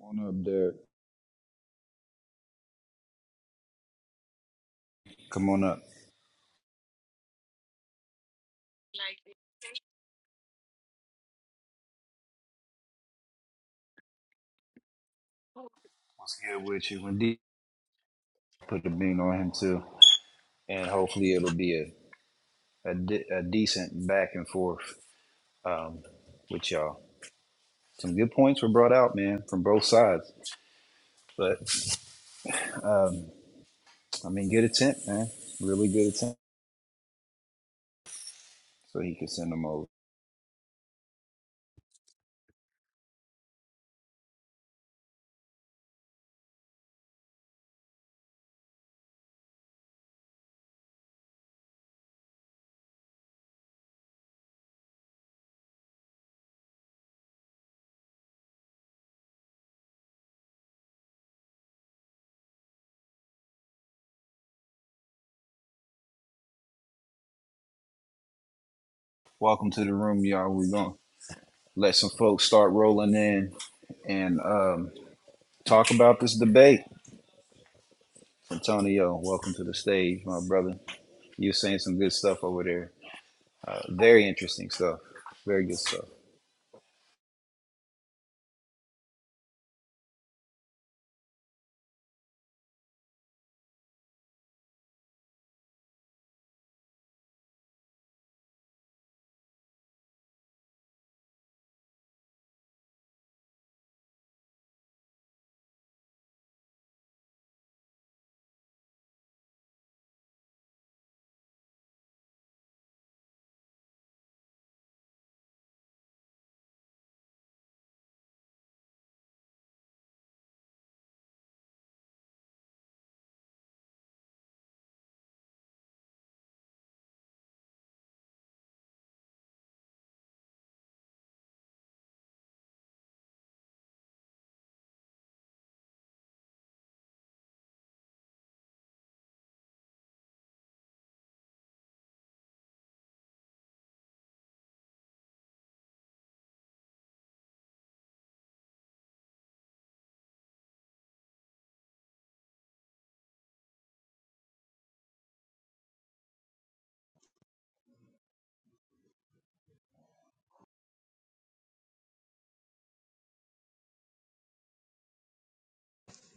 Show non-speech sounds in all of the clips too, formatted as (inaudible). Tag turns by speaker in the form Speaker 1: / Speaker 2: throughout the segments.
Speaker 1: Come on up, Derek. Come on up. What's good with you? Indeed, put the bean on him too, and hopefully it'll be a a, de- a decent back and forth um, with y'all. Some good points were brought out, man, from both sides. But um, I mean, good attempt, man. Really good attempt. So he can send them over. Welcome to the room, y'all. We're gonna let some folks start rolling in and um, talk about this debate. Antonio, welcome to the stage, my brother. You're saying some good stuff over there. Very interesting stuff. Very good stuff.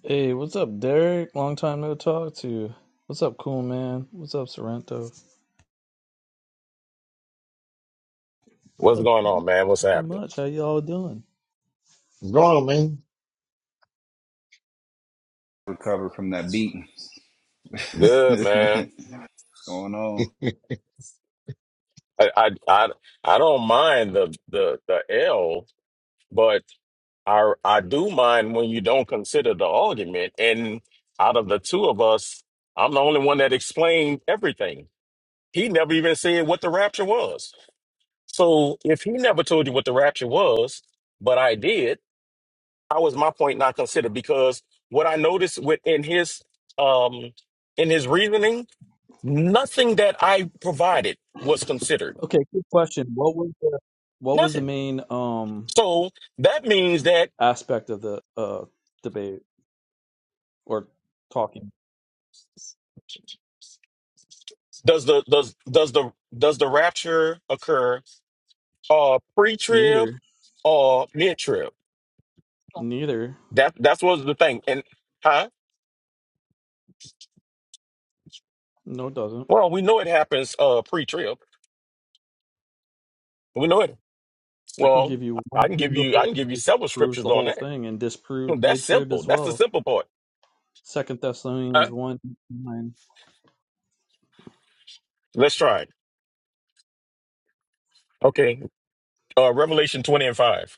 Speaker 2: Hey, what's up, Derek? Long time no talk to you. What's up, cool man? What's up, Sorrento?
Speaker 3: What's
Speaker 2: Nothing
Speaker 3: going on, man? What's
Speaker 2: so
Speaker 3: happening?
Speaker 2: much. How y'all doing?
Speaker 4: Go on, man.
Speaker 1: Recover from that beating. (laughs)
Speaker 3: Good,
Speaker 1: What's
Speaker 3: man.
Speaker 1: going on?
Speaker 3: I I I, I don't mind the, the the L, but I I do mind when you don't consider the argument. And out of the two of us, I'm the only one that explained everything. He never even said what the rapture was. So if he never told you what the rapture was, but I did, how was my point not considered? Because what I noticed with in his um in his reasoning Nothing that I provided was considered.
Speaker 2: Okay, quick question. What was the what was the
Speaker 3: Nothing.
Speaker 2: main um
Speaker 3: So that means that
Speaker 2: aspect of the uh debate or talking?
Speaker 3: does the does does the does the rapture occur uh pre-trib
Speaker 2: Neither.
Speaker 3: or mid-trib?
Speaker 2: Neither.
Speaker 3: That that's what's the thing. And huh?
Speaker 2: No, it doesn't.
Speaker 3: Well, we know it happens uh pre-trib. We know it.
Speaker 2: I can
Speaker 3: Well,
Speaker 2: give you
Speaker 3: I I
Speaker 2: one
Speaker 3: can give
Speaker 2: single
Speaker 3: you I
Speaker 2: verse
Speaker 3: can give
Speaker 2: that
Speaker 3: you several
Speaker 2: disproves
Speaker 3: scriptures
Speaker 2: the
Speaker 3: on
Speaker 2: whole
Speaker 3: that.
Speaker 2: thing and disproves
Speaker 3: That's
Speaker 2: mid trib
Speaker 3: simple.
Speaker 2: as
Speaker 3: That's the
Speaker 2: well.
Speaker 3: simple part.
Speaker 2: Second Thessalonians
Speaker 3: Huh?
Speaker 2: one nine.
Speaker 3: Let's try it. Okay. Uh Revelation 20 and 5.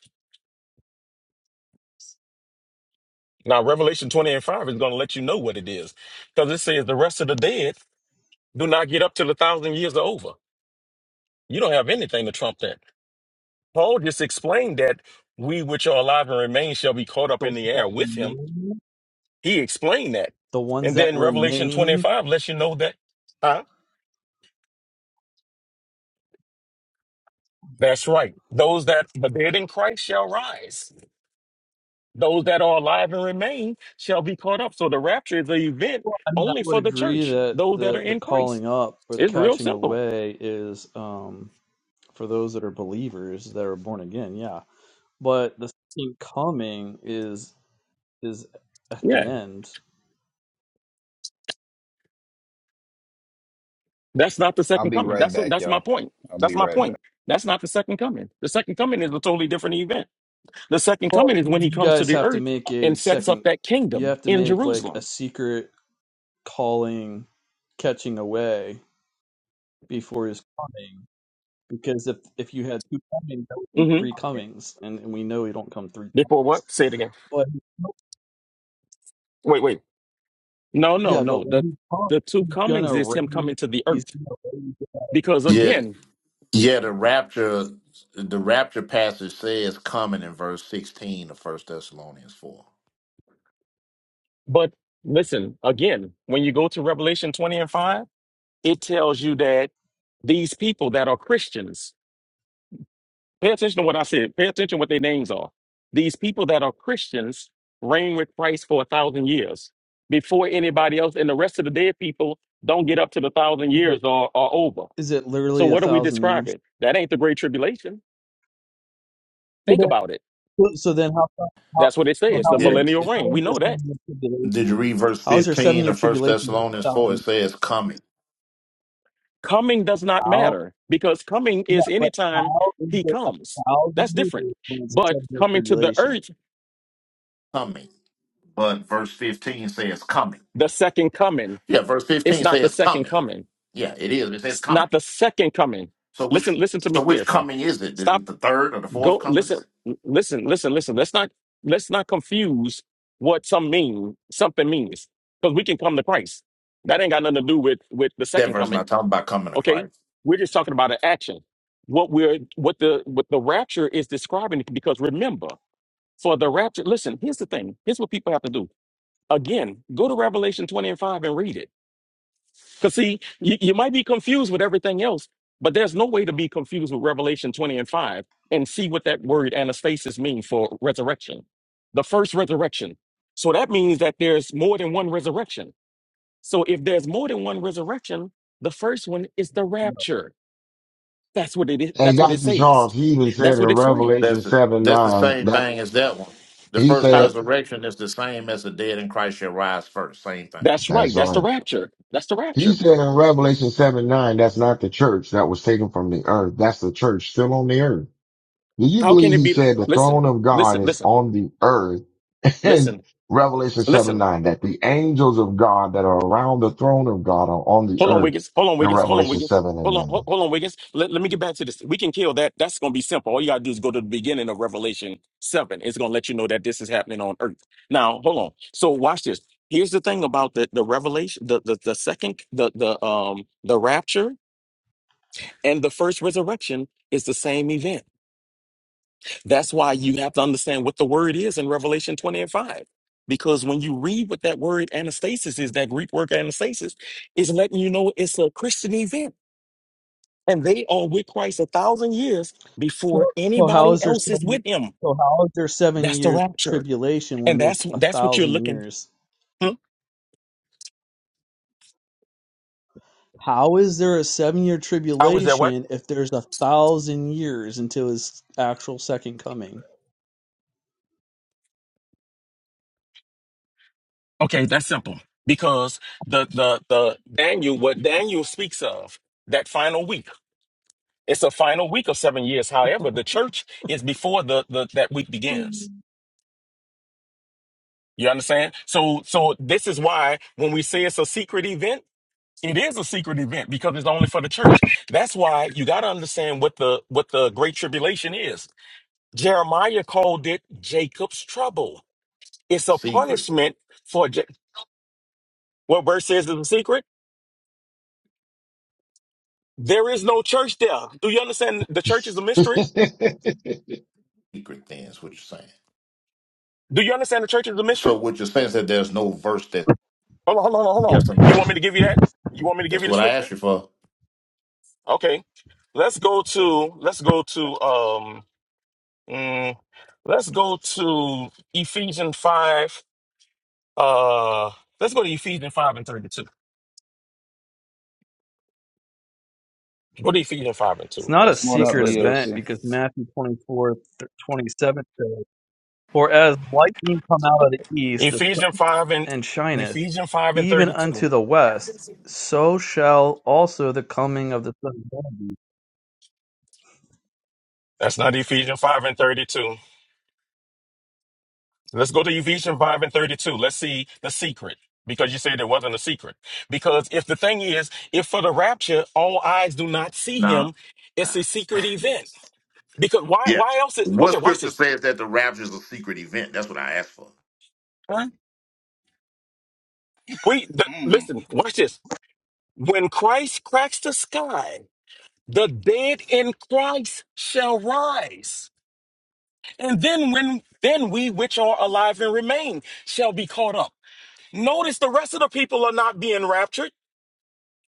Speaker 3: Now, Revelation 20 and 5 is going to let you know what it is because it says the rest of the dead do not get up till a thousand years are over. You don't have anything to trump that. Paul just explained that we which are alive and remain shall be caught up
Speaker 2: The
Speaker 3: in
Speaker 2: ones
Speaker 3: the
Speaker 2: that
Speaker 3: air with him.
Speaker 2: remain,
Speaker 3: He explained that.
Speaker 2: the ones
Speaker 3: And
Speaker 2: that
Speaker 3: then Revelation 20 and
Speaker 2: remain
Speaker 3: 5 lets you know that, huh? That's right. Those that the dead in Christ shall rise. Those that are alive and remain shall be caught up. So the rapture is an event
Speaker 2: Well, I mean, I
Speaker 3: only
Speaker 2: would
Speaker 3: for the
Speaker 2: agree
Speaker 3: church,
Speaker 2: that
Speaker 3: those that are
Speaker 2: the the
Speaker 3: in Christ.
Speaker 2: calling up or the
Speaker 3: It's real
Speaker 2: catching
Speaker 3: simple.
Speaker 2: away is um, for those that are believers that are born again. Yeah, but the second coming is is at
Speaker 3: Yeah.
Speaker 2: the end.
Speaker 3: That's not the
Speaker 1: I'll
Speaker 3: second
Speaker 1: be
Speaker 3: coming.
Speaker 1: right
Speaker 3: That's
Speaker 1: back,
Speaker 3: that's my
Speaker 1: y'all.
Speaker 3: point.
Speaker 1: I'll
Speaker 3: That's
Speaker 1: be
Speaker 3: my
Speaker 1: right back.
Speaker 3: point. That's not the second coming. The second coming is a totally different event. The second
Speaker 2: Well,
Speaker 3: coming is when he
Speaker 2: you
Speaker 3: comes to
Speaker 2: guys
Speaker 3: the
Speaker 2: have to
Speaker 3: earth
Speaker 2: make a
Speaker 3: and sets up
Speaker 2: second.
Speaker 3: that
Speaker 2: You
Speaker 3: kingdom
Speaker 2: have to
Speaker 3: in
Speaker 2: make like a
Speaker 3: Jerusalem.
Speaker 2: secret calling, catching away before his coming. Because if if you had two comings, that would be
Speaker 3: hmm
Speaker 2: three comings, and, and we know he don't come three
Speaker 3: Before
Speaker 2: times.
Speaker 3: what? Say it again.
Speaker 2: But
Speaker 3: Wait, wait. No, no,
Speaker 2: yeah, but
Speaker 3: no.
Speaker 2: when
Speaker 3: The
Speaker 2: he comes.
Speaker 3: the two comings
Speaker 2: gonna
Speaker 3: is him coming
Speaker 2: raise.
Speaker 3: to the
Speaker 2: He's
Speaker 3: earth.
Speaker 2: gonna raise.
Speaker 3: Because
Speaker 5: Yeah,
Speaker 3: again,
Speaker 5: yeah. The rapture, the rapture passage says coming in verse sixteen of First Thessalonians four.
Speaker 3: but listen, again, when you go to Revelation 20 and 5, it tells you that these people that are Christians Pay attention to what I said. Pay attention what their names are. These people that are Christians reign with Christ for a thousand years before anybody else, and the rest of the dead people don't get up to the thousand
Speaker 2: Is
Speaker 3: years
Speaker 2: it,
Speaker 3: or are over.
Speaker 2: is it
Speaker 3: So
Speaker 2: literally a
Speaker 3: what are we
Speaker 2: thousand years?
Speaker 3: describing? That ain't the great tribulation.
Speaker 2: So
Speaker 3: Think about it.
Speaker 2: then, so then how how
Speaker 3: That's what it
Speaker 2: so
Speaker 3: says,
Speaker 2: how
Speaker 3: the
Speaker 2: does
Speaker 5: Yeah.
Speaker 3: millennial
Speaker 2: how
Speaker 3: reign.
Speaker 2: is
Speaker 3: We
Speaker 2: there
Speaker 3: know that.
Speaker 2: seven year
Speaker 5: Did you
Speaker 2: tribulation?
Speaker 5: read verse
Speaker 2: How is there seven
Speaker 5: fifteen
Speaker 2: year
Speaker 5: of First
Speaker 2: tribulation? with
Speaker 5: Thessalonians
Speaker 2: a
Speaker 5: four? It
Speaker 2: Thousand?
Speaker 5: says coming,
Speaker 3: Coming does not
Speaker 2: How?
Speaker 3: matter because coming
Speaker 2: Yeah,
Speaker 3: is
Speaker 2: but
Speaker 3: anytime
Speaker 2: how is
Speaker 3: he
Speaker 2: it a
Speaker 3: comes.
Speaker 2: thousand
Speaker 3: That's different.
Speaker 2: years when it's a
Speaker 3: But
Speaker 2: seven year
Speaker 3: coming to the
Speaker 2: tribulation?
Speaker 3: earth,
Speaker 5: coming. But verse fifteen says coming.
Speaker 3: the second coming,
Speaker 5: Yeah, verse
Speaker 3: it's
Speaker 5: fifteen
Speaker 3: not the
Speaker 5: says
Speaker 3: second
Speaker 5: coming.
Speaker 3: coming.
Speaker 5: Yeah, it is. It says
Speaker 3: S-
Speaker 5: coming.
Speaker 3: Not the second coming.
Speaker 5: So
Speaker 3: Listen,
Speaker 5: which,
Speaker 3: listen to me
Speaker 5: so which
Speaker 3: carefully.
Speaker 5: coming is it? The
Speaker 3: Stop.
Speaker 5: the third or the fourth
Speaker 3: Go
Speaker 5: coming?
Speaker 3: listen, listen, listen, listen. Let's not let's not confuse what some mean something means. Because we can come to Christ. That ain't got nothing to do with with the
Speaker 5: That
Speaker 3: second
Speaker 5: verse
Speaker 3: coming.
Speaker 5: not talking about coming to Christ.
Speaker 3: Okay? We're just talking about an action. What we're what the what the rapture is describing because remember, for the rapture, listen, here's the thing. Here's what people have to do. Again, go to Revelation 20 and 5 and read it because see, you, you might be confused with everything else, but there's no way to be confused with Revelation 20 and 5 and see what that word anastasis means for resurrection. The first resurrection. So that means that there's more than one resurrection. So if there's more than one resurrection, the first one is the rapture. That's what it is.
Speaker 4: And
Speaker 3: That's what it
Speaker 4: Dr.
Speaker 3: says.
Speaker 4: Charles, he even said
Speaker 3: That's
Speaker 4: in
Speaker 3: what it's saying.
Speaker 4: Revelation
Speaker 5: That's the-
Speaker 4: 7
Speaker 5: that's the
Speaker 4: 9
Speaker 5: same
Speaker 4: that
Speaker 5: thing as that one. The
Speaker 4: he
Speaker 5: first
Speaker 4: said,
Speaker 3: Huh?
Speaker 5: resurrection is the same as the dead in Christ shall rise first. Same thing.
Speaker 3: That's right.
Speaker 4: that's
Speaker 3: That's the
Speaker 4: right.
Speaker 3: rapture. That's the
Speaker 4: He
Speaker 3: rapture.
Speaker 4: said in Revelation 7 9, that's not the church that was taken from the earth. That's the church still on the earth. Do you
Speaker 3: How
Speaker 2: No.
Speaker 3: can
Speaker 4: believe
Speaker 3: it
Speaker 4: he
Speaker 3: be?
Speaker 4: said the
Speaker 3: Listen,
Speaker 4: throne of God
Speaker 3: listen,
Speaker 4: is
Speaker 3: listen,
Speaker 4: on the earth (laughs) in
Speaker 3: listen,
Speaker 4: Revelation 7
Speaker 3: listen.
Speaker 4: 9, that the angels of God that are around the throne of God are on the
Speaker 3: Hold on,
Speaker 4: earth
Speaker 3: Wiggins. Hold on,
Speaker 4: in
Speaker 3: Wiggins. Hold on,
Speaker 4: Revelation
Speaker 3: Wiggins.
Speaker 4: 7
Speaker 3: Hold on,
Speaker 4: and
Speaker 3: hold, hold on, Wiggins. Let, let me get back to this. We can kill that. That's going to be simple. All you got to do is go to the beginning of Revelation 7. It's going to let you know that this is happening on earth. Now, hold on. So watch this. Here's the thing about the, the revelation, the, the, the second, the, the, um, the rapture and the first resurrection is the same event. That's why you have to understand what the word is in Revelation 20 and 5. Because when you read what that word anastasis is, that Greek word anastasis, is letting you know it's a Christian event. And they are with Christ a thousand years before
Speaker 2: So, so how
Speaker 3: anybody
Speaker 2: is there
Speaker 3: else is
Speaker 2: seven?
Speaker 3: with him.
Speaker 2: So how is there seven
Speaker 3: That's the
Speaker 2: years
Speaker 3: rapture.
Speaker 2: tribulation when
Speaker 3: And
Speaker 2: there's
Speaker 3: that's
Speaker 2: a
Speaker 3: that's what you're
Speaker 2: thousand
Speaker 3: looking.
Speaker 2: years?
Speaker 3: Hmm?
Speaker 2: How is there a seven year
Speaker 3: I was there what?
Speaker 2: tribulation if there's a thousand years until his actual second coming?
Speaker 3: Okay, that's simple. Because the the the Daniel, what Daniel speaks of, that final week. It's a final week of seven years. However, the church is before the, the that week begins. You understand? So so this is why when we say it's a secret event. It is a secret event because it's only for the church. That's why you got to understand what the what the great tribulation is. Jeremiah called it Jacob's trouble. It's a
Speaker 5: Secret,
Speaker 3: punishment for Ja- what verse says is a secret. There is no church there. Do you understand? The church is a mystery.
Speaker 4: 9? (laughs)
Speaker 5: secret things. What you're saying.
Speaker 3: Do you understand the church is a mystery?
Speaker 5: So what you're saying is that there's no verse that.
Speaker 3: Hold on, hold on, hold on.
Speaker 5: Yes or no?
Speaker 3: You want me to give you
Speaker 5: Yeah.
Speaker 3: that? You want me to give
Speaker 5: That's
Speaker 3: you the
Speaker 5: what I
Speaker 3: scripture?
Speaker 5: asked you for.
Speaker 3: Okay. Let's go to let's go to um mm, let's go to Ephesians five Uh, let's go to Ephesians five and thirty-two. Go to Ephesians five and
Speaker 2: It's
Speaker 3: two.
Speaker 2: not a
Speaker 3: Let's
Speaker 1: Come on
Speaker 3: let's
Speaker 1: up,
Speaker 2: secret
Speaker 3: let's get
Speaker 2: event
Speaker 1: DOC.
Speaker 2: because Matthew 24, th- 27 says, For as lightning come out of the east the-
Speaker 3: Ephesians five and
Speaker 2: and shineth
Speaker 3: Ephesians five and
Speaker 2: even
Speaker 3: thirty-two.
Speaker 2: unto the west, so shall also the coming of the Son of Man be.
Speaker 3: That's not Ephesians five and thirty-two. Let's go to Ephesians five and thirty-two. Let's see the secret because you said it wasn't a secret. Because if the thing is, if for the rapture all eyes do not see
Speaker 5: No.
Speaker 3: him, it's a secret event. Because why?
Speaker 5: Yeah.
Speaker 3: Why else? Is, okay,
Speaker 5: What
Speaker 3: watch
Speaker 5: scripture
Speaker 3: this.
Speaker 5: says that the rapture is a secret event? That's what I asked for.
Speaker 3: Huh? We the,
Speaker 1: Mm.
Speaker 3: listen. Watch this. When Christ cracks the sky. the dead in Christ shall rise. And then when then we which are alive and remain shall be caught up. Notice the rest of the people are not being raptured.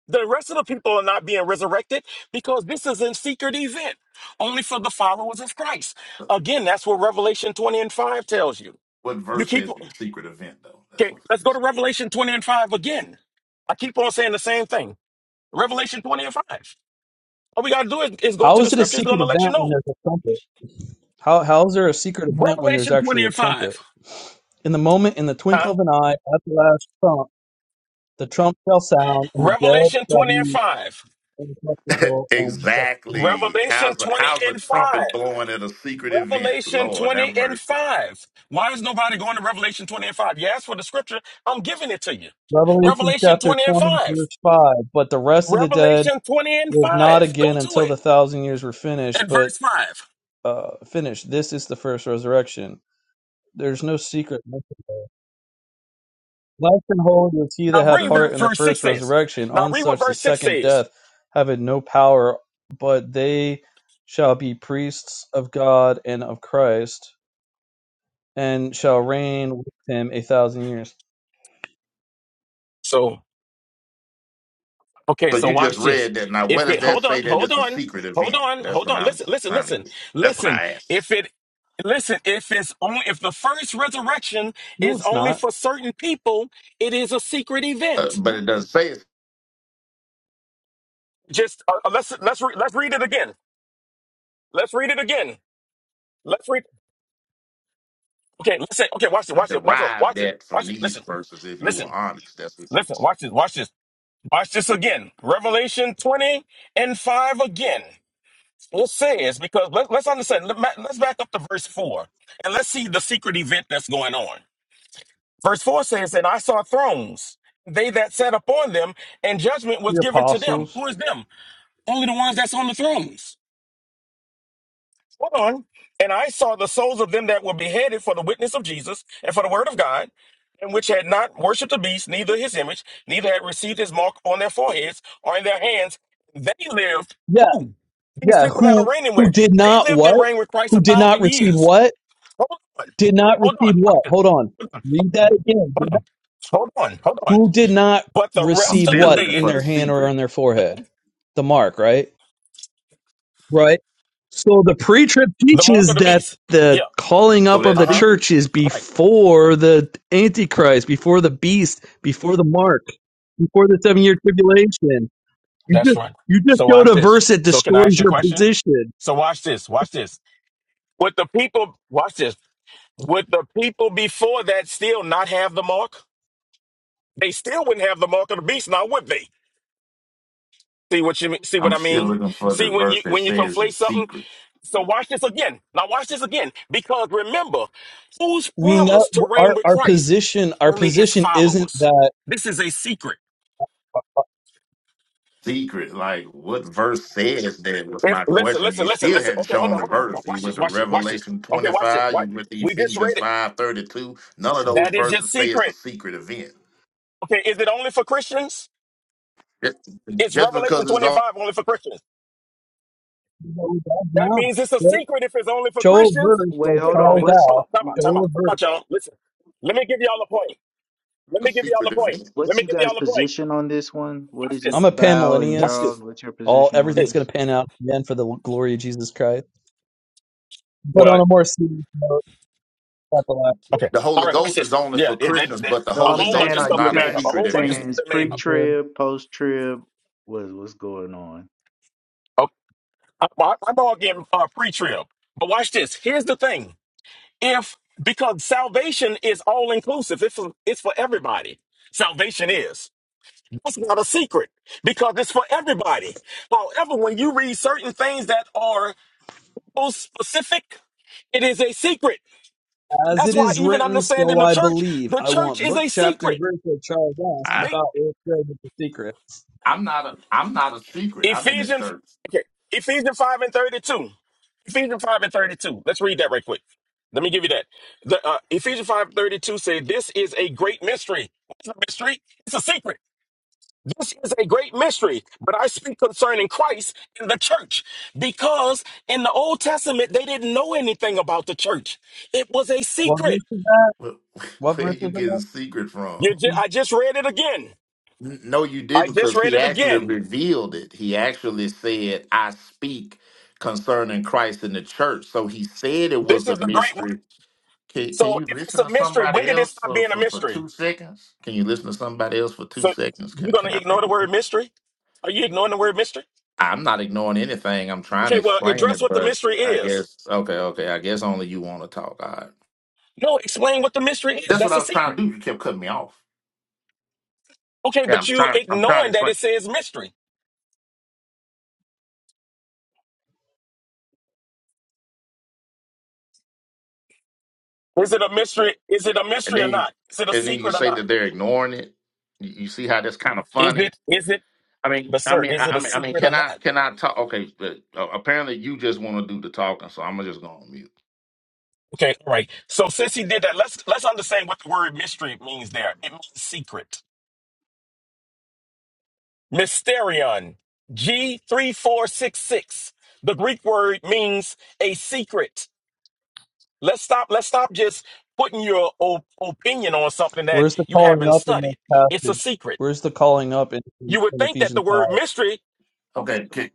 Speaker 3: The rest of the people are not being resurrected because this is a secret event only for the followers of Christ. Again, that's what Revelation 20 and 5 tells you.
Speaker 5: What
Speaker 3: You
Speaker 5: verse
Speaker 3: keep
Speaker 5: says it's a
Speaker 3: okay,
Speaker 5: secret event though? That's what.
Speaker 3: let's go to Revelation 20 and 5 again. I keep on saying the same thing. Revelation 20 and 5. All we gotta do is, is go
Speaker 2: How
Speaker 3: to the
Speaker 2: is it a
Speaker 3: scriptures, it's
Speaker 2: secret
Speaker 3: gonna let you
Speaker 2: event when
Speaker 3: know.
Speaker 2: there's a trumpet? How, how is there a secret event when there's
Speaker 3: Revelation 20
Speaker 2: actually a
Speaker 3: and
Speaker 2: trumpet?
Speaker 3: 5.
Speaker 2: In the moment, in the twinkle
Speaker 3: Huh?
Speaker 2: of an eye, at the last trump, The trump shall sound, and the dead
Speaker 3: Revelation
Speaker 2: shall
Speaker 3: 20 and
Speaker 2: be
Speaker 3: 5.
Speaker 5: (laughs)
Speaker 2: incorruptible, and we
Speaker 5: exactly.
Speaker 3: Revelation
Speaker 5: How's the
Speaker 3: 20
Speaker 5: how's the
Speaker 3: and 5.
Speaker 5: trumpet blowing at a secret event?
Speaker 3: Revelation
Speaker 5: Lord have
Speaker 3: 20 and
Speaker 5: mercy.
Speaker 3: 5. Why is nobody going to Revelation 20 and 5? You asked for the scripture, I'm giving it to you.
Speaker 2: Revelation
Speaker 3: Revelation
Speaker 2: chapter
Speaker 3: 20 and
Speaker 2: 20,
Speaker 3: 5.
Speaker 2: verse 5. But the rest of the dead
Speaker 3: Revelation 20 and
Speaker 2: live not
Speaker 3: 5. Go
Speaker 2: again
Speaker 3: to
Speaker 2: until
Speaker 3: it.
Speaker 2: the thousand years were finished,
Speaker 3: At
Speaker 2: but
Speaker 3: verse 5.
Speaker 2: uh, finished. This is the first resurrection. There's no secret. mentioned there. Blessed and holy is he
Speaker 3: Now
Speaker 2: that hath
Speaker 3: read ver-
Speaker 2: part in the
Speaker 3: verse 6
Speaker 2: first
Speaker 3: says.
Speaker 2: resurrection.
Speaker 3: Now
Speaker 2: On
Speaker 3: read what
Speaker 2: such the
Speaker 3: verse 6
Speaker 2: second
Speaker 3: says.
Speaker 2: death having no power, but they shall be priests of God and of Christ, and shall reign with him a thousand years.
Speaker 3: So. Okay,
Speaker 5: So
Speaker 3: so
Speaker 5: you just
Speaker 3: watch this.
Speaker 5: read that. Now, where
Speaker 3: If
Speaker 5: does
Speaker 3: it
Speaker 5: that
Speaker 3: hold
Speaker 5: say
Speaker 3: on,
Speaker 5: that
Speaker 3: hold
Speaker 5: it's a
Speaker 3: on,
Speaker 5: secret
Speaker 3: hold
Speaker 5: event?
Speaker 3: on,
Speaker 5: That's
Speaker 3: hold
Speaker 5: what
Speaker 3: on.
Speaker 5: I'm
Speaker 3: Listen, listen,
Speaker 5: trying to
Speaker 3: listen,
Speaker 5: get. That's what
Speaker 3: listen.
Speaker 5: I
Speaker 3: If
Speaker 5: asked.
Speaker 3: it listen, if it's only if the first resurrection
Speaker 2: No,
Speaker 3: is
Speaker 2: it's
Speaker 3: only
Speaker 2: not.
Speaker 3: for certain people, it is a secret
Speaker 5: Uh,
Speaker 3: event.
Speaker 5: but it doesn't say it's
Speaker 3: Just uh, uh, let's let's re- let's read it again. Let's read it again. Let's read. Okay, listen. Okay, watch it. Watch it. Watch it.
Speaker 5: derived
Speaker 3: Watch it.
Speaker 5: that from
Speaker 3: Watch it.
Speaker 5: these
Speaker 3: Listen.
Speaker 5: verses. If you
Speaker 3: Listen.
Speaker 5: were honest, that's what you would
Speaker 3: Listen.
Speaker 5: say.
Speaker 3: Watch this. Watch this. Watch this again. Revelation twenty and five again. It says because let, let's understand. Let, let's back up to verse four and let's see the secret event that's going on. Verse four says, "And I saw thrones; they that sat upon them, and judgment was
Speaker 2: The
Speaker 3: given to them.
Speaker 2: apostles.
Speaker 3: Who is them? Only the ones that's on the thrones. Hold on. And I saw the souls of them that were beheaded for the witness of Jesus and for the word of God, and which had not worshipped the beast, neither his image, neither had received his mark on their foreheads or in their hands. They lived,
Speaker 2: Yeah,
Speaker 3: who? These
Speaker 2: yeah.
Speaker 3: people that are
Speaker 2: Who
Speaker 3: reigning with
Speaker 2: who
Speaker 3: it.
Speaker 2: did
Speaker 3: They
Speaker 2: not
Speaker 3: lived
Speaker 2: what?
Speaker 3: and reigned with Christ a
Speaker 2: Who did not
Speaker 3: thousand
Speaker 2: receive
Speaker 3: years.
Speaker 2: what?
Speaker 3: Hold on.
Speaker 2: Did not
Speaker 3: Hold
Speaker 2: receive
Speaker 3: on. Watch
Speaker 2: what? Hold on. Read that again. Did not-
Speaker 3: Hold on. Hold on.
Speaker 2: Who did not
Speaker 3: But the
Speaker 5: I'm
Speaker 3: rest
Speaker 2: receive
Speaker 3: of the
Speaker 5: still
Speaker 2: what
Speaker 5: looking
Speaker 3: dead,
Speaker 2: in
Speaker 5: for the
Speaker 2: their hand or on
Speaker 5: secret.
Speaker 2: their forehead? The mark, right? Right. So the pre-trib
Speaker 3: the mark of
Speaker 2: teaches
Speaker 3: the
Speaker 2: that
Speaker 3: beast. Yeah.
Speaker 2: the calling
Speaker 5: So
Speaker 2: up of
Speaker 5: that
Speaker 3: Uh
Speaker 2: the
Speaker 3: huh.
Speaker 2: church
Speaker 5: secret,
Speaker 2: is
Speaker 3: Right.
Speaker 2: before the antichrist, before the beast, before the mark, before the seven-year tribulation. You
Speaker 3: That's
Speaker 2: just
Speaker 3: right.
Speaker 2: you just
Speaker 3: So
Speaker 2: go
Speaker 3: watch
Speaker 2: to
Speaker 3: this.
Speaker 2: verse that
Speaker 3: So can I ask
Speaker 2: destroys
Speaker 3: you a
Speaker 2: your
Speaker 3: question?
Speaker 2: position.
Speaker 3: So watch this. Watch this. Would the people watch this? Would the people before that still not have the mark? They still wouldn't have the mark of the beast, now would they? See what you mean? See what
Speaker 5: I'm
Speaker 3: I
Speaker 5: still
Speaker 3: mean?
Speaker 5: looking for the
Speaker 3: See when you
Speaker 5: verse that
Speaker 3: when you
Speaker 5: says
Speaker 3: conflate
Speaker 5: it's
Speaker 3: something.
Speaker 5: secret.
Speaker 3: So watch this again. Now watch this again, because remember, who's
Speaker 2: we know
Speaker 3: promised to reign
Speaker 2: our
Speaker 3: with
Speaker 2: our
Speaker 3: Christ?
Speaker 2: position our
Speaker 3: Only his
Speaker 2: position isn't
Speaker 3: followers.
Speaker 2: that
Speaker 3: This is a secret.
Speaker 5: Secret, like what verse says that was
Speaker 3: If,
Speaker 5: my
Speaker 3: listen,
Speaker 5: question. You
Speaker 3: listen, listen,
Speaker 5: still
Speaker 3: listen.
Speaker 5: hadn't
Speaker 3: Okay, hold
Speaker 5: shown
Speaker 3: on,
Speaker 5: the
Speaker 3: hold on, hold on.
Speaker 5: verse. You
Speaker 3: Watch
Speaker 5: went
Speaker 3: this,
Speaker 5: to
Speaker 3: watch this, watch this.
Speaker 5: Revelation
Speaker 3: Okay, watch this.
Speaker 5: 25,
Speaker 3: What?
Speaker 5: you went to
Speaker 3: We just
Speaker 5: Ephesians
Speaker 3: read it.
Speaker 5: 5:32. None of those
Speaker 3: That is your
Speaker 5: verses say it's a
Speaker 3: secret.
Speaker 5: secret event.
Speaker 3: Okay, is it only for Christians?
Speaker 5: Just
Speaker 3: It's
Speaker 5: just
Speaker 3: Revelation
Speaker 5: because it's on
Speaker 3: 25 only for Christians.
Speaker 2: no, that's
Speaker 3: That
Speaker 2: not
Speaker 3: means it's a
Speaker 2: right?
Speaker 3: secret if it's only for
Speaker 2: show a
Speaker 3: Christians.
Speaker 2: verse
Speaker 6: Wait,
Speaker 2: like
Speaker 3: Okay,
Speaker 6: hold
Speaker 3: wait a
Speaker 6: on.
Speaker 2: Charles
Speaker 3: minute.
Speaker 6: What's
Speaker 3: Hold
Speaker 2: asked.
Speaker 3: on. Time out. Time out.
Speaker 2: Show a
Speaker 3: Time
Speaker 2: verse.
Speaker 3: out, y'all. Listen. Let me give y'all a point. Let
Speaker 5: a
Speaker 3: me give y'all a
Speaker 5: secret
Speaker 3: point.
Speaker 5: event.
Speaker 3: Let
Speaker 6: what's
Speaker 3: me
Speaker 6: you
Speaker 3: give
Speaker 6: guys'
Speaker 3: y'all a point.
Speaker 6: position on this one? What
Speaker 3: Watch
Speaker 6: is your
Speaker 3: this.
Speaker 2: I'm a
Speaker 6: Bow and
Speaker 3: Watch
Speaker 2: panmillennialist.
Speaker 6: Charles?
Speaker 3: this.
Speaker 6: What's your
Speaker 2: All
Speaker 6: position on
Speaker 2: everything's
Speaker 3: Hey.
Speaker 2: gonna
Speaker 6: this?
Speaker 2: pan out then for the glory of Jesus Christ. But
Speaker 3: Well,
Speaker 2: on a more serious note, not the last bit,
Speaker 3: okay.
Speaker 5: The
Speaker 3: All
Speaker 5: Holy
Speaker 3: right. Watch
Speaker 5: Ghost is
Speaker 3: this.
Speaker 5: only
Speaker 3: Yeah.
Speaker 5: for
Speaker 3: yeah that,
Speaker 5: Christians,
Speaker 3: that,
Speaker 5: but the
Speaker 6: No,
Speaker 3: a
Speaker 6: I'm
Speaker 5: Holy
Speaker 3: whole
Speaker 6: saying,
Speaker 3: bunch
Speaker 5: Ghost
Speaker 3: of
Speaker 6: are
Speaker 5: is
Speaker 3: stuff
Speaker 6: you
Speaker 3: that
Speaker 5: not a
Speaker 3: made up. A
Speaker 6: guys
Speaker 5: secret
Speaker 3: whole bunch of
Speaker 6: saying
Speaker 5: event.
Speaker 3: stuff
Speaker 6: it's
Speaker 3: that made
Speaker 2: the
Speaker 3: up.
Speaker 2: Crib.
Speaker 6: pre-trib, post-trib? What what's going on?
Speaker 3: Okay. I, I, I'm all getting uh, pre-trib. But watch this. Here's the thing. If because salvation is all inclusive, it's for, it's for everybody. Salvation is. That's not a secret because it's for everybody. However, when you read certain things that are so specific, it is a secret.
Speaker 2: As
Speaker 3: That's
Speaker 2: it
Speaker 3: why
Speaker 2: is
Speaker 3: even
Speaker 2: written,
Speaker 3: understanding
Speaker 2: so
Speaker 3: the
Speaker 2: I
Speaker 3: church,
Speaker 2: believe.
Speaker 3: the
Speaker 2: I
Speaker 3: church
Speaker 2: want
Speaker 3: is a
Speaker 2: book, chapter, and
Speaker 3: secret.
Speaker 2: verse that Charles asked
Speaker 5: I,
Speaker 3: They,
Speaker 2: about what's said with the secret.
Speaker 5: I'm not a I'm not a secret. I'm in the
Speaker 3: Ephesians,
Speaker 5: church.
Speaker 3: okay, Ephesians 5 and 32. Ephesians 5 and 32. Let's read that right quick. Let me give you that. The uh, Ephesians 5 32 says, This is a great mystery. It's a mystery. It's a secret. This is a great mystery, but I speak concerning Christ and the church because in the Old Testament, they didn't know anything about the church. It was a
Speaker 2: What
Speaker 3: secret.
Speaker 2: verse is that?
Speaker 5: Where, (laughs)
Speaker 2: What
Speaker 5: where are
Speaker 2: verse
Speaker 5: you
Speaker 2: is
Speaker 5: getting
Speaker 2: that?
Speaker 5: secret from?
Speaker 3: You ju- I just read it again.
Speaker 5: N- No, you
Speaker 3: I
Speaker 5: didn't,
Speaker 3: just
Speaker 5: because
Speaker 3: read
Speaker 5: he
Speaker 3: it
Speaker 5: actually
Speaker 3: again.
Speaker 5: revealed it. He actually said, I speak concerning Christ in the church. So he said it
Speaker 3: This
Speaker 5: was
Speaker 3: is
Speaker 5: a
Speaker 3: the great one.
Speaker 5: mystery. Can, can
Speaker 3: So
Speaker 5: you
Speaker 3: if it's
Speaker 5: listen
Speaker 3: a
Speaker 5: to
Speaker 3: mystery, when
Speaker 5: somebody
Speaker 3: did it
Speaker 5: else
Speaker 3: stop
Speaker 5: for,
Speaker 3: being a
Speaker 5: for, for
Speaker 3: mystery?
Speaker 5: two seconds? Can you listen to somebody else for two
Speaker 3: So
Speaker 5: seconds?
Speaker 3: you're
Speaker 5: Can,
Speaker 3: going
Speaker 5: can
Speaker 3: to
Speaker 5: I back
Speaker 3: ignore the
Speaker 5: up?
Speaker 3: word mystery? Are you ignoring the word mystery?
Speaker 5: I'm not ignoring anything. I'm trying
Speaker 3: Okay,
Speaker 5: to
Speaker 3: well,
Speaker 5: explain
Speaker 3: address
Speaker 5: it,
Speaker 3: what the
Speaker 5: but
Speaker 3: mystery
Speaker 5: I
Speaker 3: is.
Speaker 5: guess okay, okay. I guess only you want to talk. All right.
Speaker 3: No, explain what the mystery is.
Speaker 5: That's what
Speaker 3: That's
Speaker 5: I
Speaker 3: a
Speaker 5: was trying
Speaker 3: secret.
Speaker 5: to do. You kept cutting me off.
Speaker 3: Okay,
Speaker 5: Yeah,
Speaker 3: but
Speaker 5: I'm
Speaker 3: you
Speaker 5: trying. I'm trying to
Speaker 3: ignoring that
Speaker 5: explain,
Speaker 3: it says mystery. Is it a mystery? Is it a
Speaker 5: and
Speaker 3: mystery or
Speaker 5: then you,
Speaker 3: not? Is it a
Speaker 5: and then you
Speaker 3: secret or
Speaker 5: say
Speaker 3: not?
Speaker 5: that they're ignoring it. You, you see how that's kind of
Speaker 3: Is
Speaker 5: funny.
Speaker 3: it? Is it?
Speaker 5: I mean,
Speaker 3: But
Speaker 5: I
Speaker 3: sir,
Speaker 5: mean,
Speaker 3: is
Speaker 5: I,
Speaker 3: it
Speaker 5: I
Speaker 3: a
Speaker 5: mean, I mean,
Speaker 3: secret or
Speaker 5: can I,
Speaker 3: not?
Speaker 5: can I talk? Okay, but, uh, apparently you just want to do the talking, so I'm just gonna mute.
Speaker 3: Okay, all right. So since he did that, let's let's understand what the word mystery means there. It means secret. Mysterion. G three four six six. The Greek word means a secret. Let's stop. Let's stop just putting your o- opinion on something that
Speaker 2: Where's the
Speaker 3: you
Speaker 2: calling
Speaker 3: haven't
Speaker 2: up in this
Speaker 3: studied. It's a
Speaker 2: passage?
Speaker 3: secret.
Speaker 2: Where's the calling up in, in,
Speaker 3: You would
Speaker 2: in
Speaker 3: think that the
Speaker 2: Ephesians 5?
Speaker 3: word mystery.
Speaker 5: Okay, can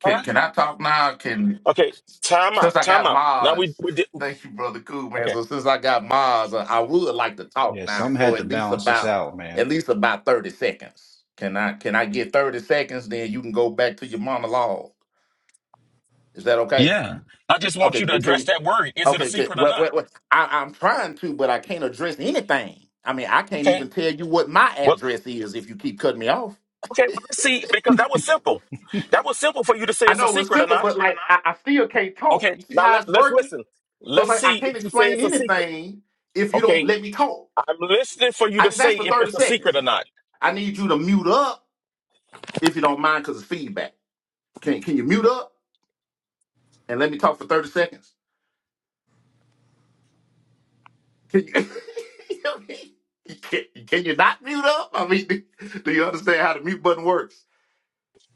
Speaker 5: can,
Speaker 3: Huh?
Speaker 5: can I talk now? Can
Speaker 3: Okay. Time
Speaker 5: since
Speaker 3: out.
Speaker 5: I
Speaker 3: Time
Speaker 5: got
Speaker 3: out. Now we
Speaker 5: mods,
Speaker 3: we did.
Speaker 5: (laughs) thank you, brother Cool man.
Speaker 3: Okay.
Speaker 5: So since I got mods, I I would like to talk
Speaker 1: Yeah,
Speaker 5: now
Speaker 1: something
Speaker 5: for
Speaker 1: had to
Speaker 5: at least
Speaker 1: balance this
Speaker 5: about
Speaker 1: out, man.
Speaker 5: at least about thirty seconds. Can I can I get thirty seconds? Then you can go back to your monologue. Is that okay?
Speaker 3: Yeah. I just want
Speaker 5: Okay.
Speaker 3: you to
Speaker 5: Can
Speaker 3: address
Speaker 5: you,
Speaker 3: that word. Is it a
Speaker 5: okay. Can,
Speaker 3: secret or
Speaker 5: well,
Speaker 3: not?
Speaker 5: well, well, I, I'm trying to, but I can't address anything. I mean, I can't
Speaker 3: Okay.
Speaker 5: even tell you what my
Speaker 3: Well,
Speaker 5: address is if you keep cutting me off.
Speaker 3: okay. Well, let's see, because that was simple. That was simple for you to say
Speaker 5: I
Speaker 3: it's a
Speaker 5: know it's
Speaker 3: secret or
Speaker 5: simple,
Speaker 3: not.
Speaker 5: but like I, I still can't talk.
Speaker 3: Okay.
Speaker 5: You see
Speaker 3: Now
Speaker 5: how
Speaker 3: let,
Speaker 5: it's
Speaker 3: let's
Speaker 5: working?
Speaker 3: listen.
Speaker 5: So it's
Speaker 3: Let's
Speaker 5: like I
Speaker 3: see if
Speaker 5: can't
Speaker 3: you say
Speaker 5: explain
Speaker 3: it's a secret.
Speaker 5: anything if you don't
Speaker 3: Okay.
Speaker 5: let me talk.
Speaker 3: I'm listening for you
Speaker 5: I
Speaker 3: to
Speaker 5: just asked
Speaker 3: say
Speaker 5: for
Speaker 3: if
Speaker 5: 30
Speaker 3: it's a secret
Speaker 5: seconds.
Speaker 3: or not.
Speaker 5: I need you to mute up if you don't mind because it's feedback. Can can you mute up and let me talk for 30 seconds? Can you, (laughs) You know what I mean? can, can you not mute up? I mean, do, do you understand how the mute button works?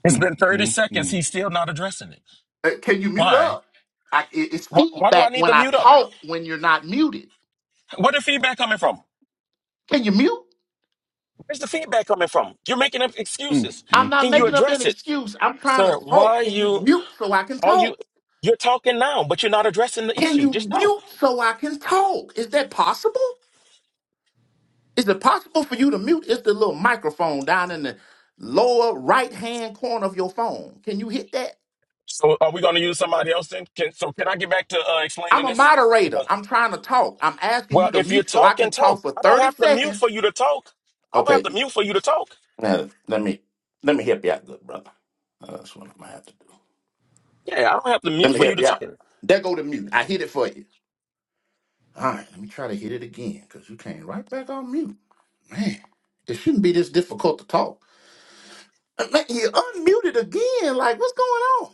Speaker 3: It's
Speaker 1: Mm,
Speaker 3: been 30
Speaker 1: mm,
Speaker 3: seconds.
Speaker 1: mm,
Speaker 3: He's still not addressing it.
Speaker 5: Uh, Can you mute
Speaker 3: Why?
Speaker 5: up? I, it- it's
Speaker 3: Why, why do I
Speaker 5: feedback
Speaker 3: need to
Speaker 5: when I
Speaker 3: mute up?
Speaker 5: talk when you're not muted.
Speaker 3: Where the feedback coming from?
Speaker 5: Can you mute?
Speaker 3: Where's the feedback coming from? You're making up
Speaker 1: mm,
Speaker 3: excuses.
Speaker 5: I'm
Speaker 1: mm,
Speaker 5: not
Speaker 3: Can you
Speaker 5: making
Speaker 1: mm.
Speaker 5: up an
Speaker 3: address it?
Speaker 5: excuse. I'm trying to
Speaker 3: Sir,
Speaker 5: talk.
Speaker 3: why
Speaker 5: Can
Speaker 3: you?
Speaker 5: you mute so I can
Speaker 3: All you
Speaker 5: talk?
Speaker 3: you're talking now, but you're not addressing the
Speaker 5: Can
Speaker 3: issue.
Speaker 5: you
Speaker 3: Just know.
Speaker 5: mute so I can talk? Is that possible? Is it possible for you to mute? It's the little microphone down in the lower right hand corner of your phone. Can you hit that?
Speaker 3: So are we going to use somebody else? Then can so can I get back to uh,
Speaker 5: I'm
Speaker 3: explaining
Speaker 5: a
Speaker 3: this?
Speaker 5: moderator.
Speaker 3: Because
Speaker 5: I'm trying to talk. I'm asking
Speaker 3: well,
Speaker 5: you to
Speaker 3: if you're
Speaker 5: mute so I
Speaker 3: talking,
Speaker 5: can
Speaker 3: talk.
Speaker 5: talk for
Speaker 3: I don't
Speaker 5: 30
Speaker 3: have to mute
Speaker 5: seconds.
Speaker 3: for you to talk. I don't have
Speaker 5: Okay,
Speaker 3: to mute for you to talk.
Speaker 5: now let me let me help you out, good brother. Uh, That's what I'm gonna have to do.
Speaker 3: Yeah, I don't have to
Speaker 5: Let
Speaker 3: mute
Speaker 5: me
Speaker 3: for you
Speaker 5: help
Speaker 3: to
Speaker 5: you
Speaker 3: talk.
Speaker 5: out. There go the mute. I hit it for you. All right, let me try to hit it again because you came right back on mute. Man, it shouldn't be this difficult to talk. Uh, Man, you unmuted again. Like, what's going on?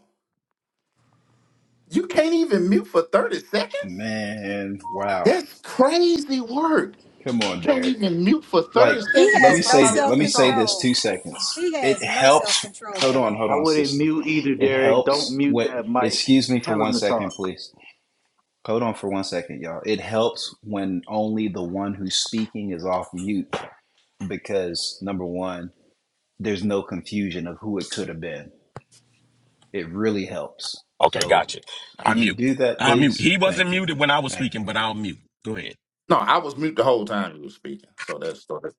Speaker 5: You can't even mute for 30 seconds?
Speaker 1: Man, wow.
Speaker 5: That's crazy work.
Speaker 1: Come
Speaker 5: You
Speaker 1: on,
Speaker 5: can't
Speaker 1: Derek.
Speaker 5: even mute for
Speaker 1: Like,
Speaker 5: 30
Speaker 7: He
Speaker 5: seconds
Speaker 1: let
Speaker 5: so
Speaker 1: me
Speaker 7: has no
Speaker 1: say
Speaker 5: somebody
Speaker 1: th-
Speaker 5: else
Speaker 1: let
Speaker 7: self
Speaker 1: me
Speaker 5: can
Speaker 1: say
Speaker 5: talk.
Speaker 1: this
Speaker 7: control.
Speaker 1: two seconds.
Speaker 7: He
Speaker 1: It
Speaker 7: has no self
Speaker 1: helps.
Speaker 7: control,
Speaker 1: Hold on, hold
Speaker 6: I
Speaker 7: Charles.
Speaker 1: on,
Speaker 6: wouldn't
Speaker 1: sister.
Speaker 6: mute either,
Speaker 1: It
Speaker 6: Derek. Don't
Speaker 1: helps.
Speaker 6: mute
Speaker 1: What?
Speaker 6: that mic.
Speaker 1: Excuse me for
Speaker 6: Tell
Speaker 1: one
Speaker 6: him to
Speaker 1: second,
Speaker 6: talk.
Speaker 1: please. Hold on for one second, y'all. It helps when only the one who's speaking is off mute because, number one, there's no confusion of who it could have been. It really helps.
Speaker 3: Okay,
Speaker 1: So,
Speaker 3: gotcha. I
Speaker 1: could you
Speaker 3: mute.
Speaker 1: do that,
Speaker 3: I mute.
Speaker 1: please?
Speaker 3: He wasn't
Speaker 1: Thank you.
Speaker 3: muted when I was
Speaker 1: Thank
Speaker 3: speaking,
Speaker 1: you.
Speaker 3: but I'll mute. Go ahead.
Speaker 5: No, I was mute the whole time you were speaking. So that's so that's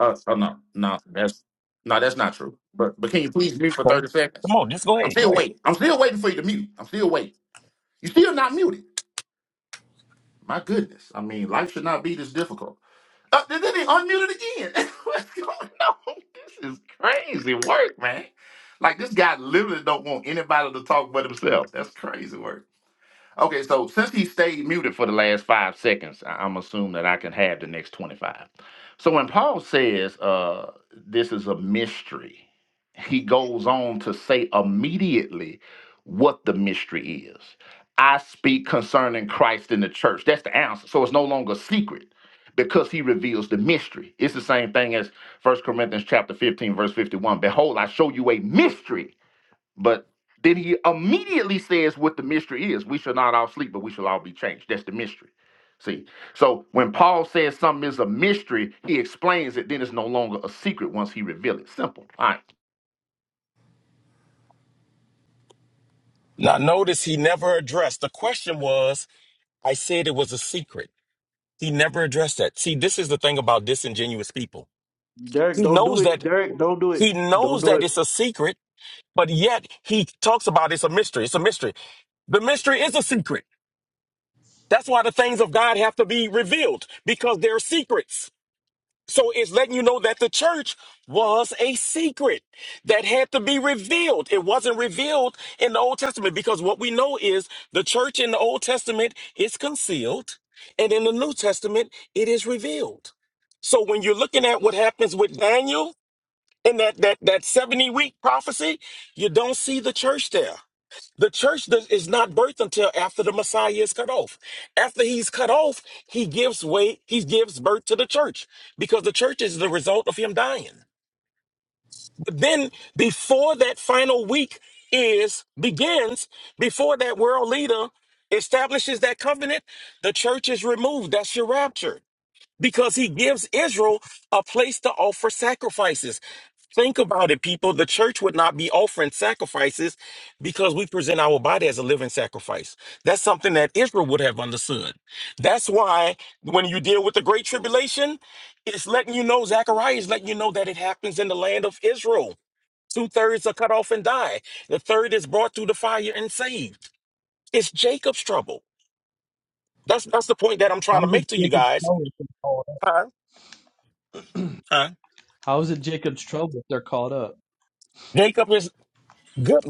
Speaker 5: uh, oh no, no, that's no, that's not true. But but can you please mute for
Speaker 3: Sorry.
Speaker 5: 30 seconds?
Speaker 3: Come on, just go
Speaker 5: I'm
Speaker 3: ahead. Go
Speaker 5: still
Speaker 3: ahead.
Speaker 5: waiting. I'm still waiting for you to mute. I'm still waiting. You still not muted. My goodness. I mean, life should not be this difficult. Uh, then then they unmuted again. (laughs) What's going on? This is crazy work, man. Like this guy literally don't want anybody to talk but himself. That's crazy work. Okay, so since he stayed muted for the last five seconds, I- I'm assuming that I can have the next 25. So when Paul says uh, this is a mystery, he goes on to say immediately what the mystery is. I speak concerning Christ in the church. That's the answer. So it's no longer secret because he reveals the mystery. It's the same thing as First Corinthians chapter 15, verse 51. Behold, I show you a mystery but then he immediately says what the mystery is. We shall not all sleep, but we shall all be changed. That's the mystery. See, so when Paul says something is a mystery, he explains it. Then it's no longer a secret once he reveals it. Simple. All right.
Speaker 3: Now notice he never addressed. The question was, I said it was a secret. He never addressed that. See, this is the thing about disingenuous people.
Speaker 6: Derek,
Speaker 3: He
Speaker 6: don't do
Speaker 3: knows
Speaker 6: it.
Speaker 3: that
Speaker 6: Derek, don't do it.
Speaker 3: he
Speaker 6: Don't
Speaker 3: knows
Speaker 6: do
Speaker 3: that
Speaker 6: it.
Speaker 3: it's a secret, but yet he talks about it's a mystery. It's a mystery. The mystery is a secret. That's why the things of God have to be revealed because they're secrets. So it's letting you know that the church was a secret that had to be revealed. It wasn't revealed in the Old Testament because what we know is the church in the Old Testament is concealed and in the New Testament it is revealed. So when you're looking at what happens with Daniel, in that that that 70 week prophecy you don't see the church there the church does- is not birthed until after the messiah is cut off after he's cut off he gives way he gives birth to the church because the church is the result of him dying but then before that final week is begins before that world leader establishes that covenant the church is removed that's your rapture because he gives Israel a place to offer sacrifices. Think about it, people. The church would not be offering sacrifices because we present our body as a living sacrifice. That's something that Israel would have understood. That's why when you deal with the Great Tribulation, it's letting you know, Zechariah is letting you know that it happens in the land of Israel. Two thirds are cut off and die, the third is brought through the fire and saved. It's Jacob's trouble. That's, that's the point that I'm
Speaker 2: How
Speaker 3: trying to
Speaker 2: is it
Speaker 3: make to you
Speaker 2: Jacob's
Speaker 3: guys.
Speaker 2: trouble if they're called
Speaker 3: Huh?
Speaker 2: up?
Speaker 3: Huh?
Speaker 2: (clears throat) How is it Jacob's trouble if they're called up?
Speaker 3: Jacob is Good.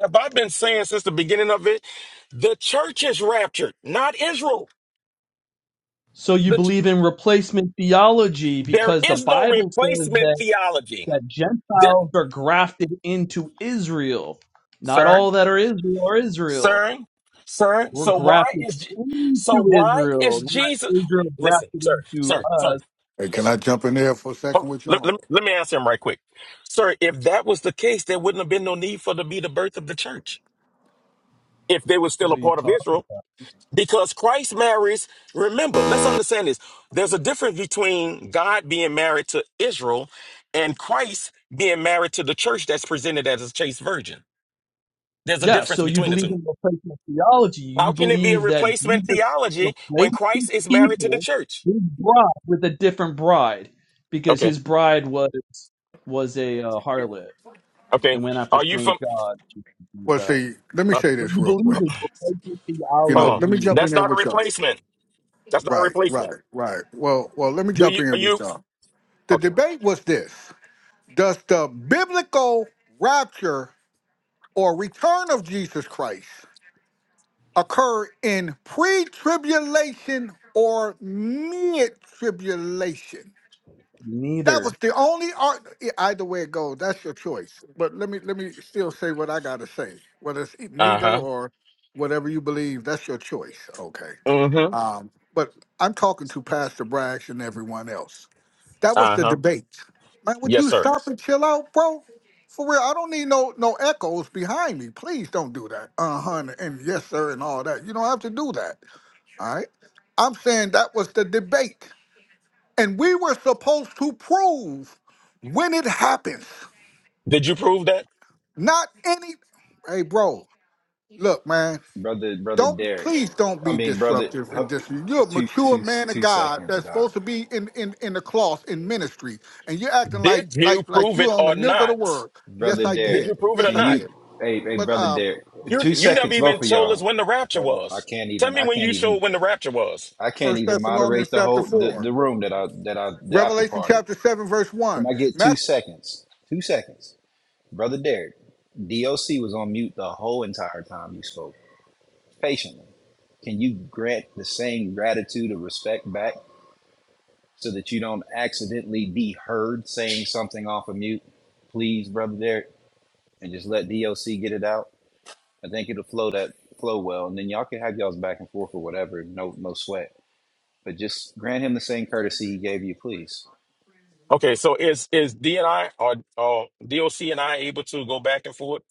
Speaker 3: Have I been saying since the beginning of it? The church is raptured, not Israel.
Speaker 2: So you
Speaker 3: The,
Speaker 2: believe in replacement theology
Speaker 3: there
Speaker 2: because the
Speaker 3: is no
Speaker 2: Bible says
Speaker 3: replacement
Speaker 2: that,
Speaker 3: theology.
Speaker 2: that
Speaker 3: There,
Speaker 2: Gentiles are grafted into Israel. Not
Speaker 3: sir,
Speaker 2: all that are Israel are Israel.
Speaker 3: sir, sir.
Speaker 2: We're
Speaker 3: So why
Speaker 2: grafted
Speaker 3: is Je- so
Speaker 2: into
Speaker 3: why is
Speaker 2: Israel, not
Speaker 3: Jesus?
Speaker 2: Israel
Speaker 3: Listen,
Speaker 2: grafted
Speaker 3: sir,
Speaker 2: into
Speaker 3: sir, sir.
Speaker 2: us.
Speaker 8: Hey, can I jump in there for a second
Speaker 3: Hold,
Speaker 8: with
Speaker 3: let, let,
Speaker 8: y'all?
Speaker 3: me- let me answer him right quick, sir. If that was the case, there wouldn't have been no need for to be the birth of the church if they were still a
Speaker 2: We
Speaker 3: part of
Speaker 2: talk.
Speaker 3: Israel. Because Christ marries, remember, let's understand this. There's a difference between God being married to Israel and Christ being married to the church that's presented as a chaste virgin. There's a
Speaker 2: Yeah,
Speaker 3: difference
Speaker 2: so you
Speaker 3: between the
Speaker 2: believe
Speaker 3: two.
Speaker 2: in replacement theology.
Speaker 3: How
Speaker 2: You
Speaker 3: can it be a
Speaker 2: believe that
Speaker 3: replacement
Speaker 2: Jesus
Speaker 3: theology when
Speaker 2: replaced
Speaker 3: Christ is married to the
Speaker 2: people,
Speaker 3: church?
Speaker 2: his bride, with a different bride, because
Speaker 3: Okay,
Speaker 2: his bride was was a uh, harlot
Speaker 3: okay.
Speaker 2: and went after
Speaker 3: Are you
Speaker 2: strange
Speaker 3: from?
Speaker 2: gods. You believe
Speaker 8: Well,
Speaker 2: that.
Speaker 8: see, let me
Speaker 3: Uh,
Speaker 8: say
Speaker 2: But
Speaker 8: this
Speaker 2: you
Speaker 8: real
Speaker 3: (clears throat)
Speaker 2: believe
Speaker 8: quick.
Speaker 2: in replacement
Speaker 8: You
Speaker 3: hold
Speaker 8: know,
Speaker 3: on.
Speaker 8: let me jump
Speaker 2: theology.
Speaker 8: in
Speaker 3: That's
Speaker 8: there
Speaker 3: not a
Speaker 8: with y'all.
Speaker 3: replacement. That's not a
Speaker 8: Right,
Speaker 3: replacement.
Speaker 8: right, right. Well, well, let me
Speaker 3: Do
Speaker 8: jump
Speaker 3: you? Are
Speaker 8: in with
Speaker 3: you?
Speaker 8: y'all. The
Speaker 3: Okay.
Speaker 8: debate was this: Does the biblical rapture or return of Jesus Christ occur in pre-tribulation or mid-tribulation? That was
Speaker 2: Neither.
Speaker 8: the only art. yeah, Either way it goes, that's your choice. But let me let me still say what I gotta say. Whether it's e,
Speaker 3: Uh
Speaker 8: neither
Speaker 3: huh.
Speaker 8: or whatever you believe, that's your choice. Okay.
Speaker 3: Mm hmm.
Speaker 8: Um, but I'm talking to Pastor Brax and everyone else. That was
Speaker 3: Uh
Speaker 8: the
Speaker 3: huh.
Speaker 8: debate. Man, would
Speaker 3: Yes,
Speaker 8: you
Speaker 3: sir.
Speaker 8: stop and chill out, bro? For real, I don't need no no echoes behind me. Please don't do that. Uh huh. And yes, sir, and all that. You don't have to do that. All right. I'm saying that was the debate. And we were supposed to prove when it happens,
Speaker 3: Did you prove that?
Speaker 8: not any. Hey, bro, look, man,
Speaker 1: Brother, brother
Speaker 8: don't
Speaker 1: Derek.
Speaker 8: please don't
Speaker 1: I
Speaker 8: be
Speaker 1: mean, brother,
Speaker 8: disruptive and dis. You're a
Speaker 1: two,
Speaker 8: mature
Speaker 1: two,
Speaker 8: man of
Speaker 1: two
Speaker 8: God
Speaker 1: seconds,
Speaker 8: that's
Speaker 1: Doc.
Speaker 8: supposed to be in in in the cloth in ministry, and you're acting like
Speaker 3: Did you
Speaker 8: like like
Speaker 3: prove it
Speaker 8: you're on the
Speaker 3: or
Speaker 8: milk of the
Speaker 3: not?
Speaker 8: word. Yes,
Speaker 1: Brother
Speaker 8: I
Speaker 3: Did
Speaker 1: Derek,
Speaker 3: you
Speaker 8: did.
Speaker 3: prove it or
Speaker 8: Yes,
Speaker 1: can
Speaker 8: I
Speaker 3: not?
Speaker 1: you,
Speaker 8: did.
Speaker 1: hey, hey,
Speaker 8: But
Speaker 1: brother
Speaker 8: uh,
Speaker 1: Derek,
Speaker 3: You
Speaker 1: two
Speaker 3: you never
Speaker 1: seconds, both
Speaker 3: even
Speaker 1: of
Speaker 3: told us
Speaker 1: y'all.
Speaker 3: when the rapture
Speaker 1: Hold on. I
Speaker 3: was.
Speaker 1: can't
Speaker 3: Tell
Speaker 1: even,
Speaker 3: me
Speaker 1: I
Speaker 3: when
Speaker 1: can't
Speaker 3: you
Speaker 1: even
Speaker 3: showed when the rapture was.
Speaker 1: I can't
Speaker 8: First
Speaker 1: even moderate
Speaker 8: Thessalonians
Speaker 1: the
Speaker 8: chapter
Speaker 1: whole the,
Speaker 8: four,
Speaker 1: the room that I that I the after
Speaker 8: Revelation
Speaker 1: party.
Speaker 8: chapter seven, verse
Speaker 1: Can
Speaker 8: one.
Speaker 1: I get two
Speaker 8: Matthew
Speaker 1: seconds? Two seconds, brother Derek. DOC was on mute the whole entire time you spoke patiently. Can you grant the same gratitude or respect back so that you don't accidentally be heard saying something off of mute, please, brother Derek, and just let DOC get it out. I think it'll flow that flow well, and then y'all can have y'all's back and forth or whatever. No, no sweat. But just grant him the same courtesy he gave you, please.
Speaker 3: Okay, so is is D and I or or DOC and I able to go back and forth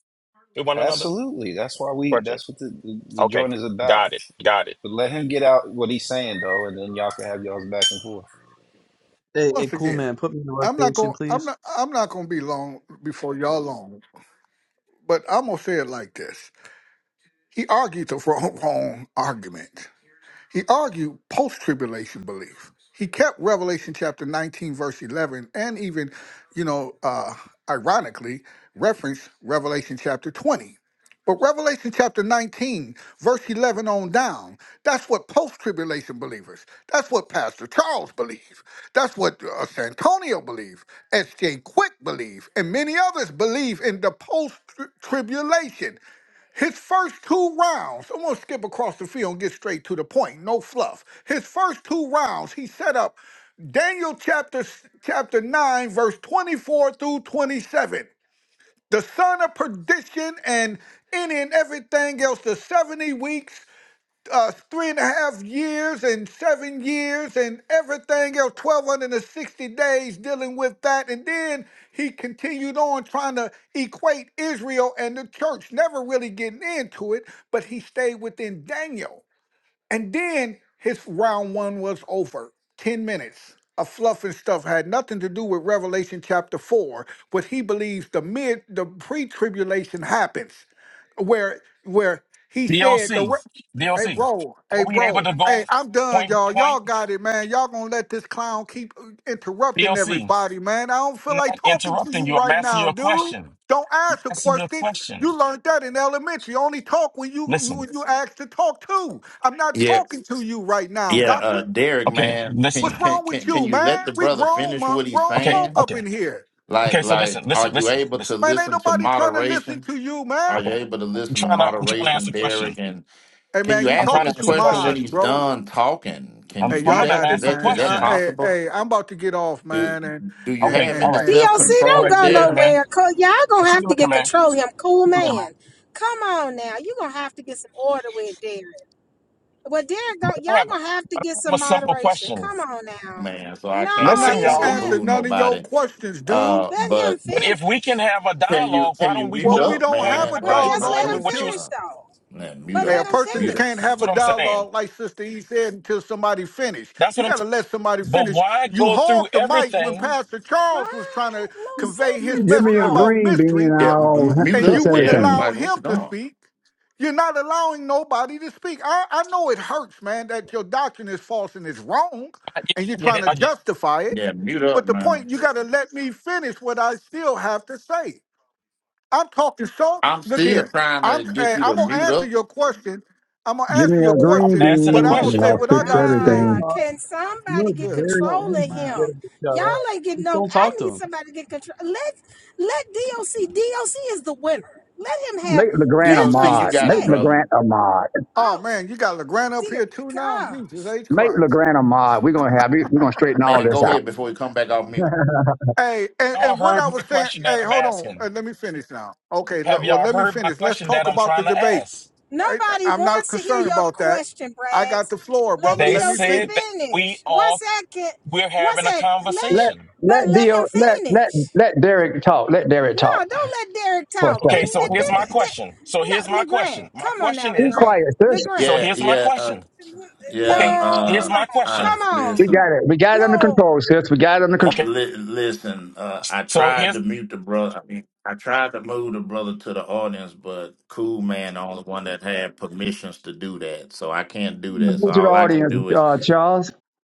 Speaker 3: with one another?
Speaker 1: Absolutely. That's why we.
Speaker 3: Question.
Speaker 1: That's what the, the, the
Speaker 3: Okay,
Speaker 1: joint is about.
Speaker 3: got it, got it.
Speaker 1: But let him get out what he's saying though, and then y'all can have y'all's back and forth.
Speaker 2: Hey, hey,
Speaker 8: once
Speaker 2: cool
Speaker 8: again.
Speaker 2: man, put me in
Speaker 8: I'm not going.
Speaker 2: rotation,
Speaker 8: to I'm
Speaker 2: please.
Speaker 8: not. I'm not going to be long before y'all long. But I'm gonna say it like this: He argued the (laughs) wrong, wrong argument. He argued post tribulation belief. He kept Revelation chapter 19, verse 11, and even, you know, uh, ironically, referenced Revelation chapter 20. But Revelation chapter 19, verse 11 on down, that's what post tribulation believers, that's what Pastor Charles believes, that's what uh, Santonio believes, S.J. Quick believes, and many others believe in the post tribulation. His first two rounds, I'm gonna skip across the field and get straight to the point. No fluff. His first two rounds, he set up Daniel chapter chapter nine, verse 24 through 27. The son of perdition and any and everything else, the 70 weeks uh, three and a half years and seven years and everything else, 1,260 days dealing with that. And then he continued on trying to equate Israel and the church, never really getting into it, but he stayed within Daniel. And then his round one was over 10 minutes of fluff and stuff had nothing to do with Revelation chapter 4, what he believes the mid, the pre tribulation happens where where he said
Speaker 3: DOC,
Speaker 8: the
Speaker 3: DOC,
Speaker 8: Hey bro,
Speaker 3: are
Speaker 8: hey
Speaker 3: we able
Speaker 8: bro,
Speaker 3: to go
Speaker 8: hey I'm done,
Speaker 3: point
Speaker 8: y'all.
Speaker 3: by point?
Speaker 8: Y'all got it, man. Y'all gonna let this clown keep uh, interrupting
Speaker 3: DOC.
Speaker 8: everybody, man. I don't
Speaker 3: I'm
Speaker 8: feel
Speaker 3: not
Speaker 8: like talking to
Speaker 3: interrupting
Speaker 8: you
Speaker 3: you. I'm
Speaker 8: right
Speaker 3: asking you
Speaker 8: now,
Speaker 3: a
Speaker 8: dude.
Speaker 3: question.
Speaker 8: Don't ask a
Speaker 3: asking you a
Speaker 8: question.
Speaker 3: question.
Speaker 8: You learned that in elementary. Only talk when you you-
Speaker 3: Listen.
Speaker 8: when you asked to talk to. I'm not
Speaker 5: Yeah,
Speaker 8: talking to you right now,
Speaker 5: yeah, uh,
Speaker 8: doctor.
Speaker 5: Derek,
Speaker 3: Okay.
Speaker 5: man, can
Speaker 8: What's
Speaker 3: Listen.
Speaker 5: can
Speaker 8: wrong
Speaker 5: can
Speaker 8: with
Speaker 5: can
Speaker 8: you,
Speaker 5: you let
Speaker 8: man?
Speaker 5: the
Speaker 8: We
Speaker 5: brother
Speaker 8: grown,
Speaker 5: finish what
Speaker 8: mon-
Speaker 5: he's
Speaker 8: grown
Speaker 3: Okay.
Speaker 8: folk
Speaker 5: saying?
Speaker 8: up
Speaker 3: Okay.
Speaker 8: in here,
Speaker 3: Okay.
Speaker 5: Like,
Speaker 3: So
Speaker 5: like,
Speaker 3: listen.
Speaker 5: are
Speaker 3: Listen.
Speaker 5: you
Speaker 3: Listen.
Speaker 5: able to
Speaker 3: Listen.
Speaker 8: man. Ain't
Speaker 5: listen to
Speaker 8: nobody trying to listen
Speaker 5: moderation?
Speaker 8: to you, man.
Speaker 5: Are you
Speaker 3: Okay.
Speaker 5: able to
Speaker 3: I'm
Speaker 5: listen to
Speaker 3: trying to. I'm trying to ask
Speaker 5: moderation,
Speaker 3: a
Speaker 5: Derek?
Speaker 3: question.
Speaker 5: And
Speaker 8: Hey
Speaker 5: can
Speaker 8: man,
Speaker 5: you
Speaker 8: you
Speaker 3: I'm
Speaker 5: ask him
Speaker 3: trying
Speaker 8: talking
Speaker 3: to
Speaker 5: this
Speaker 3: ask
Speaker 8: to
Speaker 3: a
Speaker 5: question when
Speaker 3: question.
Speaker 8: mods,
Speaker 5: he's
Speaker 8: bro.
Speaker 5: done talking? Can
Speaker 3: I'm
Speaker 5: you
Speaker 8: Hey,
Speaker 5: do
Speaker 8: y'all
Speaker 3: trying to
Speaker 5: that?
Speaker 8: got
Speaker 5: Is
Speaker 8: it,
Speaker 3: ask a
Speaker 5: that is
Speaker 8: man.
Speaker 5: that
Speaker 8: I,
Speaker 3: question.
Speaker 8: hey,
Speaker 5: possible?
Speaker 8: hey, I'm about to get off,
Speaker 5: Do
Speaker 8: man, and
Speaker 5: do you
Speaker 8: and
Speaker 3: Okay.
Speaker 5: have
Speaker 3: All
Speaker 8: and
Speaker 5: any
Speaker 7: DOC
Speaker 3: right.
Speaker 8: and
Speaker 5: self
Speaker 8: and
Speaker 3: All
Speaker 7: don't
Speaker 8: and
Speaker 3: right.
Speaker 5: control
Speaker 3: See
Speaker 7: go
Speaker 3: you later,
Speaker 5: there,
Speaker 3: man.
Speaker 7: nowhere. Co- Y'all
Speaker 3: I'll
Speaker 7: gonna
Speaker 3: see
Speaker 7: have
Speaker 3: you
Speaker 7: to
Speaker 3: later,
Speaker 7: get
Speaker 3: man.
Speaker 7: control of him, cool
Speaker 3: See you later, man.
Speaker 7: man. Come on now, you gonna have to get some order with Derek. Well, Derek, go, y'all
Speaker 3: I have,
Speaker 7: gonna
Speaker 3: I
Speaker 7: have to get
Speaker 3: have
Speaker 7: some
Speaker 3: a simple
Speaker 7: moderation.
Speaker 3: question.
Speaker 7: Come on now.
Speaker 5: man? So I
Speaker 8: I'm
Speaker 5: can't
Speaker 7: No,
Speaker 5: I
Speaker 3: Listen,
Speaker 8: not
Speaker 7: he
Speaker 8: gonna
Speaker 5: can't
Speaker 7: shouldn't
Speaker 3: y'all.
Speaker 7: have.
Speaker 8: answer
Speaker 5: remove
Speaker 8: none of your
Speaker 5: nobody.
Speaker 8: questions, dude.
Speaker 5: Uh,
Speaker 7: Let him
Speaker 5: but
Speaker 3: But
Speaker 7: finish.
Speaker 3: if we can have a
Speaker 5: can you
Speaker 3: dialogue, why
Speaker 5: can you
Speaker 3: don't we
Speaker 5: mute
Speaker 8: Well, we
Speaker 3: go
Speaker 5: up,
Speaker 8: don't
Speaker 3: point
Speaker 8: have
Speaker 3: by
Speaker 8: a
Speaker 5: man?
Speaker 7: Well,
Speaker 5: Like
Speaker 3: point?
Speaker 7: just
Speaker 5: my
Speaker 3: Like
Speaker 7: let
Speaker 8: dialogue
Speaker 7: him
Speaker 3: with
Speaker 5: goodness,
Speaker 3: what you
Speaker 8: until
Speaker 3: was.
Speaker 7: finish
Speaker 5: uh,
Speaker 7: though.
Speaker 5: man, mute
Speaker 7: But
Speaker 8: hey,
Speaker 5: up,
Speaker 8: a
Speaker 7: let him
Speaker 8: person that
Speaker 5: mute up.
Speaker 8: can't
Speaker 7: finish.
Speaker 3: That's
Speaker 8: have a
Speaker 3: what I'm saying.
Speaker 8: dialogue like Sister E said until somebody finish.
Speaker 3: That's what
Speaker 8: You
Speaker 3: I'm. s-
Speaker 8: gotta let somebody
Speaker 3: But
Speaker 8: finish.
Speaker 3: why
Speaker 8: You
Speaker 3: go through
Speaker 8: hogged the mic when
Speaker 3: everything?
Speaker 8: Pastor Charles was trying
Speaker 7: Why?
Speaker 8: to
Speaker 7: No self
Speaker 8: convey his
Speaker 9: Give me
Speaker 8: message
Speaker 9: a
Speaker 8: about
Speaker 7: control.
Speaker 9: green bean and
Speaker 8: mystery,
Speaker 5: Yeah,
Speaker 9: I'll
Speaker 5: m- mute
Speaker 8: and you
Speaker 9: fix
Speaker 5: up,
Speaker 8: wouldn't
Speaker 5: Derek.
Speaker 9: everything.
Speaker 8: allow
Speaker 5: Like what
Speaker 8: him
Speaker 5: you
Speaker 8: to
Speaker 5: doing?
Speaker 8: speak. You're not allowing nobody to speak. I, I know it hurts, man, that your doctrine is false and it's wrong,
Speaker 3: Yeah,
Speaker 8: and you're
Speaker 3: I get
Speaker 8: trying
Speaker 3: it.
Speaker 8: to
Speaker 3: I get-
Speaker 8: justify it.
Speaker 5: Yeah, mute
Speaker 8: But
Speaker 5: up,
Speaker 8: the
Speaker 5: man.
Speaker 8: point, you got to let me finish what I still have to say. I'm talking so.
Speaker 5: I'm
Speaker 8: Look
Speaker 5: still
Speaker 8: here,
Speaker 5: trying
Speaker 8: I'm
Speaker 5: to
Speaker 8: hey,
Speaker 5: get you
Speaker 8: I'm
Speaker 5: to
Speaker 8: gonna
Speaker 5: mute
Speaker 8: answer
Speaker 5: up.
Speaker 8: your question. I'm gonna
Speaker 9: Give
Speaker 8: answer
Speaker 9: me
Speaker 8: your
Speaker 9: a
Speaker 2: Oh,
Speaker 3: I'm
Speaker 9: green
Speaker 2: yeah,
Speaker 8: question,
Speaker 3: asking a
Speaker 8: but
Speaker 2: yeah,
Speaker 9: bean
Speaker 8: I'm
Speaker 7: Oh
Speaker 8: gonna
Speaker 9: and
Speaker 8: say
Speaker 9: I'll
Speaker 7: dear
Speaker 8: what
Speaker 3: question.
Speaker 8: I
Speaker 2: yeah,
Speaker 9: fix
Speaker 2: yeah,
Speaker 8: gotta say.
Speaker 7: God.
Speaker 9: everything.
Speaker 2: yeah.
Speaker 7: Can
Speaker 2: You know,
Speaker 7: somebody
Speaker 2: it's
Speaker 7: get
Speaker 8: Good
Speaker 2: very
Speaker 7: control
Speaker 8: lord,
Speaker 7: of
Speaker 2: easy to
Speaker 8: man.
Speaker 2: get
Speaker 7: him?
Speaker 2: him to shut
Speaker 7: Y'all
Speaker 2: up.
Speaker 7: ain't getting
Speaker 2: Just
Speaker 7: no
Speaker 2: don't
Speaker 7: I
Speaker 2: talk
Speaker 7: need
Speaker 2: to
Speaker 7: somebody to get control. Let let DOC DOC is the winner. Let him
Speaker 9: Make
Speaker 7: have
Speaker 9: LeGrand a
Speaker 7: that
Speaker 5: D.O.C.
Speaker 7: much
Speaker 5: you
Speaker 9: mod.
Speaker 5: got it,
Speaker 9: Make
Speaker 7: respect.
Speaker 5: brother.
Speaker 9: LeGrand a mod.
Speaker 8: Oh
Speaker 7: Oh
Speaker 8: man, you got LeGrand up
Speaker 7: dear
Speaker 8: here too now. Jesus
Speaker 7: gosh.
Speaker 8: H
Speaker 9: Make
Speaker 8: Christ.
Speaker 9: LeGrand a mod. We're gonna have we're gonna straighten all
Speaker 5: Man,
Speaker 9: this
Speaker 5: go
Speaker 9: out.
Speaker 5: ahead before we come back off
Speaker 9: (laughs)
Speaker 5: mute.
Speaker 8: Hey, and,
Speaker 3: Y'all
Speaker 8: and what
Speaker 3: heard
Speaker 8: I
Speaker 3: my
Speaker 8: was saying,
Speaker 3: question that
Speaker 8: hey,
Speaker 3: I'm
Speaker 8: hold on. Uh,
Speaker 3: asking.
Speaker 8: let me finish now. Okay,
Speaker 3: Have
Speaker 8: le- well,
Speaker 3: y'all
Speaker 8: let me
Speaker 3: heard my
Speaker 8: finish. Let's
Speaker 3: question that
Speaker 8: talk
Speaker 3: I'm
Speaker 8: about the
Speaker 3: trying to
Speaker 8: debate.
Speaker 3: ask?
Speaker 8: All right,
Speaker 7: Nobody
Speaker 8: I'm not
Speaker 7: wants to hear
Speaker 8: concerned
Speaker 7: your
Speaker 8: about that.
Speaker 7: question,
Speaker 8: I got
Speaker 7: Braggs.
Speaker 8: the floor,
Speaker 7: Let
Speaker 8: brother.
Speaker 3: They
Speaker 8: Let me
Speaker 7: DOC
Speaker 3: said
Speaker 8: finish.
Speaker 3: that we
Speaker 7: finish. One
Speaker 3: are
Speaker 7: second.
Speaker 3: we're
Speaker 7: One
Speaker 3: having a
Speaker 7: sec. Let
Speaker 9: let
Speaker 7: it,
Speaker 3: conversation.
Speaker 7: but
Speaker 9: let
Speaker 7: let
Speaker 9: Dio
Speaker 7: him
Speaker 9: let let
Speaker 7: finish.
Speaker 9: let Derek talk. Let Derek
Speaker 7: No,
Speaker 9: talk
Speaker 7: don't let Derek
Speaker 9: for a
Speaker 7: talk.
Speaker 3: Okay,
Speaker 9: second.
Speaker 7: Then-
Speaker 3: so
Speaker 7: then-
Speaker 3: here's
Speaker 7: then-
Speaker 3: my
Speaker 7: then-
Speaker 3: question. So
Speaker 7: No,
Speaker 3: here's my question.
Speaker 7: LeGrand,
Speaker 3: My
Speaker 7: come on now,
Speaker 3: question
Speaker 9: Be
Speaker 3: is,
Speaker 7: LeGrand.
Speaker 9: quiet, sis.
Speaker 7: LeGrand.
Speaker 3: so
Speaker 5: Yeah,
Speaker 3: here's my
Speaker 5: yeah, uh,
Speaker 3: question.
Speaker 5: yeah.
Speaker 3: Okay,
Speaker 7: No,
Speaker 3: here's
Speaker 5: Uh,
Speaker 7: come
Speaker 3: my
Speaker 7: on.
Speaker 5: uh,
Speaker 3: question.
Speaker 7: Come
Speaker 9: We
Speaker 7: on.
Speaker 5: listen.
Speaker 9: got it. We got it under
Speaker 7: No.
Speaker 9: control, sis. We got it under control.
Speaker 3: Okay,
Speaker 5: Li- listen, uh, I
Speaker 3: so
Speaker 5: tried to
Speaker 3: here's
Speaker 5: mute the brother. I mean, I tried to move the brother to the audience, but Cool Man, the only one that had permissions to do that, so I can't do that.
Speaker 9: Go
Speaker 5: So
Speaker 9: To the
Speaker 5: all I can
Speaker 9: audience,
Speaker 5: do is
Speaker 9: uh, Charles.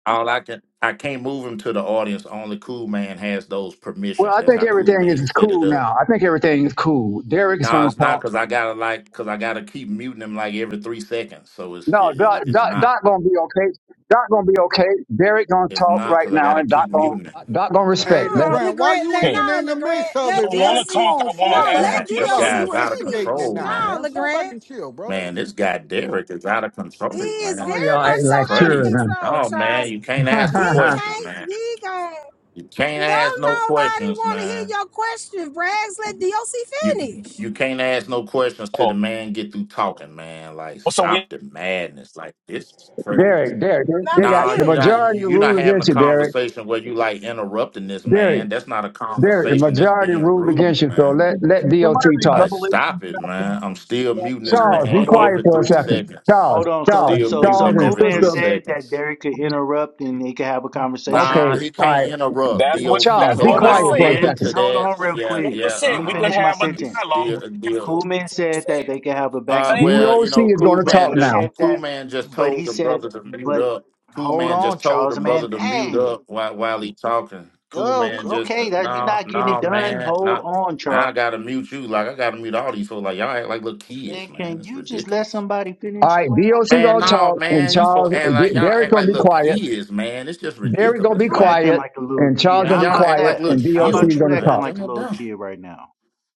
Speaker 5: all I can. I can't move him to the audience. Only Cool Man has those
Speaker 9: Well,
Speaker 5: permissions.
Speaker 9: I
Speaker 5: That's
Speaker 9: think
Speaker 5: how Cool
Speaker 9: everything
Speaker 5: Man
Speaker 9: is
Speaker 5: set it
Speaker 9: cool
Speaker 5: up.
Speaker 9: now. I think everything is cool. Derek is
Speaker 5: No,
Speaker 9: gonna
Speaker 5: it's
Speaker 9: talk.
Speaker 5: not because I gotta like because I gotta keep muting him like every three seconds. So it's
Speaker 9: No,
Speaker 5: it,
Speaker 9: Doc,
Speaker 5: it- it's
Speaker 9: Doc,
Speaker 5: not
Speaker 9: Doc gonna be okay. Doc gonna be okay. Derek gonna
Speaker 5: it's
Speaker 9: talk
Speaker 5: not
Speaker 9: right
Speaker 5: because I
Speaker 9: now,
Speaker 5: gotta
Speaker 9: and
Speaker 5: keep
Speaker 9: Doc gonna
Speaker 5: muting him.
Speaker 9: Doc gonna
Speaker 8: Hey,
Speaker 9: respect. That's
Speaker 7: No,
Speaker 8: LeGrand, why
Speaker 7: LeGrand,
Speaker 8: you
Speaker 7: let
Speaker 3: okay.
Speaker 8: even
Speaker 7: no,
Speaker 8: in the midst
Speaker 7: LeGrand,
Speaker 3: I
Speaker 8: of
Speaker 7: let
Speaker 8: it,
Speaker 3: don't
Speaker 8: man?
Speaker 3: want to
Speaker 8: Come
Speaker 7: DOC,
Speaker 3: talk. I
Speaker 8: on,
Speaker 3: want
Speaker 8: fall
Speaker 5: This
Speaker 3: to
Speaker 7: no,
Speaker 3: ask
Speaker 8: back
Speaker 3: a
Speaker 5: guy,
Speaker 7: let
Speaker 8: and
Speaker 5: this
Speaker 8: chill out.
Speaker 7: DOC
Speaker 3: question.
Speaker 8: You
Speaker 5: guy's out of
Speaker 8: instigating it
Speaker 7: finish.
Speaker 5: control,
Speaker 8: now,
Speaker 5: man.
Speaker 7: No,
Speaker 8: man. Fall back
Speaker 7: LeGrand.
Speaker 8: and chill, brother.
Speaker 5: Man, this guy Derek is out of control,
Speaker 7: He is
Speaker 5: man.
Speaker 9: all
Speaker 5: This,
Speaker 7: very
Speaker 9: y'all
Speaker 7: much
Speaker 5: this
Speaker 9: ain't
Speaker 7: so
Speaker 5: is
Speaker 9: like
Speaker 7: out of
Speaker 9: sure,
Speaker 5: crazy.
Speaker 9: man.
Speaker 7: control,
Speaker 5: Oh man,
Speaker 7: Charles.
Speaker 5: you can't ask a
Speaker 7: He
Speaker 5: question,
Speaker 7: can't,
Speaker 5: man.
Speaker 7: he gon'
Speaker 5: You can't
Speaker 7: don't
Speaker 5: ask no
Speaker 7: nobody
Speaker 5: questions,
Speaker 7: want to hear
Speaker 5: man.
Speaker 7: your question, Brags. Let DOC
Speaker 5: You
Speaker 7: finish.
Speaker 5: you can't ask no questions till
Speaker 3: Oh,
Speaker 5: the man get through talking, man. Like
Speaker 3: so we.
Speaker 5: stop the madness. Like this is
Speaker 9: (laughs)
Speaker 5: crazy.
Speaker 9: Derek, Derek,
Speaker 7: Not
Speaker 9: they
Speaker 7: with
Speaker 9: got
Speaker 5: Nah,
Speaker 9: the
Speaker 5: you're
Speaker 7: you.
Speaker 5: not you-
Speaker 9: majority
Speaker 5: you're not
Speaker 9: rule
Speaker 5: having a
Speaker 9: against you, Derek.
Speaker 5: conversation where you like interrupting this
Speaker 9: Derek,
Speaker 5: man. That's not a
Speaker 9: Derek, the
Speaker 5: conversation. That's
Speaker 9: majority
Speaker 5: being
Speaker 9: ruled
Speaker 5: rude,
Speaker 9: against you. So
Speaker 5: man.
Speaker 9: let
Speaker 2: him.
Speaker 9: let
Speaker 2: Somebody
Speaker 9: DOT
Speaker 2: read
Speaker 5: All
Speaker 9: talk.
Speaker 5: right,
Speaker 2: Revelation
Speaker 5: stop it, man. I'm still muting this
Speaker 2: chapter
Speaker 9: Charles, be
Speaker 6: Hold
Speaker 5: man
Speaker 6: on.
Speaker 9: quiet
Speaker 5: every
Speaker 9: for a
Speaker 5: three
Speaker 2: 20,
Speaker 9: second.
Speaker 5: seconds.
Speaker 9: Charles,
Speaker 6: Hold on. So
Speaker 9: Charles,
Speaker 5: Still
Speaker 6: so
Speaker 5: muting
Speaker 6: so
Speaker 9: Charles,
Speaker 5: him
Speaker 9: and
Speaker 6: Cool
Speaker 5: every
Speaker 6: Man
Speaker 5: three
Speaker 9: sister.
Speaker 6: said that
Speaker 5: seconds.
Speaker 6: Derek could
Speaker 2: twenty-two.
Speaker 6: interrupt and they could have a conversation.
Speaker 9: Okay,
Speaker 5: Nah, he
Speaker 9: all
Speaker 5: can't
Speaker 9: right.
Speaker 5: interrupt.
Speaker 3: That's what.
Speaker 5: DOC
Speaker 9: Charles,
Speaker 3: That's
Speaker 9: be
Speaker 5: has
Speaker 3: what
Speaker 6: Hold
Speaker 3: was
Speaker 9: quiet
Speaker 5: not
Speaker 6: on,
Speaker 9: for a
Speaker 3: said.
Speaker 6: man.
Speaker 5: yielded to
Speaker 6: Just
Speaker 9: second.
Speaker 6: hold
Speaker 5: that.
Speaker 6: on real
Speaker 3: That's
Speaker 5: Yeah,
Speaker 3: what
Speaker 6: quick.
Speaker 3: was
Speaker 5: yeah,
Speaker 6: Let
Speaker 3: said.
Speaker 6: me
Speaker 3: We
Speaker 5: uh-uh.
Speaker 3: could
Speaker 6: finish my
Speaker 3: have a
Speaker 6: sentence.
Speaker 3: dialogue
Speaker 5: Deal,
Speaker 3: back and
Speaker 5: deal.
Speaker 3: forth.
Speaker 6: Coolman
Speaker 3: That's what was
Speaker 6: said that
Speaker 3: said.
Speaker 6: they could have a back
Speaker 5: Uh,
Speaker 6: and
Speaker 3: Same,
Speaker 6: forth,
Speaker 5: well, you know,
Speaker 9: DOC is
Speaker 5: Cool
Speaker 9: gonna
Speaker 6: but
Speaker 9: talk
Speaker 5: Man
Speaker 6: he
Speaker 5: just
Speaker 9: now.
Speaker 6: said
Speaker 5: Cool
Speaker 6: that,
Speaker 5: Man just
Speaker 6: but he
Speaker 5: told the
Speaker 6: said,
Speaker 5: brother to mute
Speaker 6: but
Speaker 5: up. Cool
Speaker 6: hold
Speaker 5: Man
Speaker 6: on,
Speaker 5: just told the
Speaker 6: Charles,
Speaker 5: brother
Speaker 6: man.
Speaker 5: to mute
Speaker 6: Hey,
Speaker 5: up while while he talking. Cool
Speaker 6: oh,
Speaker 5: Man just
Speaker 6: okay, that you're
Speaker 5: no,
Speaker 6: not getting it
Speaker 5: no,
Speaker 6: done.
Speaker 5: man,
Speaker 6: Hold
Speaker 5: not.
Speaker 6: on,
Speaker 5: Now I
Speaker 6: Charles.
Speaker 5: gotta mute you. Like I gotta mute all these folks. Like y'all act like little kids,
Speaker 6: Man,
Speaker 5: man.
Speaker 6: can
Speaker 5: It's
Speaker 6: you just let
Speaker 5: ridiculous.
Speaker 6: somebody
Speaker 9: All
Speaker 6: finish as
Speaker 9: right,
Speaker 6: well?
Speaker 9: DOC
Speaker 5: Man,
Speaker 9: gonna
Speaker 5: no,
Speaker 9: talk, and
Speaker 5: man, you so
Speaker 9: Charles,
Speaker 5: act
Speaker 9: D-
Speaker 5: like y'all
Speaker 9: Derek
Speaker 5: act
Speaker 9: gonna
Speaker 5: like
Speaker 9: be
Speaker 5: little
Speaker 9: quiet.
Speaker 5: kids, man. It's just
Speaker 9: Derek gonna be
Speaker 5: ridiculous,
Speaker 6: You
Speaker 5: man.
Speaker 6: acting
Speaker 9: quiet,
Speaker 6: like a little
Speaker 9: and
Speaker 6: kid.
Speaker 9: Charles
Speaker 5: Man,
Speaker 6: How
Speaker 9: gonna be
Speaker 5: y'all
Speaker 6: about
Speaker 5: act
Speaker 9: quiet,
Speaker 5: like
Speaker 6: that?
Speaker 5: little
Speaker 9: and
Speaker 6: How
Speaker 9: DOC
Speaker 6: about
Speaker 9: is
Speaker 6: you
Speaker 5: children,
Speaker 9: gonna
Speaker 6: acting
Speaker 5: man.
Speaker 9: talk.
Speaker 6: like a
Speaker 5: Y'all
Speaker 6: little
Speaker 5: dumb.
Speaker 6: kid right now?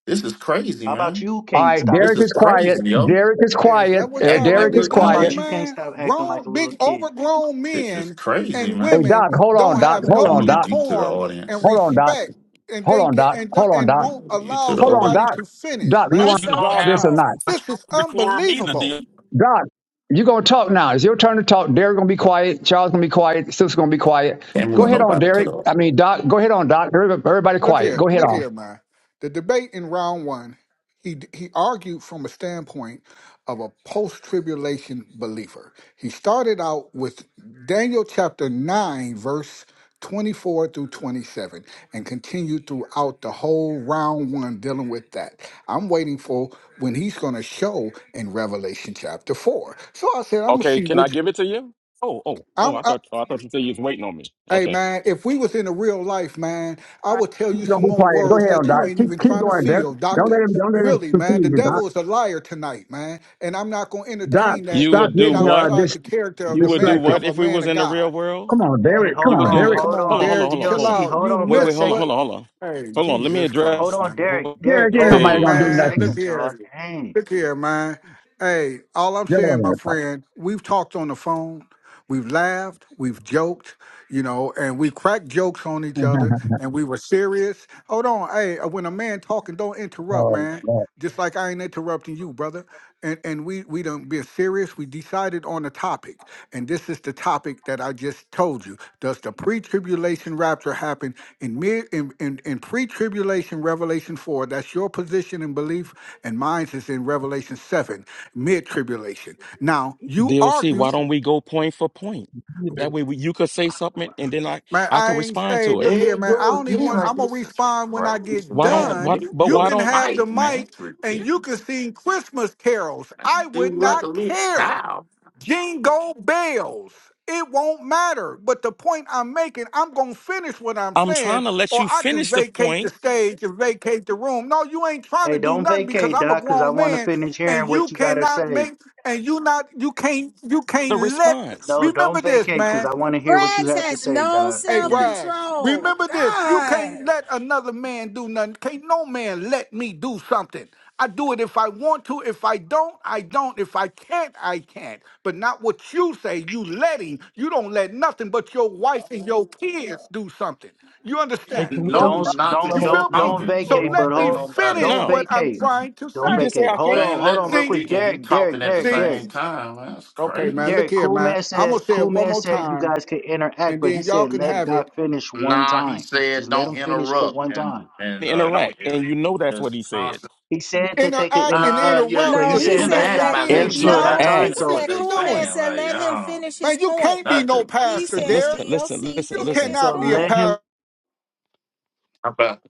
Speaker 5: This is crazy,
Speaker 6: How about
Speaker 5: man.
Speaker 6: you
Speaker 9: All
Speaker 6: can't
Speaker 9: right,
Speaker 6: stop?
Speaker 5: This
Speaker 9: Derek
Speaker 5: is
Speaker 9: is quiet.
Speaker 5: crazy, yo.
Speaker 9: Derek is
Speaker 8: Hey, is
Speaker 9: quiet.
Speaker 8: that what
Speaker 9: Uh,
Speaker 8: y'all
Speaker 5: Acting like
Speaker 9: Derek
Speaker 8: really
Speaker 9: is
Speaker 5: little
Speaker 6: How
Speaker 8: doing,
Speaker 9: quiet.
Speaker 6: about you
Speaker 5: kids.
Speaker 6: can't
Speaker 8: man?
Speaker 6: stop acting like a
Speaker 8: Grown,
Speaker 6: little
Speaker 8: big,
Speaker 6: kid?
Speaker 8: overgrown
Speaker 5: This is
Speaker 8: men
Speaker 5: crazy,
Speaker 8: and
Speaker 9: Hey
Speaker 5: man.
Speaker 9: Doc,
Speaker 8: women
Speaker 9: hold on,
Speaker 8: don't
Speaker 9: Doc.
Speaker 8: have
Speaker 5: I
Speaker 9: Hold
Speaker 5: can
Speaker 8: no
Speaker 9: on,
Speaker 5: move
Speaker 9: Doc.
Speaker 5: you to the
Speaker 8: decorum and
Speaker 5: audience.
Speaker 9: Hold on, Doc.
Speaker 5: It's-
Speaker 8: respect, and
Speaker 9: Hold
Speaker 8: then
Speaker 9: on,
Speaker 8: ca-
Speaker 9: Doc.
Speaker 8: and
Speaker 9: Hold on,
Speaker 5: I
Speaker 8: and
Speaker 9: Doc.
Speaker 5: can
Speaker 8: won't
Speaker 5: move You to
Speaker 8: allow
Speaker 5: the
Speaker 9: Hold on,
Speaker 8: somebody
Speaker 5: audience.
Speaker 9: Doc.
Speaker 8: to finish,
Speaker 9: Doc, you
Speaker 7: No
Speaker 3: but
Speaker 8: man.
Speaker 9: want
Speaker 3: you
Speaker 9: to
Speaker 7: self
Speaker 3: don't
Speaker 9: resolve
Speaker 3: have,
Speaker 9: this or
Speaker 7: control.
Speaker 9: not?
Speaker 3: but you
Speaker 8: This
Speaker 3: don't
Speaker 8: is
Speaker 3: have decorum either, dear.
Speaker 8: unbelievable.
Speaker 9: Doc, you gonna talk now. It's your turn to talk. Derek's gonna be quiet. Charles gonna be quiet. Sis gonna be quiet.
Speaker 5: Can't
Speaker 9: Go
Speaker 5: move
Speaker 8: Look.
Speaker 9: ahead on,
Speaker 5: nobody to
Speaker 9: Derek.
Speaker 5: the audience.
Speaker 9: I mean, Doc. Go ahead on, Doc. Everybody everybody
Speaker 8: Look
Speaker 9: quiet.
Speaker 8: here,
Speaker 9: Go ahead
Speaker 8: look
Speaker 9: on.
Speaker 8: here, man. The debate in round one, he he argued from a standpoint of a post-tribulation believer. He started out with Daniel chapter nine, verse. 24 through 27 and continued throughout the whole round one dealing with that. I'm waiting for when he's going to show in Revelation chapter 4. So I said, I'm going to
Speaker 3: Okay,
Speaker 8: see
Speaker 3: can I
Speaker 8: which
Speaker 3: give it to you? Oh, oh, oh!
Speaker 8: I'm,
Speaker 3: I
Speaker 8: I,
Speaker 3: thought, oh, I thought you said you was waiting on me.
Speaker 8: Hey
Speaker 3: Okay.
Speaker 8: man, if we was in the real life, man, I would tell you
Speaker 9: Don't
Speaker 8: some
Speaker 9: be
Speaker 8: more
Speaker 9: quiet. Go
Speaker 8: words
Speaker 9: ahead on
Speaker 8: that you
Speaker 9: Doc.
Speaker 8: ain't
Speaker 9: Keep
Speaker 8: even
Speaker 9: keep
Speaker 8: trying to
Speaker 9: going, Doc.
Speaker 8: feel,
Speaker 9: Don't
Speaker 8: doctor.
Speaker 9: let him don't let him
Speaker 8: Really, man, the
Speaker 9: confuse you, Doc.
Speaker 8: devil is a liar tonight, man, and I'm not gonna
Speaker 9: Doc,
Speaker 8: entertain that
Speaker 3: You
Speaker 9: stop
Speaker 3: would
Speaker 8: and
Speaker 3: do
Speaker 8: get
Speaker 9: getting uh
Speaker 3: what?
Speaker 8: outside
Speaker 9: dis-
Speaker 8: the character of
Speaker 3: You
Speaker 8: the
Speaker 3: would do
Speaker 8: man
Speaker 9: distracted.
Speaker 3: what
Speaker 8: of a
Speaker 3: if we
Speaker 8: man
Speaker 3: was
Speaker 8: of
Speaker 3: in the real
Speaker 8: God,
Speaker 3: world?
Speaker 9: Come on,
Speaker 6: Hey,
Speaker 9: Derek. Come
Speaker 3: You
Speaker 6: hold
Speaker 3: would
Speaker 9: on,
Speaker 3: do
Speaker 6: on,
Speaker 8: man.
Speaker 3: what?
Speaker 9: Derek.
Speaker 8: Come
Speaker 6: hold
Speaker 8: on,
Speaker 3: Hold on,
Speaker 6: on.
Speaker 3: hold on,
Speaker 8: Derek,
Speaker 3: hold on,
Speaker 8: chill
Speaker 3: hold on.
Speaker 6: DLC,
Speaker 8: out.
Speaker 6: hold
Speaker 8: You
Speaker 6: on
Speaker 3: Wait,
Speaker 6: for a
Speaker 3: wait,
Speaker 8: miss
Speaker 3: hold on,
Speaker 8: what?
Speaker 6: second.
Speaker 3: hold on, hold on,
Speaker 8: Hey,
Speaker 3: hold on. Let me
Speaker 8: Jesus
Speaker 6: Hold
Speaker 3: address
Speaker 8: Christ,
Speaker 6: on,
Speaker 8: man.
Speaker 6: Derek.
Speaker 3: what you
Speaker 6: Derek,
Speaker 9: Derek, ain't
Speaker 6: hold
Speaker 8: Hey
Speaker 9: nobody
Speaker 6: on
Speaker 9: gonna
Speaker 6: for
Speaker 9: do
Speaker 6: a
Speaker 3: said.
Speaker 8: man, look
Speaker 9: nothing.
Speaker 6: second, y'all.
Speaker 8: here.
Speaker 6: Dang.
Speaker 8: Look here, man. Hey, all I'm
Speaker 9: Get
Speaker 8: saying, my friend, we've talked on the phone, we've laughed, we've joked, you know, and we cracked jokes on each other
Speaker 9: (laughs)
Speaker 8: and we were serious. Hold on, hey, uh, when a man talking, don't interrupt,
Speaker 9: oh,
Speaker 8: man.
Speaker 9: Lord.
Speaker 8: Just like I ain't interrupting you, brother. And and we we done been serious. We decided on a topic. And this is the topic that I just told you. Does the pre-tribulation rapture happen? In, mid, in, in, in pre-tribulation Revelation 4, that's your position and belief, and mine is in Revelation 7, mid-tribulation. Now, you
Speaker 3: DLC.
Speaker 8: argue,
Speaker 3: Why don't we go point for point? That way, we, you could say something, and then I,
Speaker 8: man,
Speaker 3: I
Speaker 8: I
Speaker 3: could
Speaker 8: ain't,
Speaker 3: respond
Speaker 8: hey,
Speaker 3: to it.
Speaker 8: look
Speaker 5: There
Speaker 8: here,
Speaker 5: you
Speaker 8: man, I
Speaker 5: go
Speaker 8: don't even
Speaker 5: again.
Speaker 8: want,
Speaker 5: Like
Speaker 8: I'm going to
Speaker 5: this is
Speaker 8: respond when I
Speaker 5: crazy,
Speaker 8: get
Speaker 3: Why don't
Speaker 5: man.
Speaker 8: done.
Speaker 3: what
Speaker 5: Mute
Speaker 3: but
Speaker 8: You
Speaker 3: why
Speaker 5: your
Speaker 8: can
Speaker 3: don't
Speaker 8: have the
Speaker 5: mic, man.
Speaker 8: mic,
Speaker 5: It's
Speaker 8: and
Speaker 5: ridiculous.
Speaker 8: you can sing Christmas carols. I
Speaker 5: Do
Speaker 8: would
Speaker 5: like a
Speaker 8: not
Speaker 5: little
Speaker 8: care.
Speaker 5: child.
Speaker 8: Jingle bells. It won't matter. But the point I'm making, I'm going to finish what I'm
Speaker 3: I'm
Speaker 8: saying,
Speaker 3: trying to let
Speaker 8: or
Speaker 3: you
Speaker 8: I can
Speaker 3: finish the
Speaker 8: vacate the
Speaker 3: point,
Speaker 8: stage and vacate the room. No, you ain't trying to
Speaker 6: Hey,
Speaker 8: do
Speaker 6: don't
Speaker 8: nothing because
Speaker 6: vacate,
Speaker 8: I'm a
Speaker 6: Doc, because I
Speaker 8: grown
Speaker 6: want to
Speaker 8: man
Speaker 6: finish
Speaker 8: and
Speaker 6: hearing
Speaker 8: you
Speaker 6: what you got to
Speaker 8: cannot
Speaker 6: say.
Speaker 8: make and you not you can't you
Speaker 3: the
Speaker 8: can't let
Speaker 3: response.
Speaker 6: No,
Speaker 8: remember
Speaker 6: don't
Speaker 8: this
Speaker 6: vacate,
Speaker 8: man
Speaker 6: because I want to hear what you
Speaker 7: Rags
Speaker 6: have to
Speaker 7: has
Speaker 6: say,
Speaker 7: no
Speaker 6: Doc.
Speaker 8: Hey,
Speaker 7: self
Speaker 6: Please.
Speaker 8: Brian,
Speaker 7: control.
Speaker 8: remember this. You
Speaker 7: God.
Speaker 8: can't let another man do nothing. Can't no man let me do something. I do it if I want to. If I don't, I don't. If I can't, I can't. But not what you say. You letting. You don't let nothing but your wife and your kids do something. You
Speaker 2: They
Speaker 8: understand?
Speaker 2: can
Speaker 5: No,
Speaker 2: walk
Speaker 5: you
Speaker 6: Don't,
Speaker 2: with
Speaker 5: not, cause
Speaker 8: You
Speaker 6: don't,
Speaker 5: you
Speaker 8: feel
Speaker 6: don't,
Speaker 2: Revelation
Speaker 8: me?
Speaker 6: don't
Speaker 5: talking.
Speaker 8: So
Speaker 6: vacate, but
Speaker 2: 21.
Speaker 8: let
Speaker 5: Let
Speaker 8: me
Speaker 6: hold,
Speaker 5: nobody
Speaker 8: finish
Speaker 6: don't
Speaker 5: speak.
Speaker 3: No.
Speaker 8: what I'm
Speaker 6: vacate.
Speaker 5: You
Speaker 8: trying to
Speaker 6: Don't
Speaker 3: You
Speaker 8: say.
Speaker 3: just say
Speaker 6: vacate.
Speaker 3: I
Speaker 6: Hold
Speaker 3: can't
Speaker 6: on,
Speaker 5: ain't
Speaker 6: hold
Speaker 5: letting
Speaker 6: on
Speaker 5: them
Speaker 6: real
Speaker 8: See,
Speaker 6: quick.
Speaker 5: speak, and you
Speaker 6: Derek, Derek,
Speaker 5: talking at the
Speaker 6: Derek,
Speaker 8: see.
Speaker 6: Derek.
Speaker 5: same time. Man, That's
Speaker 8: Okay, man.
Speaker 5: crazy.
Speaker 8: Look
Speaker 6: Derek,
Speaker 8: here,
Speaker 6: cool
Speaker 8: man.
Speaker 6: man
Speaker 8: I'm
Speaker 6: said,
Speaker 8: gonna say
Speaker 6: cool
Speaker 8: it one
Speaker 6: man
Speaker 8: more
Speaker 6: said you
Speaker 8: time,
Speaker 6: guys could interact,
Speaker 8: and
Speaker 6: but he
Speaker 8: then y'all
Speaker 6: said
Speaker 8: can
Speaker 6: let
Speaker 8: have it.
Speaker 6: Doc finish one
Speaker 5: Nah, he
Speaker 6: time. Just
Speaker 5: said
Speaker 6: let
Speaker 5: don't
Speaker 6: him finish the
Speaker 5: interrupt,
Speaker 6: one time.
Speaker 5: and and uh, No,
Speaker 3: interact.
Speaker 5: he-
Speaker 3: And you know
Speaker 5: it's
Speaker 3: that's what he said.
Speaker 5: just
Speaker 6: He said that they could
Speaker 8: Interact and
Speaker 5: Uh,
Speaker 6: interact,
Speaker 5: you
Speaker 6: but
Speaker 5: you
Speaker 8: interrupt
Speaker 6: he
Speaker 7: No,
Speaker 8: is
Speaker 5: you
Speaker 7: he
Speaker 6: said
Speaker 8: two
Speaker 7: said,
Speaker 6: let
Speaker 5: interact
Speaker 8: different
Speaker 7: let,
Speaker 6: Doc
Speaker 5: by letting
Speaker 6: finish
Speaker 8: things,
Speaker 6: this
Speaker 8: man.
Speaker 6: one
Speaker 7: no,
Speaker 5: somebody
Speaker 7: he
Speaker 6: time.
Speaker 3: Interact.
Speaker 5: finish
Speaker 8: What is
Speaker 6: So
Speaker 5: what
Speaker 7: said,
Speaker 8: you
Speaker 5: they
Speaker 7: Cool
Speaker 5: saying.
Speaker 7: Man
Speaker 8: doing?
Speaker 7: said,
Speaker 5: Like,
Speaker 7: let him
Speaker 5: um,
Speaker 7: finish his
Speaker 8: Man, you
Speaker 7: point.
Speaker 8: can't be no
Speaker 5: nothing.
Speaker 7: He
Speaker 8: pastor,
Speaker 3: Listen,
Speaker 7: said,
Speaker 8: Derek.
Speaker 3: listen,
Speaker 7: Doc,
Speaker 3: listen, listen,
Speaker 8: You
Speaker 7: finish
Speaker 3: listen.
Speaker 7: his
Speaker 6: so
Speaker 8: cannot be a
Speaker 6: let
Speaker 7: point.
Speaker 6: him
Speaker 8: pastor.
Speaker 5: about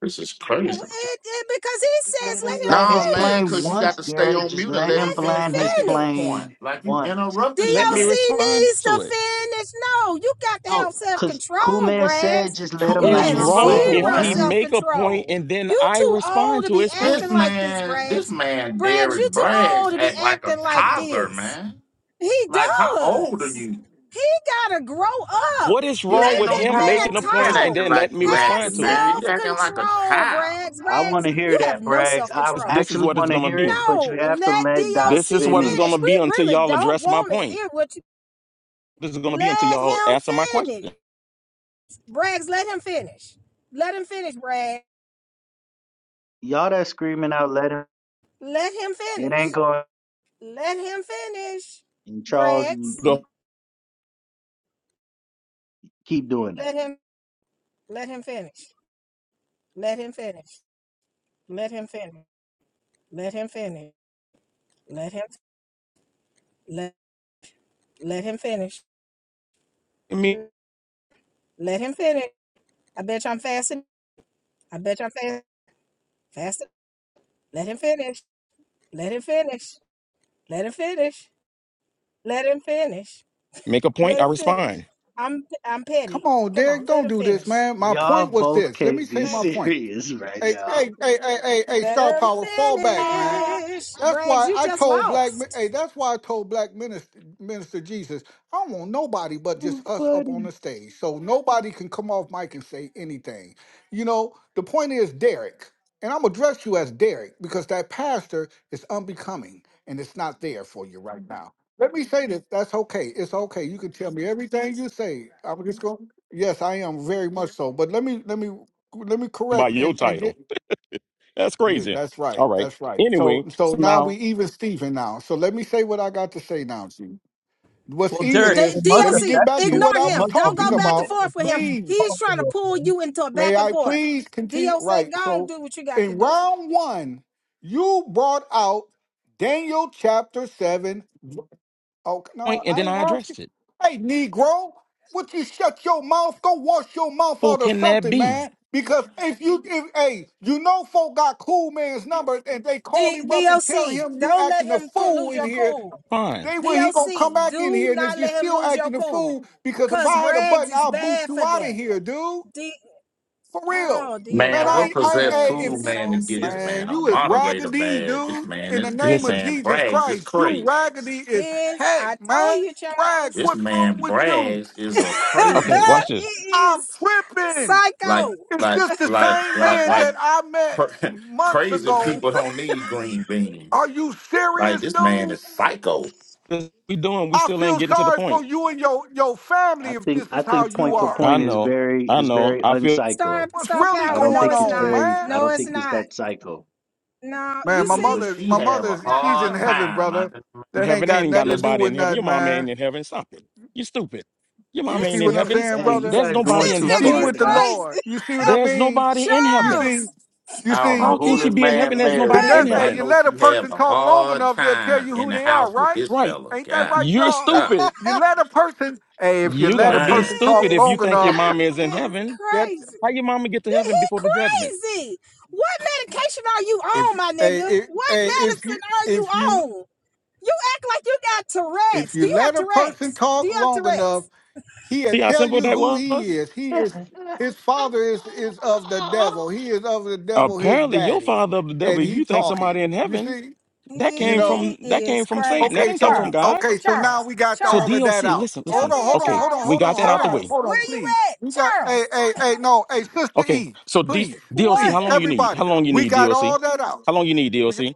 Speaker 5: this is
Speaker 7: Uh,
Speaker 5: crazy.
Speaker 7: It, it, because he
Speaker 6: just
Speaker 7: says,
Speaker 6: let him land
Speaker 5: No,
Speaker 6: his
Speaker 7: let him
Speaker 5: man,
Speaker 6: plane
Speaker 5: because you
Speaker 7: finish.
Speaker 5: got
Speaker 6: once,
Speaker 5: to stay
Speaker 6: Derek.
Speaker 5: on
Speaker 6: Just
Speaker 5: mute and
Speaker 6: let
Speaker 5: let him
Speaker 6: him
Speaker 7: Let
Speaker 5: finish
Speaker 6: land his
Speaker 5: making
Speaker 7: him
Speaker 5: this
Speaker 7: finish.
Speaker 5: point.
Speaker 6: plane
Speaker 5: Like you
Speaker 6: once.
Speaker 7: DOC
Speaker 5: interrupting the
Speaker 3: Let me
Speaker 5: man.
Speaker 3: respond
Speaker 7: needs
Speaker 3: to
Speaker 7: to
Speaker 3: it.
Speaker 7: finish. No, you got to
Speaker 6: No,
Speaker 7: have self
Speaker 6: cause
Speaker 7: control,
Speaker 6: Cool Man said
Speaker 7: Braggs.
Speaker 6: just let
Speaker 7: You
Speaker 6: him
Speaker 5: Two
Speaker 3: It's
Speaker 6: land
Speaker 7: have
Speaker 6: his
Speaker 5: years
Speaker 3: wrong
Speaker 6: plane
Speaker 5: old,
Speaker 3: if
Speaker 7: zero
Speaker 3: he
Speaker 6: once.
Speaker 5: man.
Speaker 7: self
Speaker 3: make a point
Speaker 7: control.
Speaker 3: and then
Speaker 7: You
Speaker 3: I
Speaker 7: too old
Speaker 3: respond
Speaker 7: to
Speaker 3: to
Speaker 7: be
Speaker 3: his
Speaker 5: This
Speaker 7: acting
Speaker 3: point.
Speaker 7: like this,
Speaker 5: man, this
Speaker 7: Braggs.
Speaker 5: man,
Speaker 7: Braggs,
Speaker 5: Derek
Speaker 7: you too old
Speaker 5: Braggs,
Speaker 7: to be
Speaker 5: act like a
Speaker 7: acting like
Speaker 5: toddler,
Speaker 7: this.
Speaker 5: man.
Speaker 7: He
Speaker 5: Like, how old are
Speaker 7: does.
Speaker 5: you?
Speaker 7: He got to grow up.
Speaker 3: What is
Speaker 5: You
Speaker 3: wrong
Speaker 5: ain't
Speaker 7: Let
Speaker 3: with
Speaker 5: no
Speaker 7: that
Speaker 3: him
Speaker 7: man
Speaker 5: grown
Speaker 3: making a
Speaker 5: man
Speaker 3: point and
Speaker 7: talk.
Speaker 5: acting
Speaker 3: then
Speaker 5: like
Speaker 3: letting me
Speaker 5: you
Speaker 7: Have
Speaker 3: respond
Speaker 5: acting,
Speaker 3: to it?
Speaker 5: man. You
Speaker 7: self
Speaker 5: acting like a
Speaker 7: control,
Speaker 5: child.
Speaker 7: Braggs.
Speaker 6: I want
Speaker 7: Braggs,
Speaker 6: to
Speaker 7: you
Speaker 6: hear
Speaker 7: have
Speaker 6: that,
Speaker 7: no
Speaker 6: Braggs.
Speaker 7: self
Speaker 6: I
Speaker 3: This,
Speaker 7: control.
Speaker 3: this is
Speaker 6: actually
Speaker 3: what it's
Speaker 6: want to
Speaker 3: gonna
Speaker 6: hear
Speaker 3: be.
Speaker 6: it, but you
Speaker 7: No,
Speaker 6: have to
Speaker 7: let
Speaker 6: let Doc
Speaker 7: DOC
Speaker 3: This is what it's gonna
Speaker 7: finish.
Speaker 6: finish.
Speaker 7: We
Speaker 3: be until
Speaker 7: really
Speaker 3: y'all
Speaker 7: don't
Speaker 3: address my
Speaker 7: want to
Speaker 3: point.
Speaker 7: hear what
Speaker 3: This is gonna be until
Speaker 7: let
Speaker 3: y'all answer my
Speaker 7: him finish.
Speaker 3: question
Speaker 7: Braggs, let him finish. Let him finish, Bragg.
Speaker 6: Y'all that screaming out, let him.
Speaker 7: Let him
Speaker 6: It ain't
Speaker 7: finish.
Speaker 6: going.
Speaker 7: Let him finish.
Speaker 6: And Charles, you,
Speaker 7: Braggs,
Speaker 6: you keep doing that.
Speaker 7: let him let him finish. Let him finish. Let him finish. Let him finish. Let him let let him finish.
Speaker 3: me
Speaker 7: Let him finish. I bet you I'm fasting. I bet you I'm fasting. Fasting. Let him finish. Let him finish. Let him finish. Let him finish.
Speaker 3: make a point,
Speaker 7: Let
Speaker 3: I
Speaker 7: him finish.
Speaker 3: respond.
Speaker 7: I'm I'm
Speaker 8: Come
Speaker 7: petty.
Speaker 8: on,
Speaker 7: Come on,
Speaker 8: Derek,
Speaker 7: let
Speaker 8: don't
Speaker 7: him
Speaker 8: do this,
Speaker 7: finish.
Speaker 8: man. My
Speaker 6: Y'all
Speaker 8: point was
Speaker 6: both
Speaker 8: this. Let me
Speaker 6: can't
Speaker 8: say
Speaker 6: be (laughs)
Speaker 7: Thank
Speaker 8: my
Speaker 7: you.
Speaker 8: point.
Speaker 6: serious right
Speaker 8: Hey,
Speaker 6: now.
Speaker 8: hey, hey, hey, hey, hey,
Speaker 7: Let
Speaker 8: Star
Speaker 7: him
Speaker 8: Power, fall back, man.
Speaker 7: finish.
Speaker 8: That's
Speaker 7: Braggs,
Speaker 8: why
Speaker 7: you
Speaker 8: I
Speaker 7: just
Speaker 8: told black. mi-
Speaker 7: lost.
Speaker 8: Hey, that's why I told black minister, minister Jesus. I don't want nobody but just
Speaker 6: too
Speaker 8: us up on
Speaker 6: funny.
Speaker 8: the stage, so nobody can come off mic and say anything. You know, the point is Derek, and I'm gonna address you as Derek because that pastor is unbecoming and it's not there for you right now. Let me say this. That's okay. It's okay. You can tell me everything you say. I'm just going. Yes, I am very much so. But let me let me let me
Speaker 3: by
Speaker 8: correct
Speaker 3: your
Speaker 8: and and
Speaker 3: title.
Speaker 8: get
Speaker 3: (laughs) That's
Speaker 8: yeah,
Speaker 3: crazy.
Speaker 8: that's right.
Speaker 3: All right.
Speaker 8: That's right. So
Speaker 3: Anyway,
Speaker 8: so
Speaker 3: so
Speaker 8: now we
Speaker 3: now
Speaker 8: even Stephen. now. So let me say what I got to say now, Chief. What's
Speaker 2: Well,
Speaker 7: D-
Speaker 8: even
Speaker 2: Derek, it
Speaker 8: is
Speaker 2: must
Speaker 8: let me
Speaker 7: DLC,
Speaker 8: get
Speaker 2: affect
Speaker 8: back
Speaker 2: you.
Speaker 8: to what
Speaker 7: ignore
Speaker 8: I
Speaker 2: You
Speaker 8: was
Speaker 7: him.
Speaker 2: must
Speaker 7: Don't
Speaker 2: believe
Speaker 7: go
Speaker 8: talking
Speaker 2: in
Speaker 7: back and
Speaker 2: it
Speaker 8: about.
Speaker 7: forth
Speaker 2: if
Speaker 7: with
Speaker 2: you
Speaker 7: him.
Speaker 2: keep
Speaker 8: Please,
Speaker 7: He's trying
Speaker 2: talking
Speaker 7: to
Speaker 2: about
Speaker 7: pull
Speaker 2: it.
Speaker 7: you into a
Speaker 8: may
Speaker 7: back and
Speaker 8: I
Speaker 7: forth.
Speaker 8: please continue
Speaker 7: DLC,
Speaker 8: right.
Speaker 7: go on,
Speaker 8: So
Speaker 7: do what you got to
Speaker 8: in
Speaker 7: do.
Speaker 8: round one, you brought out Daniel chapter seven. Oh no,
Speaker 3: point and
Speaker 8: I
Speaker 3: then
Speaker 8: ain't
Speaker 3: I
Speaker 8: asking.
Speaker 3: address it.
Speaker 8: Hey, Negro, would you shut your mouth? Go wash your mouth
Speaker 3: Who
Speaker 8: out or
Speaker 3: can that
Speaker 8: something,
Speaker 3: be?
Speaker 8: man. Because if you, if, hey, you know, folk got cool man's number, and they call
Speaker 7: D-
Speaker 8: him up and tell
Speaker 7: DLC,
Speaker 8: him you
Speaker 7: don't let
Speaker 8: acting a
Speaker 7: him
Speaker 8: fool
Speaker 7: lose
Speaker 8: in
Speaker 7: your
Speaker 8: here.
Speaker 7: cool.
Speaker 3: Fine.
Speaker 8: They will he gonna come
Speaker 7: DLC,
Speaker 8: back in
Speaker 7: do
Speaker 8: here, and if
Speaker 7: not
Speaker 8: you
Speaker 7: let him
Speaker 8: still
Speaker 7: lose your
Speaker 8: acting a
Speaker 7: cool.
Speaker 8: fool, because if
Speaker 7: Because
Speaker 8: I had a
Speaker 7: Braggs
Speaker 8: button,
Speaker 7: is
Speaker 8: I'll boot
Speaker 7: bad
Speaker 8: you
Speaker 7: for
Speaker 8: out of
Speaker 7: that.
Speaker 8: here, dude.
Speaker 7: D-
Speaker 8: For real.
Speaker 7: oh, dear
Speaker 8: Man,
Speaker 5: Man,
Speaker 8: I
Speaker 5: what
Speaker 7: God,
Speaker 8: ain't,
Speaker 7: this
Speaker 8: I,
Speaker 5: possessed
Speaker 8: I
Speaker 7: man is
Speaker 5: Cool
Speaker 8: if this,
Speaker 5: Man to
Speaker 7: so
Speaker 5: get this
Speaker 7: silly.
Speaker 5: man
Speaker 8: man,
Speaker 5: a
Speaker 8: you is
Speaker 5: moderator
Speaker 8: raggedy,
Speaker 5: badge? This
Speaker 8: dude.
Speaker 5: man,
Speaker 8: In
Speaker 5: this,
Speaker 8: the
Speaker 5: this
Speaker 8: name of
Speaker 3: Listen.
Speaker 5: man
Speaker 8: Jesus
Speaker 5: brags. It's
Speaker 8: Christ, you
Speaker 5: crazy.
Speaker 8: raggedy as
Speaker 7: This, I
Speaker 8: heck,
Speaker 7: told
Speaker 8: man.
Speaker 7: you, Charles.
Speaker 8: Rags,
Speaker 5: This
Speaker 8: what's wrong
Speaker 5: man
Speaker 8: with you?
Speaker 5: brags
Speaker 7: (laughs)
Speaker 5: is a
Speaker 3: Okay,
Speaker 5: crazy
Speaker 3: watch
Speaker 5: man.
Speaker 7: it
Speaker 3: this.
Speaker 8: I'm
Speaker 7: is
Speaker 8: tripping.
Speaker 5: Like,
Speaker 7: Psycho.
Speaker 8: Is
Speaker 5: like,
Speaker 8: this the
Speaker 5: like,
Speaker 8: same
Speaker 5: like,
Speaker 8: man
Speaker 5: like,
Speaker 8: that I met
Speaker 5: cra- (laughs)
Speaker 8: months
Speaker 5: crazy
Speaker 8: ago?
Speaker 5: people don't need green
Speaker 8: Are
Speaker 5: beans.
Speaker 8: you
Speaker 5: Like
Speaker 8: serious,
Speaker 5: this man
Speaker 8: dude?
Speaker 5: is psycho.
Speaker 3: This we doing, we
Speaker 8: I
Speaker 3: still ain't
Speaker 8: feel
Speaker 3: getting to the
Speaker 8: sorry for
Speaker 3: point.
Speaker 8: you and your, your family
Speaker 6: I
Speaker 8: if
Speaker 6: think
Speaker 8: this
Speaker 6: I
Speaker 8: is
Speaker 7: I
Speaker 8: how
Speaker 6: think
Speaker 8: you
Speaker 6: point
Speaker 7: told
Speaker 6: for
Speaker 7: y'all.
Speaker 8: are.
Speaker 3: I
Speaker 6: point is
Speaker 3: know.
Speaker 6: very
Speaker 3: I
Speaker 6: is
Speaker 3: know.
Speaker 6: very
Speaker 3: I feel
Speaker 7: Star
Speaker 6: uncyclo.
Speaker 8: What's
Speaker 7: Star
Speaker 8: really
Speaker 6: I
Speaker 7: Power.
Speaker 6: don't
Speaker 7: No,
Speaker 8: going
Speaker 6: think
Speaker 7: it's
Speaker 6: it's
Speaker 8: on,
Speaker 7: not.
Speaker 6: very
Speaker 8: man?
Speaker 6: I
Speaker 7: No,
Speaker 6: don't
Speaker 7: it's
Speaker 6: think it's
Speaker 7: not.
Speaker 6: that psycho.
Speaker 7: No,
Speaker 8: Man,
Speaker 7: you
Speaker 8: my
Speaker 5: Too,
Speaker 7: see?
Speaker 5: but
Speaker 8: mother,
Speaker 5: she
Speaker 8: my
Speaker 5: have a
Speaker 8: mother,
Speaker 7: Nah,
Speaker 8: she's in
Speaker 5: hard
Speaker 7: uh-uh.
Speaker 8: heaven,
Speaker 5: time. I
Speaker 8: brother.
Speaker 5: just,
Speaker 3: in
Speaker 8: That ain't
Speaker 3: heaven
Speaker 8: got
Speaker 3: ain't got
Speaker 8: nothing to
Speaker 5: just-
Speaker 8: do
Speaker 3: nobody in
Speaker 8: with
Speaker 3: heaven.
Speaker 6: Hey,
Speaker 3: Your
Speaker 8: nothing,
Speaker 3: mom ain't
Speaker 8: man.
Speaker 3: in heaven. Stop it. You stupid. Your
Speaker 8: You
Speaker 3: mom
Speaker 7: This
Speaker 8: see
Speaker 3: ain't in
Speaker 8: what I'm
Speaker 7: nigga
Speaker 3: heaven.
Speaker 7: is
Speaker 8: saying,
Speaker 6: hey, you
Speaker 8: brother?
Speaker 7: crazy.
Speaker 3: There's
Speaker 6: guys
Speaker 7: (laughs)
Speaker 3: nobody
Speaker 6: going
Speaker 3: in
Speaker 7: This
Speaker 6: too
Speaker 7: nigga
Speaker 8: She's
Speaker 3: heaven.
Speaker 6: far
Speaker 7: is
Speaker 8: with the
Speaker 6: now.
Speaker 7: crazy.
Speaker 8: Lord. You see what I
Speaker 3: There's
Speaker 8: mean?
Speaker 3: nobody in
Speaker 7: (laughs)
Speaker 8: You
Speaker 3: heaven.
Speaker 8: see,
Speaker 7: Charles,
Speaker 8: you
Speaker 5: I don't know
Speaker 3: How
Speaker 8: see,
Speaker 3: can
Speaker 5: who
Speaker 7: this
Speaker 3: she
Speaker 5: this
Speaker 3: be in heaven?
Speaker 5: man
Speaker 7: nigga
Speaker 3: There's
Speaker 7: is
Speaker 8: the
Speaker 5: married
Speaker 3: nobody
Speaker 5: to,
Speaker 7: crazy.
Speaker 8: de-
Speaker 3: in
Speaker 5: but
Speaker 8: hey,
Speaker 5: I
Speaker 8: you
Speaker 3: heaven.
Speaker 5: know
Speaker 8: let a
Speaker 5: she have
Speaker 8: person
Speaker 5: a
Speaker 8: talk long
Speaker 5: hard
Speaker 8: enough, they'll tell
Speaker 5: time
Speaker 8: you
Speaker 5: in
Speaker 8: who
Speaker 5: the
Speaker 8: they are,
Speaker 5: house with
Speaker 8: right?
Speaker 5: this
Speaker 3: Right.
Speaker 5: fella.
Speaker 8: Ain't that
Speaker 5: God,
Speaker 8: right,
Speaker 3: You're
Speaker 8: y'all?
Speaker 5: ah,
Speaker 3: stupid.
Speaker 8: You let a person, hey, if you
Speaker 3: You
Speaker 8: let
Speaker 3: gotta
Speaker 8: a
Speaker 3: be
Speaker 5: man.
Speaker 8: person talk
Speaker 3: stupid if
Speaker 7: This
Speaker 3: you
Speaker 8: long
Speaker 3: think your
Speaker 8: enough,
Speaker 3: mama is
Speaker 7: nigga
Speaker 3: in
Speaker 7: is
Speaker 3: heaven.
Speaker 8: that
Speaker 7: crazy.
Speaker 3: How your mama get to
Speaker 7: Th-
Speaker 3: heaven
Speaker 7: He
Speaker 3: before the judgment?
Speaker 7: crazy. What medication are you
Speaker 8: if
Speaker 7: on, my
Speaker 8: hey,
Speaker 7: nigga?
Speaker 8: if
Speaker 7: What
Speaker 8: hey, if you
Speaker 7: medicine are you
Speaker 8: if you
Speaker 7: on? You act like you got
Speaker 8: If
Speaker 7: Tourette's. Do
Speaker 8: you
Speaker 7: you have
Speaker 8: let a person
Speaker 7: Tourette's? Do
Speaker 8: talk
Speaker 7: you have
Speaker 8: long
Speaker 7: Tourette's?
Speaker 8: enough, he'll
Speaker 3: See how
Speaker 8: tell
Speaker 3: simple
Speaker 8: you
Speaker 3: that
Speaker 8: who he
Speaker 3: was?
Speaker 8: is. He is his father is is of the
Speaker 6: (laughs)
Speaker 8: devil. He is of the devil, his
Speaker 3: Apparently, your
Speaker 8: daddy.
Speaker 3: father of the devil.
Speaker 8: And
Speaker 3: If
Speaker 8: he
Speaker 3: you think
Speaker 8: talking.
Speaker 3: somebody in
Speaker 8: You
Speaker 3: heaven,
Speaker 8: see?
Speaker 3: that
Speaker 8: You
Speaker 3: came
Speaker 8: know?
Speaker 3: from
Speaker 7: He
Speaker 3: that came
Speaker 7: is
Speaker 3: from Satan.
Speaker 7: crazy.
Speaker 3: That
Speaker 8: Okay,
Speaker 3: didn't come
Speaker 8: so
Speaker 3: from
Speaker 7: Charles,
Speaker 3: God.
Speaker 8: okay, so now
Speaker 7: Charles,
Speaker 8: we got
Speaker 3: So
Speaker 8: all of
Speaker 7: Charles.
Speaker 3: DOC,
Speaker 8: that out.
Speaker 3: listen,
Speaker 7: Jump
Speaker 8: Hold
Speaker 3: listen.
Speaker 8: on,
Speaker 7: in,
Speaker 8: hold on,
Speaker 3: Okay,
Speaker 8: hold on,
Speaker 7: Charles.
Speaker 3: we
Speaker 8: hold on,
Speaker 3: got that out
Speaker 8: hold
Speaker 3: the
Speaker 8: on,
Speaker 3: way.
Speaker 7: Charles,
Speaker 8: hold on,
Speaker 7: where you
Speaker 8: please.
Speaker 7: at?
Speaker 8: We got hey,
Speaker 7: Charles,
Speaker 8: hey, hey, no, hey, sister
Speaker 3: Okay,
Speaker 8: E,
Speaker 3: so D-
Speaker 8: please,
Speaker 3: DOC,
Speaker 7: what
Speaker 3: how
Speaker 8: please,
Speaker 3: long you need?
Speaker 8: everybody.
Speaker 3: How long you
Speaker 8: We
Speaker 3: need,
Speaker 8: got
Speaker 3: DOC?
Speaker 8: all that out.
Speaker 3: How long you need,
Speaker 8: We got,
Speaker 3: DOC?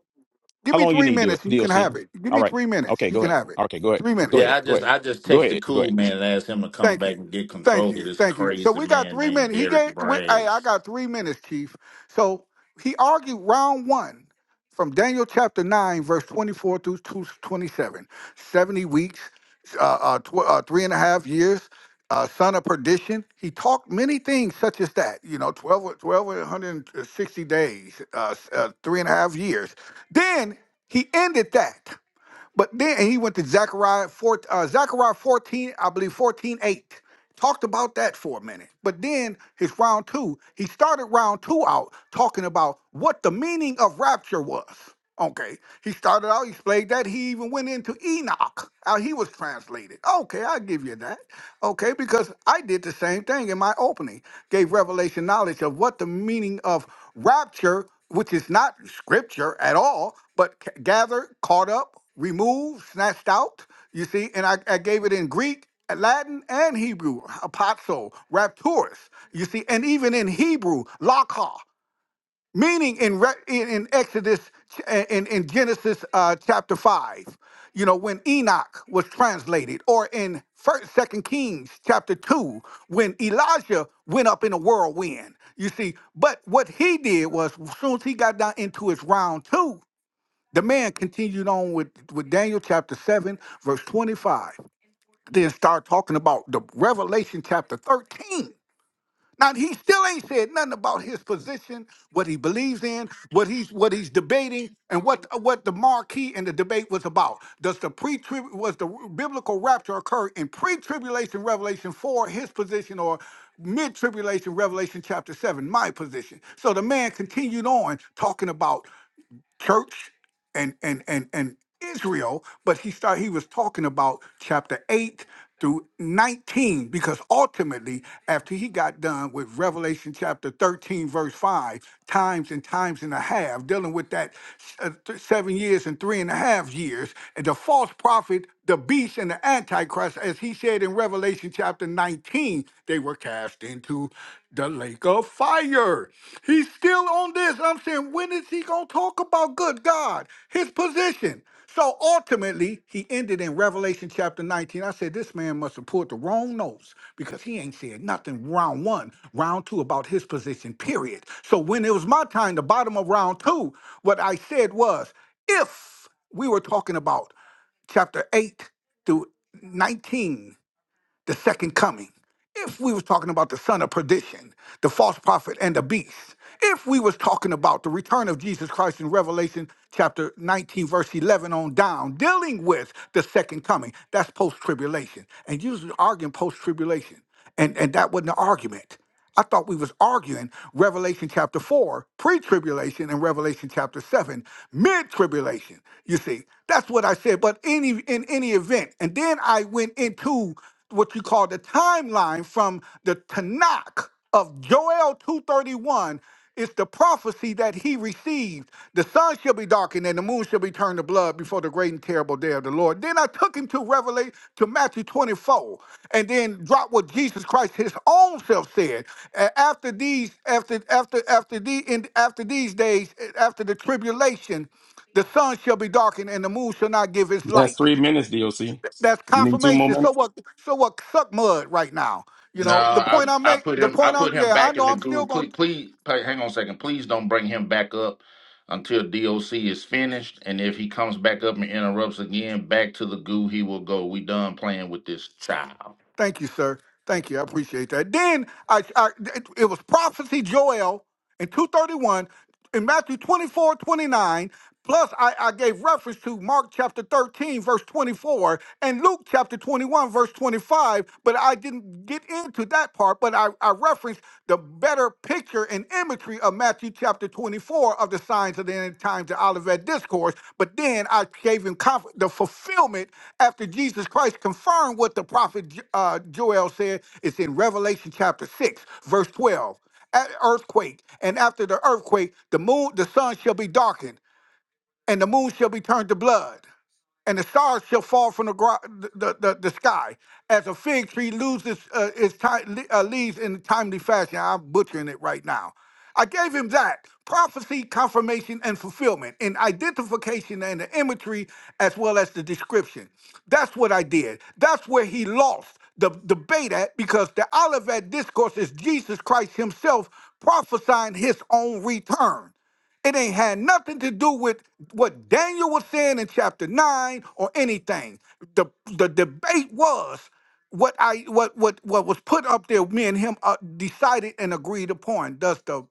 Speaker 8: give
Speaker 3: How
Speaker 8: me
Speaker 3: long you
Speaker 8: three
Speaker 3: need, do
Speaker 8: minutes and you can
Speaker 3: DOC?
Speaker 8: have it. Give
Speaker 3: All
Speaker 8: me
Speaker 3: right.
Speaker 8: three minutes.
Speaker 3: Okay,
Speaker 8: You
Speaker 3: go
Speaker 8: can
Speaker 3: ahead.
Speaker 8: have it.
Speaker 3: Okay, go ahead.
Speaker 8: Three
Speaker 3: Go
Speaker 8: minutes.
Speaker 5: Yeah,
Speaker 3: ahead.
Speaker 5: I
Speaker 3: Go
Speaker 5: just
Speaker 3: ahead.
Speaker 5: I just
Speaker 3: Go ahead.
Speaker 5: texted
Speaker 3: Go
Speaker 5: Cool
Speaker 3: ahead.
Speaker 5: Man and asked him to come
Speaker 8: Thank
Speaker 5: back
Speaker 8: you.
Speaker 5: and get
Speaker 8: Thank
Speaker 5: control of
Speaker 8: you.
Speaker 5: this
Speaker 8: Thank you. So
Speaker 5: crazy
Speaker 8: we got
Speaker 5: man
Speaker 8: three
Speaker 5: named
Speaker 8: minutes. He
Speaker 5: Derek
Speaker 8: gave, we, hey, I
Speaker 5: Braggs.
Speaker 8: got three minutes, Chief. So he argued round one from Daniel chapter 9, verse 24 through 2 twenty-seven, 70 weeks, uh, uh, tw- uh, three and a half years, uh, son of perdition. He talked many things such as that, you know, 12, twelve and 160 days, uh, s- uh, three and a half years. Then he ended that. But then and he went to Zechariah 4, uh, Zechariah 14, I believe 14:8, Talked about that for a minute. But then his round two, he started round two out talking about what the meaning of rapture was. Okay. He started out, he played that. He even went into Enoch, how he was translated. Okay, I'll give you that. Okay, because I did the same thing in my opening, gave revelation knowledge of what the meaning of rapture, which is not scripture at all, but c- gathered, caught up, removed, snatched out. You see, and I, I gave it in Greek, Latin, and Hebrew, apazo, rapturus. You see, and even in Hebrew, laka meaning in Re- in, in Exodus ch- in in Genesis uh, chapter five, you know when Enoch was translated, or in First Second Kings chapter two when Elijah went up in a whirlwind. You see, but what he did was as soon as he got down into his round two, the man continued on with with Daniel chapter seven verse twenty five. Then start talking about the Revelation chapter thirteen now he still ain't said nothing about his position, what he believes in, what he's what he's debating, and what what the marquee and the debate was about. Does the pre was the biblical rapture occur in pre tribulation Revelation four his position or mid tribulation Revelation chapter seven my position? So the man continued on talking about church and and and and Israel, but he started he was talking about chapter 8 through 19 because ultimately after he got done with Revelation chapter 13 verse 5 times and times and a half dealing with that uh, th- seven years and three and a half years and the false prophet the beast and the antichrist as he said in Revelation chapter 19 they were cast into to the lake of fire. He's still on this. I'm saying, when is he going to talk about good God, his position? So ultimately, he ended in Revelation chapter 19. I said, this man must have pulled the wrong notes because he ain't said nothing round one, round two about his position, period. So when it was my time, the bottom of round two, what I said was, if we were talking about chapter 8 through 19 the second coming, if we was talking about the son of perdition, the false prophet and the beast, if we was talking about the return of Jesus Christ in Revelation chapter 19 verse 11 on down, dealing with the second coming, that's post-tribulation. And usually arguing post-tribulation. And and that wasn't an argument. I thought we was arguing Revelation chapter 4, pre-tribulation, and Revelation chapter 7, mid-tribulation. You see, that's what I said. But any in any event, and then I went into what you call the timeline from the Tanakh of Joel 231 it's the prophecy that he received. The sun shall be darkened and the moon shall be turned to blood before the great and terrible day of the Lord. Then I took him to Revelation to Matthew 24 and then dropped what Jesus Christ his own self said. A- After these, after after after the in after these days, eh, after the tribulation, the sun shall be darkened and the moon shall not give its
Speaker 3: That's
Speaker 8: light.
Speaker 3: three minutes, DOC.
Speaker 8: Th- That's
Speaker 3: You need two more
Speaker 8: confirmation. So
Speaker 3: minutes.
Speaker 8: what so what suck mud right now? You
Speaker 5: No,
Speaker 8: know, the
Speaker 5: I
Speaker 8: point I
Speaker 5: I
Speaker 8: make,
Speaker 5: put
Speaker 8: the
Speaker 5: him I
Speaker 8: point I
Speaker 5: put him
Speaker 8: yeah, I
Speaker 5: back in
Speaker 8: know
Speaker 5: the
Speaker 8: I'm still
Speaker 5: group.
Speaker 8: gonna
Speaker 5: Please, please pa- hang on a second. Please don't bring him back up until DOC is finished. And if he comes back up and interrupts again, back to the goo he will go. We done playing with this child.
Speaker 8: Thank you, sir. Thank you. I appreciate that. Then I, I it, it was prophecy Joel in 231 in Matthew 24 29. Plus, I, I gave reference to Mark chapter 13, verse 24, and Luke chapter 21, verse 25, but I didn't get into that part, but I, I referenced the better picture and imagery of Matthew chapter 24 of the signs of the end times, the Olivet Discourse. But then I gave him conf- the fulfillment after Jesus Christ confirmed what the prophet J- uh, Joel said. It's in Revelation chapter 6, verse 12. At earthquake, and after the earthquake, the moon, the sun shall be darkened and the moon shall be turned to blood, and the stars shall fall from the gro- the, the, the sky, as a fig tree loses uh, its time, uh, leaves in timely fashion. I'm butchering it right now. I gave him that prophecy, confirmation, and fulfillment in identification and the imagery as well as the description. That's what I did. That's where he lost the debate at because the Olivet discourse is Jesus Christ himself prophesying his own return. It ain't had nothing to do with what Daniel was saying in chapter nine or anything. The the debate was what I what what what was put up there. Me and him uh, decided and agreed upon. Does the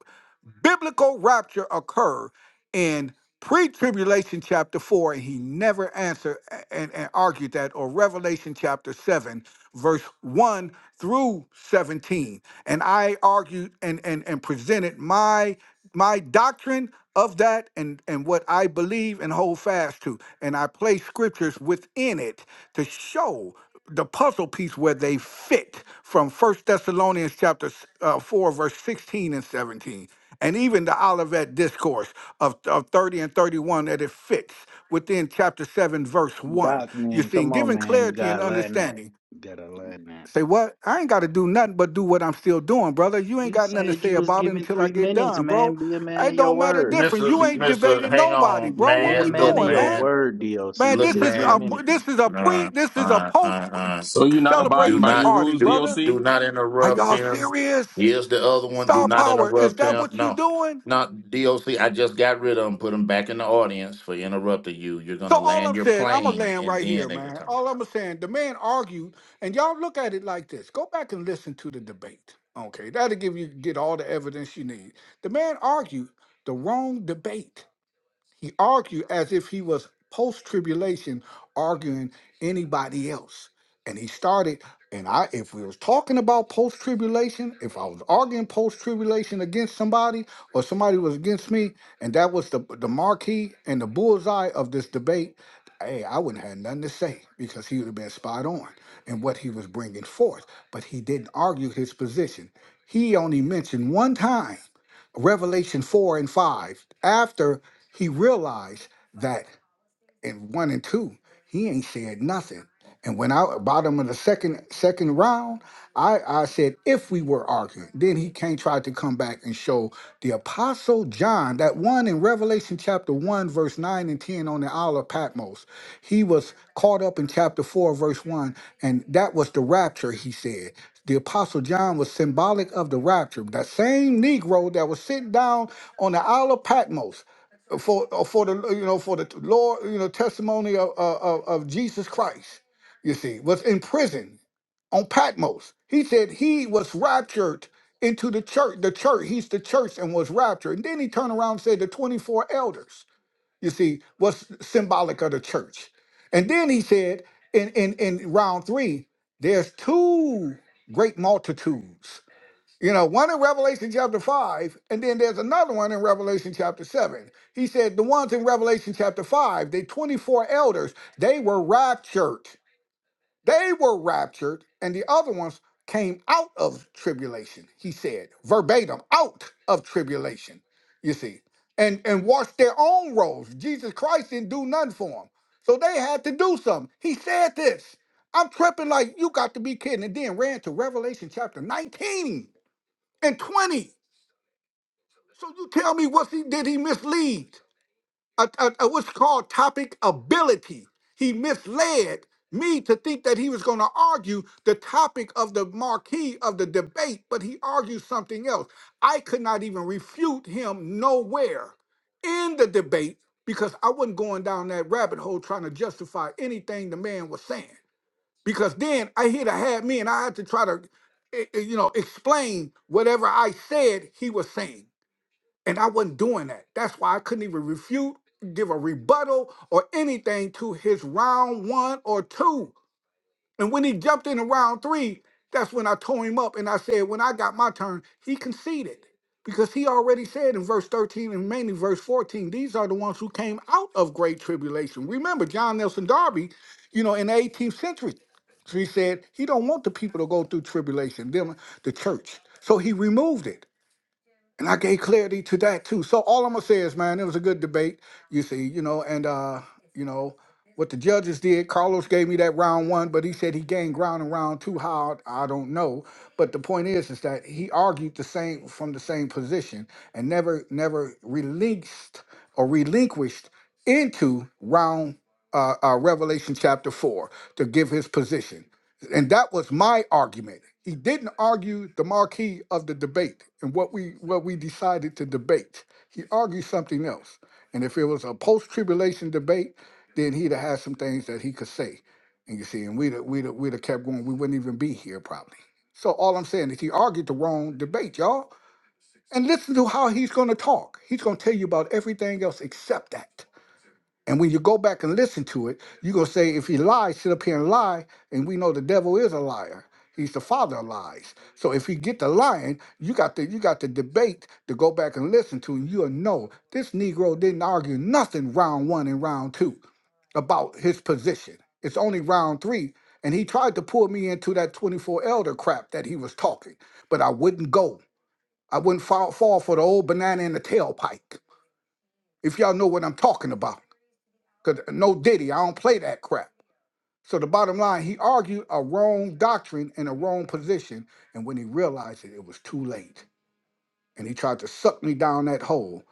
Speaker 8: biblical rapture occur in pre-tribulation chapter 4 and he never answered a- and, and argued that or revelation chapter 7 verse 1 through 17 and i argued and and, and presented my my doctrine of that and and what i believe and hold fast to and i place scriptures within it to show the puzzle piece where they fit from first thessalonians chapter s- uh, 4 verse 16 and 17 and even the Olivet discourse of, of 30 and 31 that it fits within chapter 7 verse 1
Speaker 6: Doc
Speaker 8: you
Speaker 6: man,
Speaker 8: see and
Speaker 6: come on
Speaker 8: giving
Speaker 6: man, you
Speaker 8: clarity and
Speaker 6: gotta learn that.
Speaker 8: understanding
Speaker 6: You gotta learn that.
Speaker 8: say what i ain't got to do nothing but do what i'm still doing brother you ain't
Speaker 6: You
Speaker 8: got nothing to
Speaker 6: said
Speaker 8: say
Speaker 6: you was
Speaker 8: about it
Speaker 6: given
Speaker 8: until i
Speaker 6: three
Speaker 8: get
Speaker 6: minutes,
Speaker 8: done bro
Speaker 6: man. Be a man
Speaker 8: it
Speaker 6: of your
Speaker 8: don't matter
Speaker 6: word.
Speaker 8: different
Speaker 5: Mister
Speaker 8: you ain't
Speaker 5: Mister,
Speaker 8: debated
Speaker 5: hang
Speaker 8: nobody
Speaker 5: on,
Speaker 8: bro
Speaker 6: Be
Speaker 8: what
Speaker 6: a
Speaker 8: we
Speaker 5: man. Look,
Speaker 6: man of
Speaker 8: doing
Speaker 6: your
Speaker 8: man
Speaker 5: man.
Speaker 6: word, DLC.
Speaker 8: man
Speaker 6: You
Speaker 5: Look,
Speaker 8: this
Speaker 6: said
Speaker 8: is
Speaker 6: three
Speaker 8: a
Speaker 5: man.
Speaker 6: minutes.
Speaker 8: this is a pre
Speaker 5: Nah,
Speaker 8: this is a
Speaker 5: uh, uh,
Speaker 8: post
Speaker 5: uh,
Speaker 3: So you're not
Speaker 5: Do
Speaker 3: abiding by
Speaker 8: celebration
Speaker 3: your
Speaker 5: not
Speaker 8: party
Speaker 3: rules,
Speaker 5: do
Speaker 8: brother
Speaker 3: DOC?
Speaker 5: do not
Speaker 8: are
Speaker 5: interrupt
Speaker 8: y'all
Speaker 5: him.
Speaker 8: serious
Speaker 5: Here's the other one. Do
Speaker 8: star
Speaker 5: not
Speaker 8: power is
Speaker 5: interrupt
Speaker 8: that
Speaker 5: him.
Speaker 8: what you
Speaker 5: No,
Speaker 8: doing
Speaker 5: not DOC. I just got rid of him. Put him back in the audience for interrupting you. You're
Speaker 8: So
Speaker 5: gonna
Speaker 8: all I'm
Speaker 5: land your
Speaker 8: saying, I'm gonna
Speaker 5: plane,
Speaker 8: land
Speaker 5: and
Speaker 8: right here,
Speaker 5: then they can
Speaker 8: man.
Speaker 5: talk.
Speaker 8: All I'm saying, the man argued, and y'all look at it like this. Go back and listen to the debate. Okay, that'll give you get all the evidence you need. The man argued the wrong debate. He argued as if he was post tribulation arguing anybody else. And he started, and I if we was talking about post tribulation, if I was arguing post tribulation against somebody or somebody was against me, and that was the the marquee and the bullseye of this debate, hey, I wouldn't have had nothing to say because he would have been spot on in what he was bringing forth. But he didn't argue his position. He only mentioned one time. Revelation 4 and 5, after he realized that and one and two, he ain't said nothing. And when I bottom of the second second round, I, I said if we were arguing, then he came tried to come back and show the apostle John that one in Revelation chapter one verse nine and ten on the Isle of Patmos, he was caught up in chapter four verse one, and that was the rapture. He said the apostle John was symbolic of the rapture. That same Negro that was sitting down on the Isle of Patmos for uh, for the you know for the Lord you know testimony of of, of Jesus Christ. You see, was in prison on Patmos. He said he was raptured into the church. The church, he's the church, and was raptured. And then he turned around and said the twenty four elders. You see, was symbolic of the church. And then he said in in in round three, there's two great multitudes you know, one in Revelation chapter 5, and then there's another one in Revelation chapter 7. He said the ones in Revelation chapter 5, they 24 elders, they were raptured. They were raptured, and the other ones came out of tribulation, he said, verbatim, out of tribulation, you see, and, and washed their own robes. Jesus Christ didn't do nothing for them. So they had to do something. He said this. I'm tripping like you got to be kidding. And then ran to Revelation chapter 19 and 20. So you tell me what he did he mislead? A, a, a- what's called topic ability. He misled me to think that he was going to argue the topic of the marquee of the debate, but he argued something else. I could not even refute him nowhere in the debate because I wasn't going down that rabbit hole trying to justify anything the man was saying. Because then I he'd have had me and I had to try to eh, eh, you know, explain whatever I said he was saying. And I wasn't doing that. That's why I couldn't even refute, give a rebuttal, or anything to his round one or two. And when he jumped into round three, that's when I tore him up and I said, when I got my turn, he conceded. Because he already said in verse 13 and mainly verse 14, these are the ones who came out of great tribulation. Remember, John Nelson Darby, you know, in the 18th century, So he said he don't want the people to go through tribulation, them, the church. So he removed it and I gave clarity to that too. So all I'm gonna say is, man, it was a good debate. You see, you know, and uh, you know what the judges did. Carlos gave me that round one, but he said he gained ground in round two. How I don't know. But the point is, is that he argued the same from the same position and never, never released or relinquished into round uh, uh, Revelation chapter four to give his position. And that was my argument. He didn't argue the marquee of the debate and what we what we decided to debate. He argued something else. And if it was a post-tribulation debate, then he'd have had some things that he could say. And you see, and we'd have- we'd have- we'd have kept going. We wouldn't even be here probably. So all I'm saying is he argued the wrong debate, y'all. And listen to how he's going to talk. He's going to tell you about everything else except that. And when you go back and listen to it, you're going to say, if he lies, sit up here and lie. And we know the devil is a liar. He's the father of lies. So if he get the lying, you got the you got the debate to go back and listen to, and you'll know this Negro didn't argue nothing round one and round two about his position. It's only round three. And he tried to pull me into that 24 elder crap that he was talking, but I wouldn't go. I wouldn't fall, fall for the old banana in the tailpipe, if y'all know what I'm talking about. Because no Diddy, I don't play that crap. So the bottom line, he argued a wrong doctrine in a wrong position. And when he realized it, it was too late. And he tried to suck me down that hole,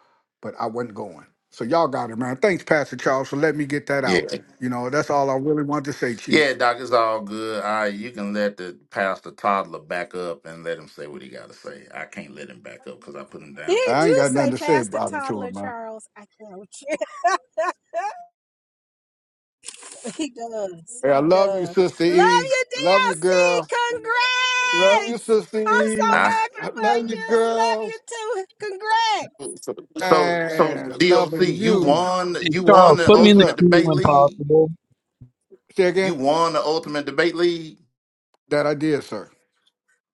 Speaker 8: but I wasn't going. So y'all got it, man. Thanks, Pastor Charles, for letting me get that
Speaker 5: Yeah,
Speaker 8: out. You know, that's all I really wanted to say,
Speaker 5: yeah,
Speaker 8: Chief.
Speaker 5: Doc. It's all good. All right, you can let the pastor toddler back up and let him say what he got to say. I can't let him back up because I put him
Speaker 7: (laughs)
Speaker 5: down too.
Speaker 7: did
Speaker 8: I ain't
Speaker 7: you
Speaker 8: got nothing
Speaker 7: say,
Speaker 8: to say
Speaker 7: Pastor
Speaker 8: about it to
Speaker 7: Toddler
Speaker 8: him, man.
Speaker 7: Charles? I can't. (laughs) he does.
Speaker 8: Hey, I
Speaker 7: He
Speaker 8: love you,
Speaker 7: does.
Speaker 8: Sister
Speaker 7: Love
Speaker 8: E.
Speaker 7: you,
Speaker 8: Love you,
Speaker 7: DLC.
Speaker 8: girl. Love you,
Speaker 7: Congrats. I'm
Speaker 8: Sister
Speaker 7: so
Speaker 8: E.
Speaker 5: I,
Speaker 7: happy
Speaker 8: I
Speaker 7: for
Speaker 8: love you,
Speaker 7: you. Love
Speaker 8: girl.
Speaker 7: you too. Congrats.
Speaker 5: so so
Speaker 8: And
Speaker 5: DOC,
Speaker 8: loving
Speaker 5: you
Speaker 2: Hey,
Speaker 8: you.
Speaker 5: won.
Speaker 2: hey,
Speaker 5: You won
Speaker 2: Charles,
Speaker 5: the
Speaker 2: put me
Speaker 8: Yes,
Speaker 2: in the
Speaker 5: ultimate
Speaker 8: sir.
Speaker 2: queue
Speaker 5: debate
Speaker 2: when
Speaker 5: league.
Speaker 2: possible.
Speaker 8: Say
Speaker 5: You
Speaker 8: again.
Speaker 5: won the ultimate debate league.
Speaker 8: That I did, sir.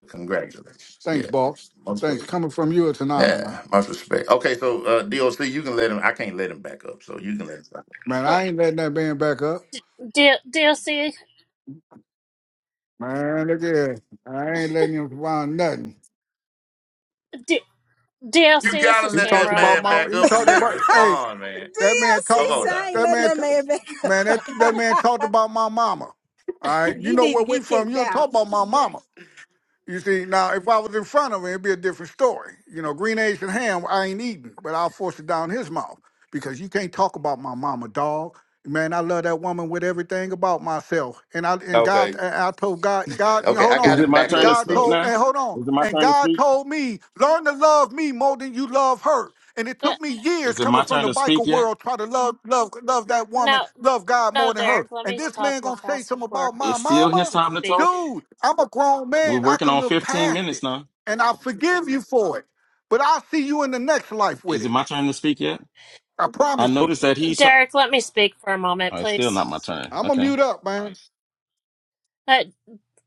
Speaker 5: Congratulations.
Speaker 8: Thanks,
Speaker 5: Yeah.
Speaker 8: boss.
Speaker 5: Much
Speaker 8: Thanks.
Speaker 5: respect.
Speaker 8: Coming from you, it's an honor, man.
Speaker 5: Yeah, much respect. Okay, so uh, DOC, you can let him. I can't let him back up, so you can let him. Back up.
Speaker 8: Man,
Speaker 10: Oh,
Speaker 8: I ain't letting that man back up.
Speaker 10: D- DLC,
Speaker 8: Man, look here. I ain't letting him survive nothing.
Speaker 10: D- DLC,
Speaker 5: You
Speaker 10: this
Speaker 5: gotta
Speaker 10: is
Speaker 8: He
Speaker 5: let
Speaker 8: talked
Speaker 5: that
Speaker 10: Tamara.
Speaker 8: about
Speaker 5: man
Speaker 10: I'm
Speaker 8: my.
Speaker 5: back
Speaker 8: He
Speaker 5: up and
Speaker 8: talked
Speaker 5: let him
Speaker 8: about. Hey,
Speaker 5: respond, man.
Speaker 8: that man
Speaker 7: DLC,
Speaker 8: talked.
Speaker 5: Come on
Speaker 7: so
Speaker 8: ab-
Speaker 7: I
Speaker 5: now.
Speaker 7: ain't
Speaker 8: That
Speaker 7: letting
Speaker 8: man.
Speaker 7: that
Speaker 8: t-
Speaker 7: man back.
Speaker 8: Man, that that man talked about my mama. All right. You
Speaker 7: He
Speaker 8: know
Speaker 7: need to
Speaker 8: where we
Speaker 7: get
Speaker 8: from.
Speaker 7: kicked
Speaker 8: You don't
Speaker 7: out.
Speaker 8: talk about my mama. You see, now if I was in front of him, it'd be a different story. You know, green eggs and ham, I ain't eating, but I'll force it down his mouth because you can't talk about my mama, dog. Man, I love that woman with everything about myself. And I and God,
Speaker 5: Okay,
Speaker 8: and I told God, God, yeah,
Speaker 5: okay,
Speaker 8: hold
Speaker 5: I
Speaker 3: Is
Speaker 5: got
Speaker 8: on.
Speaker 3: it
Speaker 5: him
Speaker 3: my
Speaker 5: back
Speaker 8: And
Speaker 3: turn to
Speaker 5: up,
Speaker 8: God
Speaker 3: speak
Speaker 5: so
Speaker 8: told,
Speaker 3: now?
Speaker 8: and hold on.
Speaker 3: Is it my
Speaker 8: And
Speaker 3: turn to
Speaker 8: God
Speaker 3: speak?
Speaker 8: told me, learn to love me more than you love her. And it
Speaker 10: uh,
Speaker 8: took me years
Speaker 3: Is it my
Speaker 8: coming from
Speaker 3: turn
Speaker 8: the
Speaker 3: to speak
Speaker 8: biker
Speaker 3: yet?
Speaker 8: world, try to love, love, love that woman,
Speaker 10: no,
Speaker 8: love God more
Speaker 10: no,
Speaker 8: than
Speaker 10: Derek.
Speaker 8: her.
Speaker 10: Let
Speaker 8: And
Speaker 10: me
Speaker 8: this
Speaker 10: talk
Speaker 8: man
Speaker 10: real
Speaker 8: gonna say
Speaker 10: fast
Speaker 8: something
Speaker 10: before
Speaker 8: about my
Speaker 3: It's still his
Speaker 8: mama?
Speaker 10: you
Speaker 3: time to
Speaker 10: speak.
Speaker 3: talk.
Speaker 8: Dude, I'm a grown
Speaker 3: We're
Speaker 8: man. I
Speaker 3: working
Speaker 8: can
Speaker 3: on
Speaker 8: look
Speaker 3: 15
Speaker 8: past
Speaker 3: minutes
Speaker 8: it.
Speaker 3: now.
Speaker 8: And I forgive you for it. But I'll see you in the next life with
Speaker 3: Is it
Speaker 8: it.
Speaker 3: my turn to speak yet?
Speaker 8: I
Speaker 3: I
Speaker 8: promise you.
Speaker 3: noticed that he's. Oh,
Speaker 10: Derek, let me speak for a moment,
Speaker 3: it's still not
Speaker 10: please.
Speaker 3: my turn.
Speaker 8: I'm going to
Speaker 3: Okay.
Speaker 8: mute up, man.
Speaker 10: Uh,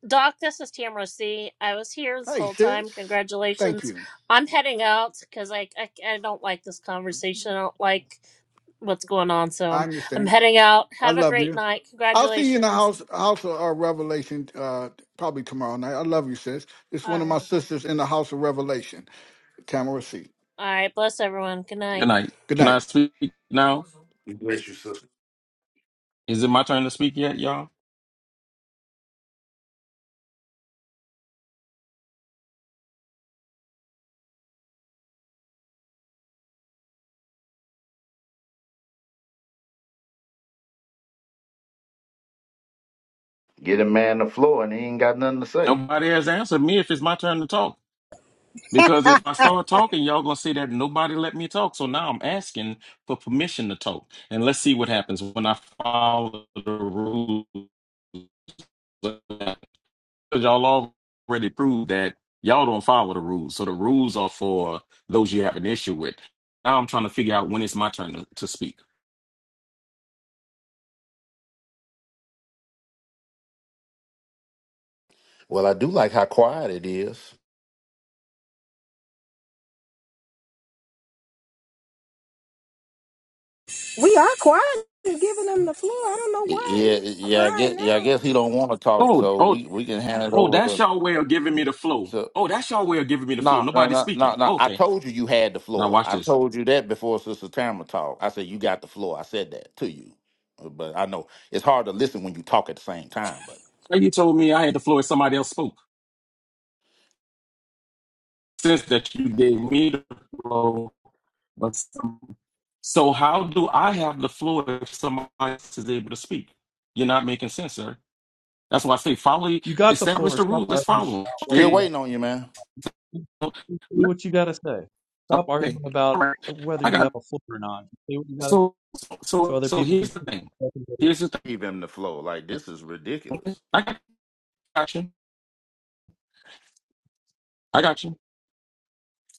Speaker 10: Doc, this is Tamara C. I was here this
Speaker 8: Hey,
Speaker 10: whole
Speaker 8: sis.
Speaker 10: time.
Speaker 8: Thank
Speaker 10: Congratulations.
Speaker 8: you.
Speaker 10: I'm heading out because I, I I don't like this conversation. I don't like what's going on. So
Speaker 8: I
Speaker 10: I'm I'm
Speaker 8: understand.
Speaker 10: heading out.
Speaker 8: I
Speaker 10: Have a
Speaker 8: love
Speaker 10: great
Speaker 8: you.
Speaker 10: night.
Speaker 8: I'll see you in the house
Speaker 10: Congratulations.
Speaker 8: house of uh, Revelation uh, probably tomorrow night. I love you, sis. It's
Speaker 10: All
Speaker 8: one of my
Speaker 10: right,
Speaker 8: sisters in the house of Revelation, Tamara C.
Speaker 10: all right. Bless everyone. Good night.
Speaker 3: Good night.
Speaker 8: Good
Speaker 3: Can I
Speaker 8: night.
Speaker 3: speak now?
Speaker 5: bless you, sister.
Speaker 3: Is it my turn to speak yet, y'all?
Speaker 5: Get a man the floor, and he ain't got nothing to say.
Speaker 3: Nobody has answered me if it's my turn to talk. Because if I start talking, y'all gonna say that nobody let me talk. So now I'm asking for permission to talk, and let's see what happens when I follow the rules. Because y'all already proved that y'all don't follow the rules. So the rules are for those you have an issue with. Now I'm trying to figure out when it's my turn to, to speak.
Speaker 5: Well, I do like how quiet it is.
Speaker 7: We are quiet and giving him the floor. I don't know why
Speaker 5: Yeah,
Speaker 7: he's
Speaker 5: yeah. I guess,
Speaker 7: crying
Speaker 5: yeah, I
Speaker 7: out.
Speaker 5: guess he don't want to talk,
Speaker 3: Oh,
Speaker 5: so
Speaker 3: oh,
Speaker 5: we we can hand it
Speaker 3: Oh,
Speaker 5: over
Speaker 3: that's y'all way of giving me the flow.
Speaker 5: to.
Speaker 3: Oh, that's y'all way of giving me the flow.
Speaker 5: No, no,
Speaker 3: Nobody's
Speaker 5: no, no,
Speaker 3: speaking.
Speaker 5: no. I
Speaker 3: Okay.
Speaker 5: told you you had the
Speaker 3: Now
Speaker 5: floor.
Speaker 3: watch
Speaker 5: I
Speaker 3: this.
Speaker 5: told you that before Sister Tamara talked. I said you got the floor. I said that to you. Uh, But I know it's hard to listen when you talk at the same time, but
Speaker 3: So you told me I had the flow if somebody else spoke. Since that you gave me the flow, but some- so how do I have the flow if somebody else is able to speak? You're not making sense, sir. That's why I say follow.
Speaker 2: You got the
Speaker 3: Establish
Speaker 2: floor.
Speaker 3: the
Speaker 2: Stop
Speaker 3: rule. Let's
Speaker 2: arguing
Speaker 3: follow. 'em.
Speaker 2: about whether
Speaker 5: still
Speaker 3: Okay.
Speaker 2: you
Speaker 5: waiting on you,
Speaker 2: have
Speaker 5: man.
Speaker 3: so
Speaker 2: Just say
Speaker 3: let-
Speaker 2: what you got to say. Stop
Speaker 3: Okay.
Speaker 2: arguing about
Speaker 3: All right.
Speaker 2: whether
Speaker 3: I
Speaker 2: you have
Speaker 3: got
Speaker 2: a floor or not. Just say what you got to
Speaker 3: so so
Speaker 2: so
Speaker 3: so.
Speaker 2: other
Speaker 3: so
Speaker 2: people can
Speaker 3: Here's the
Speaker 2: see.
Speaker 3: thing. Here's the thing.
Speaker 5: Give him the floor. Like this is
Speaker 3: Okay.
Speaker 5: ridiculous.
Speaker 3: I got you. I got you.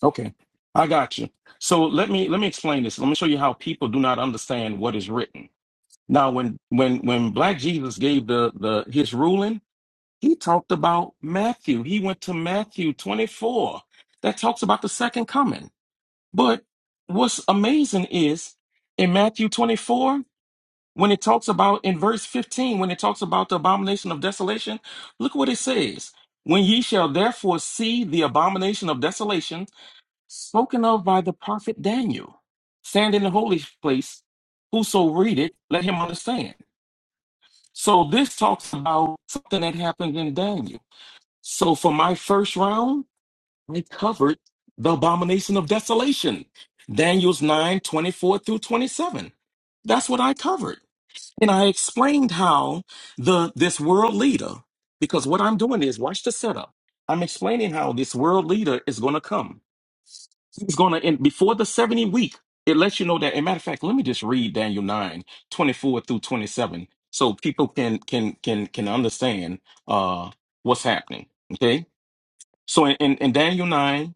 Speaker 3: Okay, I got you. So let me let me explain this. Let me show you how people do not understand what is written. Now, when when when Black Jesus gave the the his ruling, he talked about Matthew. He went to Matthew twenty four that talks about the second coming. But what's amazing is in Matthew twenty four when it talks about in verse fifteen when it talks about the abomination of desolation. Look what it says. When ye shall therefore see the abomination of desolation spoken of by the prophet Daniel. Stand in the holy place. Whoso read it, let him understand. So this talks about something that happened in Daniel. So for my first round, I covered the abomination of desolation. Daniel's 9 24 through 27. That's what I covered. And I explained how the this world leader, because what I'm doing is watch the setup. I'm explaining how this world leader is going to come. It's going to end before the 70 week. It lets you know that. And matter of fact, let me just read Daniel 9 24 through 27, so people can can can can understand uh what's happening. Okay. So in, in, in Daniel 9,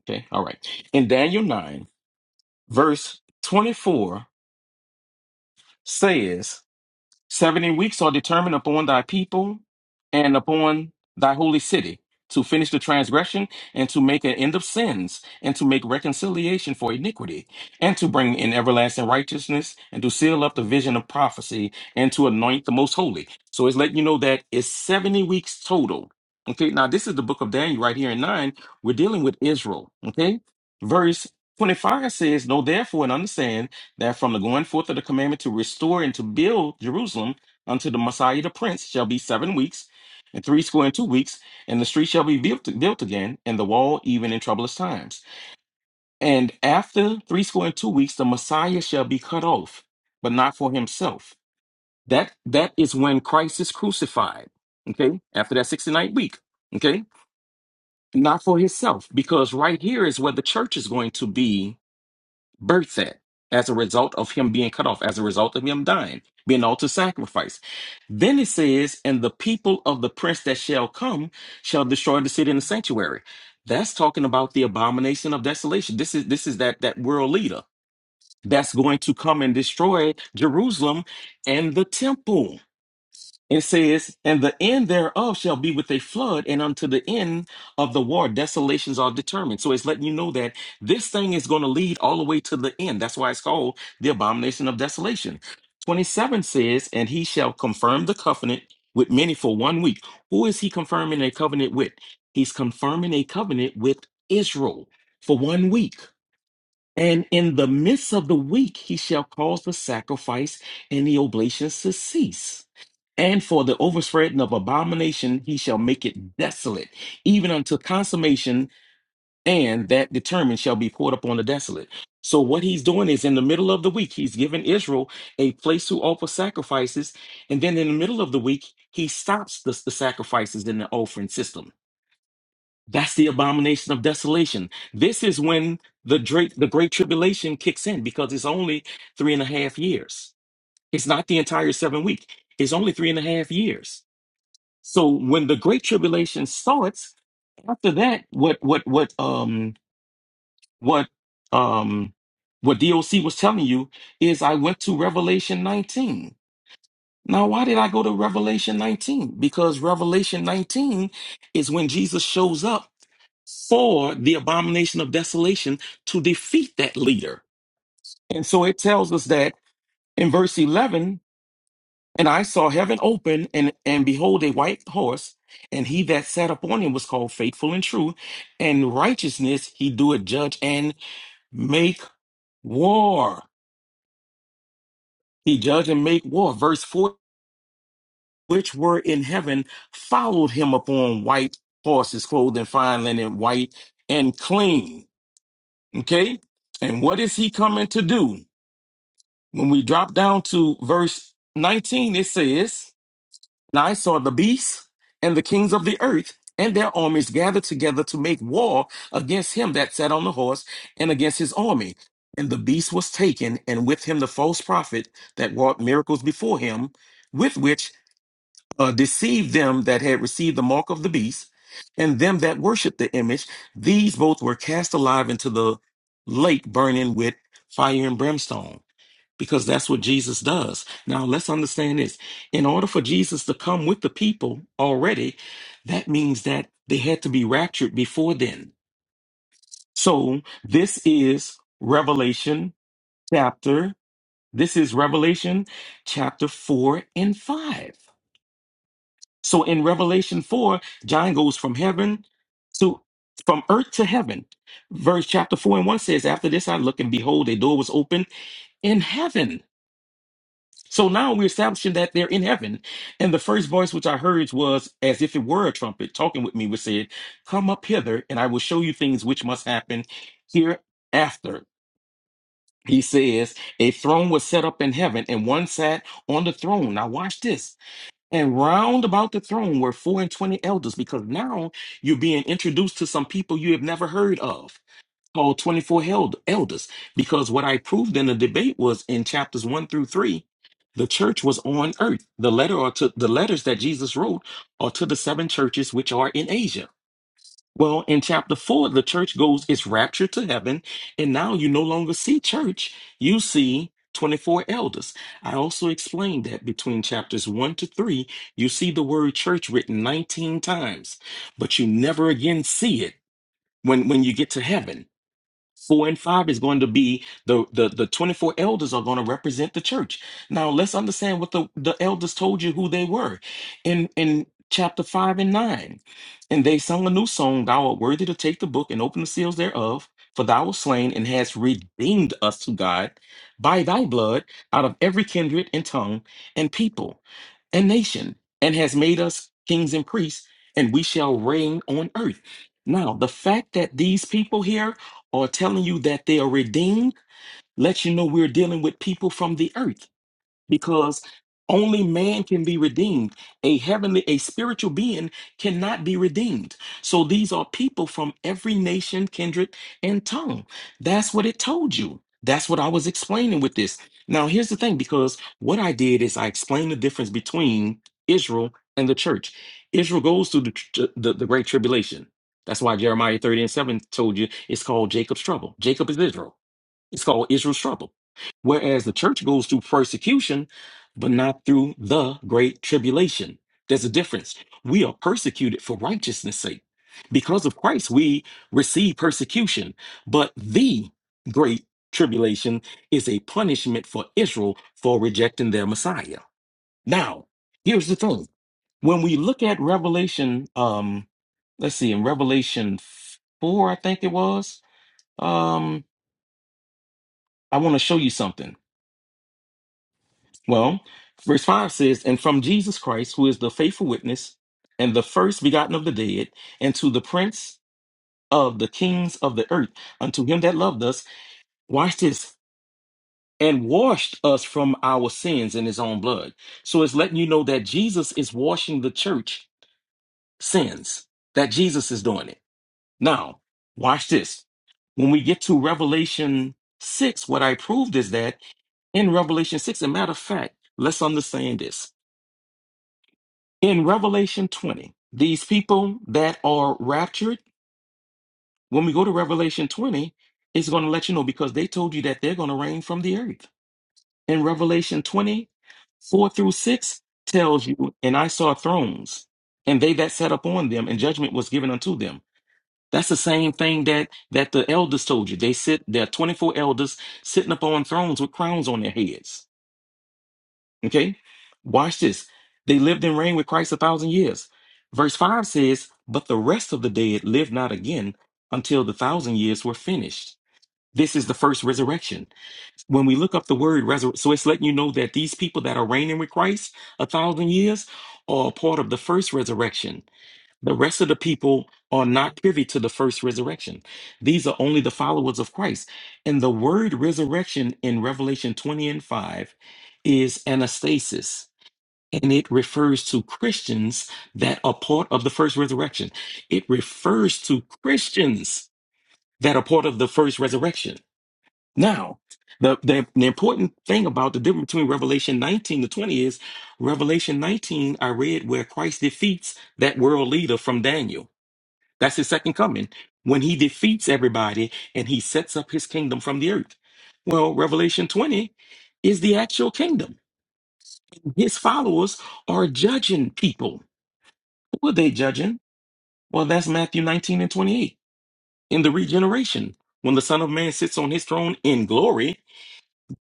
Speaker 3: okay, all right. In Daniel 9, verse 24 says, 70 weeks are determined upon thy people and upon thy holy city to finish the transgression and to make an end of sins and to make reconciliation for iniquity and to bring in everlasting righteousness and to seal up the vision of prophecy and to anoint the most holy. So it's letting you know that it's 70 weeks total. Okay, now this is the book of Daniel right here in 9. We're dealing with Israel. Okay, verse 25 says, Know therefore and understand that from the going forth of the commandment to restore and to build Jerusalem unto the Messiah the Prince shall be seven weeks, and three score and two weeks, and the street shall be built, built again, and the wall even in troublous times. And after three score and two weeks, the Messiah shall be cut off, but not for himself. That that is when Christ is crucified. Okay, after that 69th week. Okay, not for himself, because right here is where the church is going to be Births at as a result of him being cut off, as a result of him dying, being all to sacrifice. Then it says, and the people of the prince that shall come shall destroy the city and the sanctuary. That's talking about the abomination of desolation. This is this is that that world leader that's going to come and destroy Jerusalem and the temple. It says, and the end thereof shall be with a flood, and unto the end of the war, desolations are determined. So it's letting you know that this thing is going to lead all the way to the end. That's why it's called the abomination of desolation. 27 says, and he shall confirm the covenant with many for one week. Who is he confirming a covenant with? He's confirming a covenant with Israel for one week. And in the midst of the week, he shall cause the sacrifice and the oblations to cease. And for the overspreading of abomination, he shall make it desolate, even unto consummation, and that determined shall be poured upon the desolate. So, what he's doing is in the middle of the week, he's giving Israel a place to offer sacrifices. And then in the middle of the week, he stops the, the sacrifices in the offering system. That's the abomination of desolation. This is when the great, the great tribulation kicks in because it's only three and a half years. It's not the entire seven week. It's only three and a half years. So when the great tribulation starts, after that, what what what um what um what DOC was telling you is I went to Revelation 19. Now, why did I go to Revelation 19? Because Revelation 19 is when Jesus shows up for the abomination of desolation to defeat that leader. And so it tells us that in verse 11 And I saw heaven open, and, and behold, a white horse, and he that sat upon him was called faithful and true, and righteousness he doeth judge and make war. He judge and make war. Verse 4 which were in heaven followed him upon white horses, clothed in fine linen, white and clean. Okay? And what is he coming to do? When we drop down to verse 19, it says, And I saw the beast and the kings of the earth and their armies gathered together to make war against him that sat on the horse and against his army. And the beast was taken, and with him the false prophet that wrought miracles before him, with which uh, deceived them that had received the mark of the beast and them that worshipped the image. These both were cast alive into the lake burning with fire and brimstone because that's what Jesus does. Now, let's understand this. In order for Jesus to come with the people already, that means that they had to be raptured before then. So, this is Revelation chapter, this is Revelation chapter 4 and 5. So, in Revelation 4, John goes from heaven to from earth to heaven. Verse chapter 4 and 1 says, After this I looked, and behold, a door was opened in heaven. So now we're establishing that they're in heaven. And the first voice which I heard was as if it were a trumpet talking with me, which said, Come up hither, and I will show you things which must happen hereafter. He says, A throne was set up in heaven, and one sat on the throne. Now watch this. And round about the throne were four and twenty elders, because now you're being introduced to some people you have never heard of called 24 held, elders because what I proved in the debate was in chapters 1 through 3 the church was on earth the letter or to the letters that Jesus wrote are to the seven churches which are in Asia well in chapter 4 the church goes it's raptured to heaven and now you no longer see church you see 24 elders. I also explained that between chapters 1 to 3, you see the word church written 19 times, but you never again see it when when you get to heaven Four and five is going to be the the the 24 elders are going to represent the church. Now let's understand what the, the elders told you who they were in in chapter five and nine. And they sung a new song, Thou art worthy to take the book and open the seals thereof, for thou wast slain and hast redeemed us to God by thy blood out of every kindred and tongue and people and nation, and has made us kings and priests, and we shall reign on earth. Now, the fact that these people here or telling you that they are redeemed lets you know we're dealing with people from the earth because only man can be redeemed a heavenly a spiritual being cannot be redeemed so these are people from every nation kindred and tongue that's what it told you that's what i was explaining with this now here's the thing because what i did is i explained the difference between israel and the church israel goes through the, tr- the, the great tribulation that's why jeremiah 30 and 7 told you it's called jacob's trouble jacob is israel it's called Israel's trouble. Whereas the church goes through persecution, but not through the great tribulation. There's a difference. We are persecuted for righteousness' sake. Because of Christ, we receive persecution, but the great tribulation is a punishment for Israel for rejecting their Messiah. Now, here's the thing. When we look at Revelation, um, let's see, in Revelation 4, I think it was, um, I want to show you something Well, verse 5 says, And from Jesus Christ, who is the faithful witness and the first begotten of the dead, and to the prince of the kings of the earth, unto him that loved us, watch this, and washed us from our sins in his own blood. So it's letting you know that Jesus is washing the church sins, that Jesus is doing it. Now, watch this. When we get to Revelation 6, what I proved is that in Revelation 6, a matter of fact, let's understand this. In Revelation 20, these people that are raptured, when we go to Revelation 20, it's going to let you know because they told you that they're going to reign from the earth. In Revelation 20, 4 through 6 tells you, and I saw thrones, and they that sat upon them, and judgment was given unto them. That's the same thing that that the elders told you. They sit, there are 24 elders sitting upon thrones with crowns on their heads. Okay? Watch this. They lived and reigned with Christ a thousand years. Verse 5 says, But the rest of the dead lived not again until the thousand years were finished. This is the first resurrection. When we look up the word resurrection, so it's letting you know that these people that are reigning with Christ a thousand years are a part of the first resurrection. The rest of the people are not privy to the first resurrection. These are only the followers of Christ. And the word resurrection in Revelation 20 and 5 is anastasis and it refers to Christians that are part of the first resurrection. It refers to Christians that are part of the first resurrection. Now, the, the, the important thing about the difference between Revelation 19 to 20 is Revelation 19, I read where Christ defeats that world leader from Daniel. That's his second coming when he defeats everybody and he sets up his kingdom from the earth. Well, Revelation 20 is the actual kingdom. His followers are judging people Who are they judging? Well, that's Matthew 19 and 28. In the regeneration, when the Son of Man sits on his throne in glory,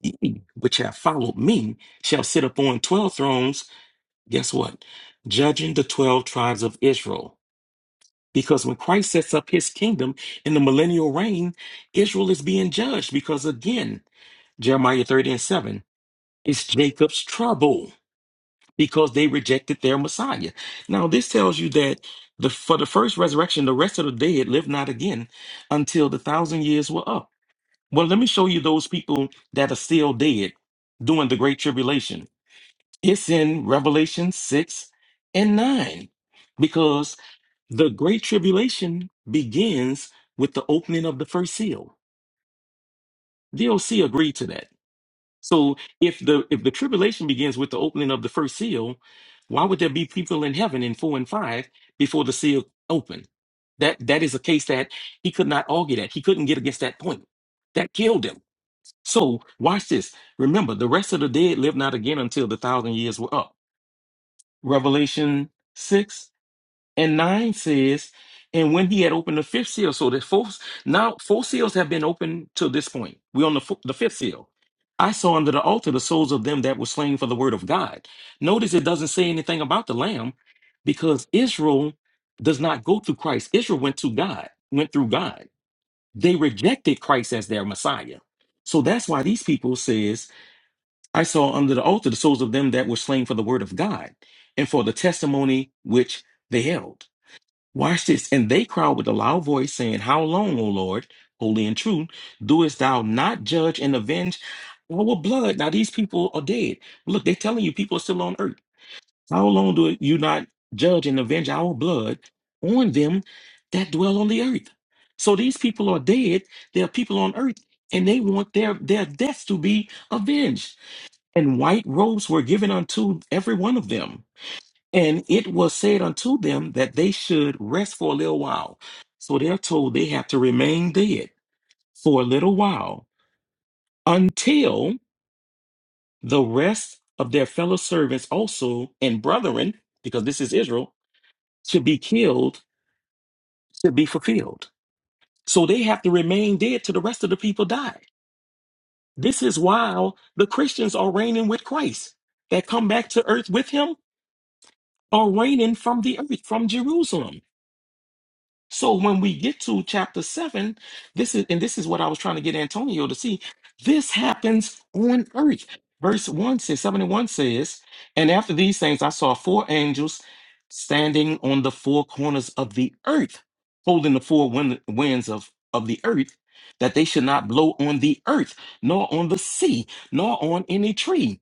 Speaker 3: ye which have followed me shall sit upon 12 thrones. Guess what? Judging the 12 tribes of Israel. Because when Christ sets up his kingdom in the millennial reign, Israel is being judged because, again, Jeremiah 30 and 7, it's Jacob's trouble. because they rejected their Messiah. Now, this tells you that the for the first resurrection, the rest of the dead lived not again until the thousand years were up. Well, let me show you those people that are still dead during the Great Tribulation. It's in Revelation 6 and 9, because the Great Tribulation begins with the opening of the first seal. DoC agreed to that. So if the if the tribulation begins with the opening of the first seal, why would there be people in heaven in four and five before the seal opened? That that is a case that he could not argue that. He couldn't get against that point. That killed him. So watch this. Remember, the rest of the dead lived not again until the thousand years were up. Revelation six and 9 says, and when he had opened the fifth seal, so there's four, now four seals have been opened to this point. We're on the, fo- the fifth seal. I saw under the altar the souls of them that were slain for the word of God. Notice it doesn't say anything about the lamb because Israel does not go through Christ. Israel went to God, went through God. They rejected Christ as their Messiah. So that's why these people says, I saw under the altar the souls of them that were slain for the word of God and for the testimony which they held. Watch this. And they cried with a loud voice, saying, How long, O Lord, holy and true, doest thou not judge and avenge our blood? Now these people are dead. Look, they're telling you people are still on earth. How long do you not judge and avenge our blood on them that dwell on the earth? So these people are dead. There are people on earth, and they want their, their deaths to be avenged. And white robes were given unto every one of them. And it was said unto them that they should rest for a little while. So they're told they have to remain dead for a little while until the rest of their fellow servants also and brethren, because this is Israel, should be killed, should be fulfilled. So they have to remain dead till the rest of the people die. This is while the Christians are reigning with Christ that come back to earth with him are reigning from the earth, from Jerusalem. So when we get to chapter seven, this is and this is what I was trying to get Antonio to see. This happens on earth. Verse one says, seven and one says, and after these things I saw four angels standing on the four corners of the earth, holding the four wind, winds of, of the earth, that they should not blow on the earth, nor on the sea, nor on any tree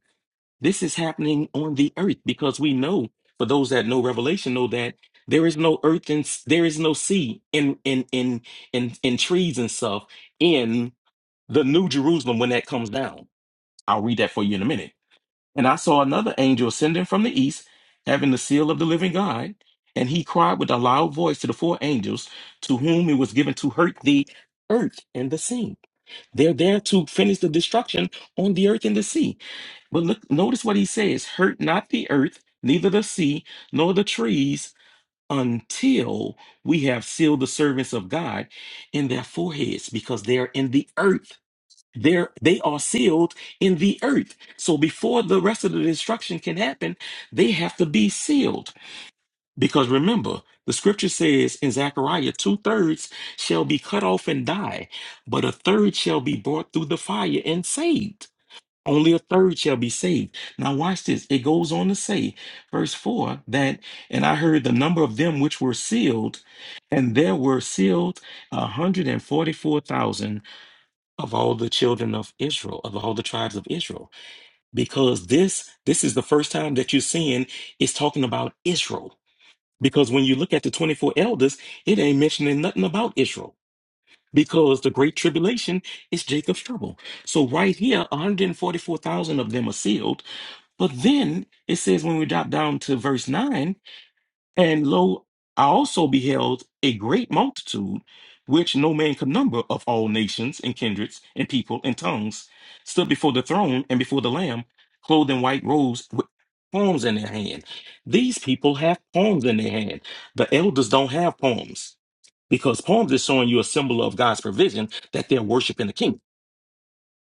Speaker 3: this is happening on the earth because we know, for those that know Revelation, know that there is no earth and s- there is no sea in in in in in trees and stuff in the New Jerusalem when that comes down. I'll read that for you in a minute. And I saw another angel ascending from the east, having the seal of the living God, and he cried with a loud voice to the four angels, to whom it was given to hurt the earth and the sea. They're there to finish the destruction on the earth and the sea. But look, notice what he says hurt not the earth, neither the sea, nor the trees, until we have sealed the servants of God in their foreheads, because they are in the earth. They're, they are sealed in the earth. So before the rest of the destruction can happen, they have to be sealed. Because remember, the scripture says in Zechariah, two thirds shall be cut off and die, but a third shall be brought through the fire and saved. Only a third shall be saved. Now, watch this. It goes on to say, verse 4 that, and I heard the number of them which were sealed, and there were sealed a 144,000 of all the children of Israel, of all the tribes of Israel. Because this, this is the first time that you're seeing it's talking about Israel. Because when you look at the 24 elders, it ain't mentioning nothing about Israel. Because the great tribulation is Jacob's trouble. So right here, 144,000 of them are sealed but then it says when we drop down to verse 9, and lo, I also beheld a great multitude, which no man could number of all nations and kindreds and people and tongues, stood before the throne and before the Lamb, clothed in white robes with palms in their hand. These people have palms in their hand. The elders don't have palms because palms is showing you a symbol of God's provision that they're worshiping the king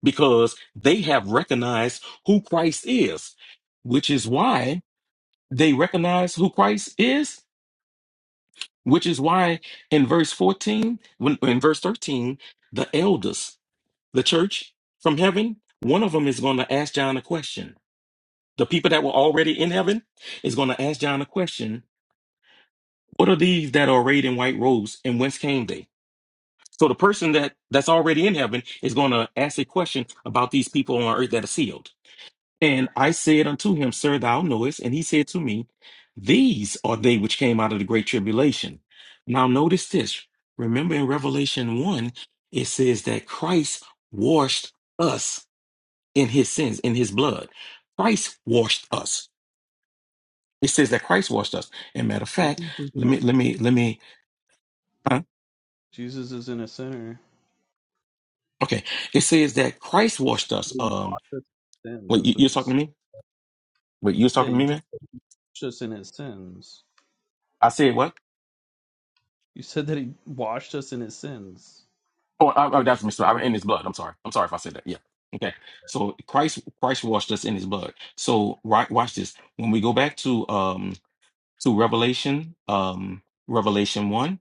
Speaker 3: because they have recognized who Christ is, which is why they recognize who Christ is, which is why in verse 14, when in verse 13, the elders, the church from heaven, one of them is going to ask John a question. The people that were already in heaven is going to ask John a question. What are these that are arrayed in white robes and whence came they? So the person that that's already in heaven is going to ask a question about these people on earth that are sealed. And I said unto him, Sir, thou knowest. And he said to me, These are they which came out of the great tribulation. Now, notice this. Remember in Revelation 1, it says that Christ washed us in his sins, in his blood. Christ washed us. It says that Christ washed us. And matter of
Speaker 2: you
Speaker 3: fact,
Speaker 2: keep thinking
Speaker 3: let
Speaker 2: that
Speaker 3: me, let me, let me, huh?
Speaker 2: Jesus is in a sinner.
Speaker 3: okay. It says that Christ washed us.
Speaker 2: He
Speaker 3: Um,
Speaker 2: washes Sins.
Speaker 3: wait, you,
Speaker 2: That's
Speaker 3: you're
Speaker 2: what you.
Speaker 3: talking
Speaker 2: s-
Speaker 3: to me? Wait, you was
Speaker 2: Yeah,
Speaker 3: talking to
Speaker 2: you
Speaker 3: me,
Speaker 2: just.
Speaker 3: man?
Speaker 2: washed us in his sins.
Speaker 3: I said what?
Speaker 2: You said that he washed us in his sins.
Speaker 3: Oh, I, I, that's Mr. I, in his blood. I'm sorry. I'm sorry if I said that. Yeah. Okay. So Christ Christ washed us in his blood. So right watch this. When we go back to um to Revelation, um Revelation 1,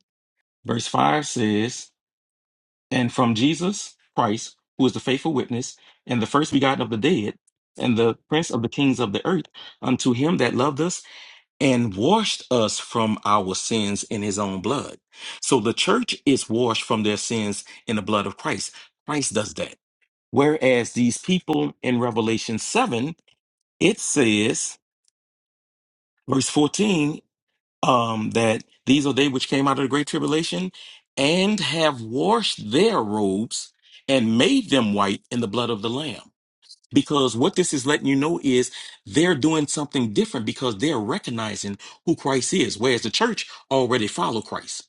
Speaker 3: verse 5 says, And from Jesus Christ, who is the faithful witness, and the first begotten of the dead, and the prince of the kings of the earth, unto him that loved us and washed us from our sins in his own blood. So the church is washed from their sins in the blood of Christ. Christ does that. Whereas these people in Revelation 7, it says, verse 14, um, that these are they which came out of the great tribulation and have washed their robes and made them white in the blood of the Lamb. Because what this is letting you know is they're doing something different because they're recognizing who Christ is, whereas the church already follow Christ.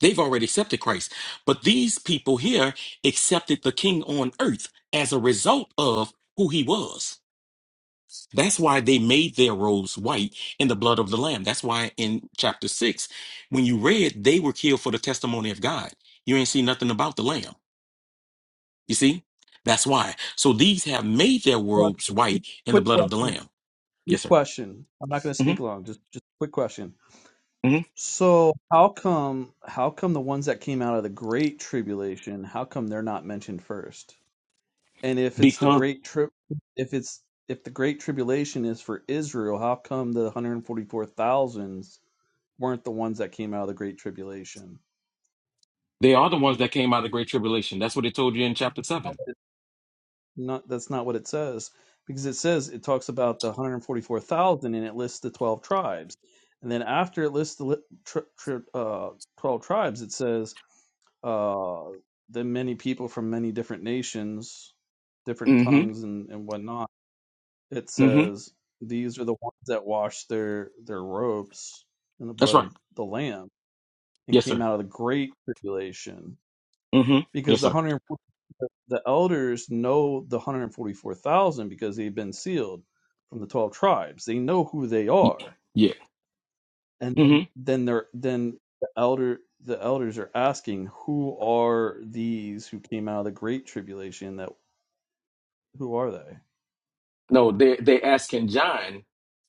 Speaker 3: They've already accepted Christ. But these people here accepted the king on earth as a result of who he was. That's why they made their robes white in the blood of the Lamb. That's why in chapter six, when you read, they were killed for the testimony of God. You ain't see nothing about the Lamb. You see? That's why. So these have made their robes white in the
Speaker 2: Quick
Speaker 3: blood of the
Speaker 2: question.
Speaker 3: Lamb. Yes,
Speaker 2: Quick
Speaker 3: sir.
Speaker 2: question. I'm not going to
Speaker 3: hmm
Speaker 2: speak long. Just just quick question.
Speaker 3: hmm
Speaker 2: So how come how come the ones that came out of the great tribulation, how come they're not mentioned first? And if it's the
Speaker 3: Because
Speaker 2: great trip if it's if the great tribulation is for Israel, how come the 144,000s weren't the ones that came out of the great tribulation?
Speaker 3: they are the ones that came out of the Great Tribulation. That's what they told you in chapter 7.
Speaker 2: not that's not what it says because it says it talks about the 144,000 and it lists the 12 tribes and then after it lists the li- tri tri uh, 12 tribes it says uh, the many people from many different nations different
Speaker 3: hmm
Speaker 2: tongues and, and whatnot it
Speaker 3: hmm
Speaker 2: says these are the ones that washed their their robes in the
Speaker 3: That's
Speaker 2: blood
Speaker 3: right.
Speaker 2: of the lamb and
Speaker 3: Yes,
Speaker 2: came
Speaker 3: sir.
Speaker 2: out of the great tribulation
Speaker 3: hmm
Speaker 2: because
Speaker 3: Yes,
Speaker 2: the
Speaker 3: sir.
Speaker 2: hundred the elders know the hundred and forty four thousand because they've been sealed from the twelve tribes. They know who they
Speaker 3: Y-
Speaker 2: are,
Speaker 3: Yeah.
Speaker 2: and
Speaker 3: hmm
Speaker 2: then they're then the elder the elders are asking, "Who are these who came out of the great tribulation? That who are they?"
Speaker 3: No, they they asking John,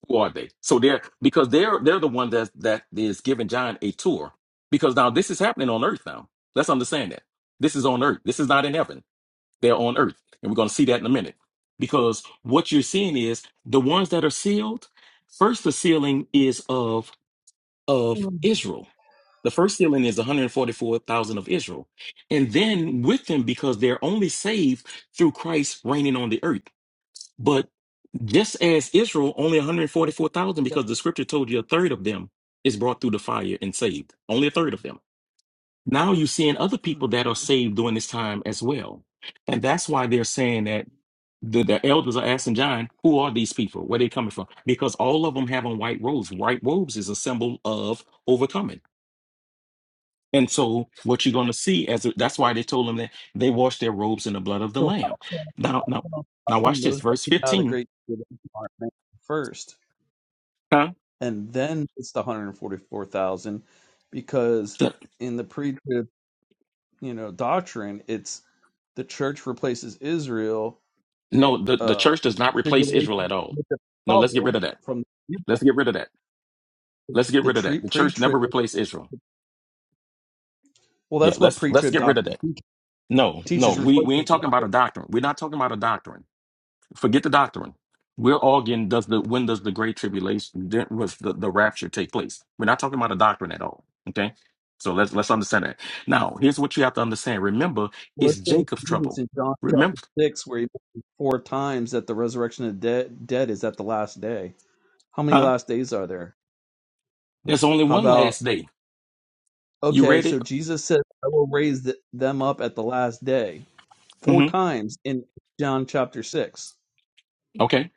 Speaker 3: who are they? So they're because they're they're the one that that is giving John a tour. Because now this is happening on earth now. Let's understand that. This is on earth. This is not in heaven. They're on earth. And we're gonna see that in a minute. Because what you're seeing is the ones that are sealed, first the sealing is of of Israel. The first sealing is 144,000 of Israel. And then with them, because they're only saved through Christ reigning on the earth. But just as Israel, only 144,000, because the scripture told you a third of them is brought through the fire and saved. Only a third of them. Now you're seeing other people that are saved during this time as well. And that's why they're saying that the, the elders are asking John, who are these people? Where they coming from? Because all of them have on white robes. White robes is a symbol of overcoming and so what you're going to see as that's why they told them that they wash their robes in the blood of the
Speaker 2: So how
Speaker 3: lamb. Now, now,
Speaker 2: come, how
Speaker 3: now
Speaker 2: come
Speaker 3: watch this.
Speaker 2: those that
Speaker 3: Verse
Speaker 2: came out of the
Speaker 3: 15.
Speaker 2: great tribulation aren't mentioned first,
Speaker 3: Huh?
Speaker 2: and then it's the hundred and forty four thousand, because
Speaker 3: The-
Speaker 2: in the pre you know doctrine. It's the church replaces Israel
Speaker 3: no, the, the
Speaker 2: uh,
Speaker 3: church does not replace
Speaker 2: tribulation
Speaker 3: Israel at all.
Speaker 2: with the
Speaker 3: No, let's get rid
Speaker 2: trouble
Speaker 3: of that.
Speaker 2: from
Speaker 3: Let's get rid of that. Let's get
Speaker 2: the
Speaker 3: rid of that.
Speaker 2: tre-
Speaker 3: The church never
Speaker 2: pre-trib.
Speaker 3: replaced Israel.
Speaker 2: Well,
Speaker 3: Yeah,
Speaker 2: that's what
Speaker 3: let's let's
Speaker 2: pre-trib
Speaker 3: get rid of
Speaker 2: doctrine
Speaker 3: that. No, no,
Speaker 2: teaches.
Speaker 3: we, we ain't
Speaker 2: Replacement.
Speaker 3: talking about a doctrine. We're not talking about a doctrine. Forget the doctrine. We're all getting does the when does the great tribulation then was the, the rapture take place? We're not talking about a doctrine at all. Okay. So let's let's understand that. Now, here's what you have to understand. Remember, it's
Speaker 2: Let's go to
Speaker 3: Jacob's
Speaker 2: Jesus
Speaker 3: trouble.
Speaker 2: in John chapter
Speaker 3: Remember,
Speaker 2: six, where he mentions four times that the resurrection of the dead, dead is at the last day. How many
Speaker 3: huh?
Speaker 2: last days are there?
Speaker 3: There's only
Speaker 2: How
Speaker 3: one last
Speaker 2: about
Speaker 3: day. You
Speaker 2: okay?
Speaker 3: read it?
Speaker 2: So Jesus said, "I will raise th- them up at the last day." Four
Speaker 3: hmm
Speaker 2: times in John chapter six.
Speaker 3: Okay.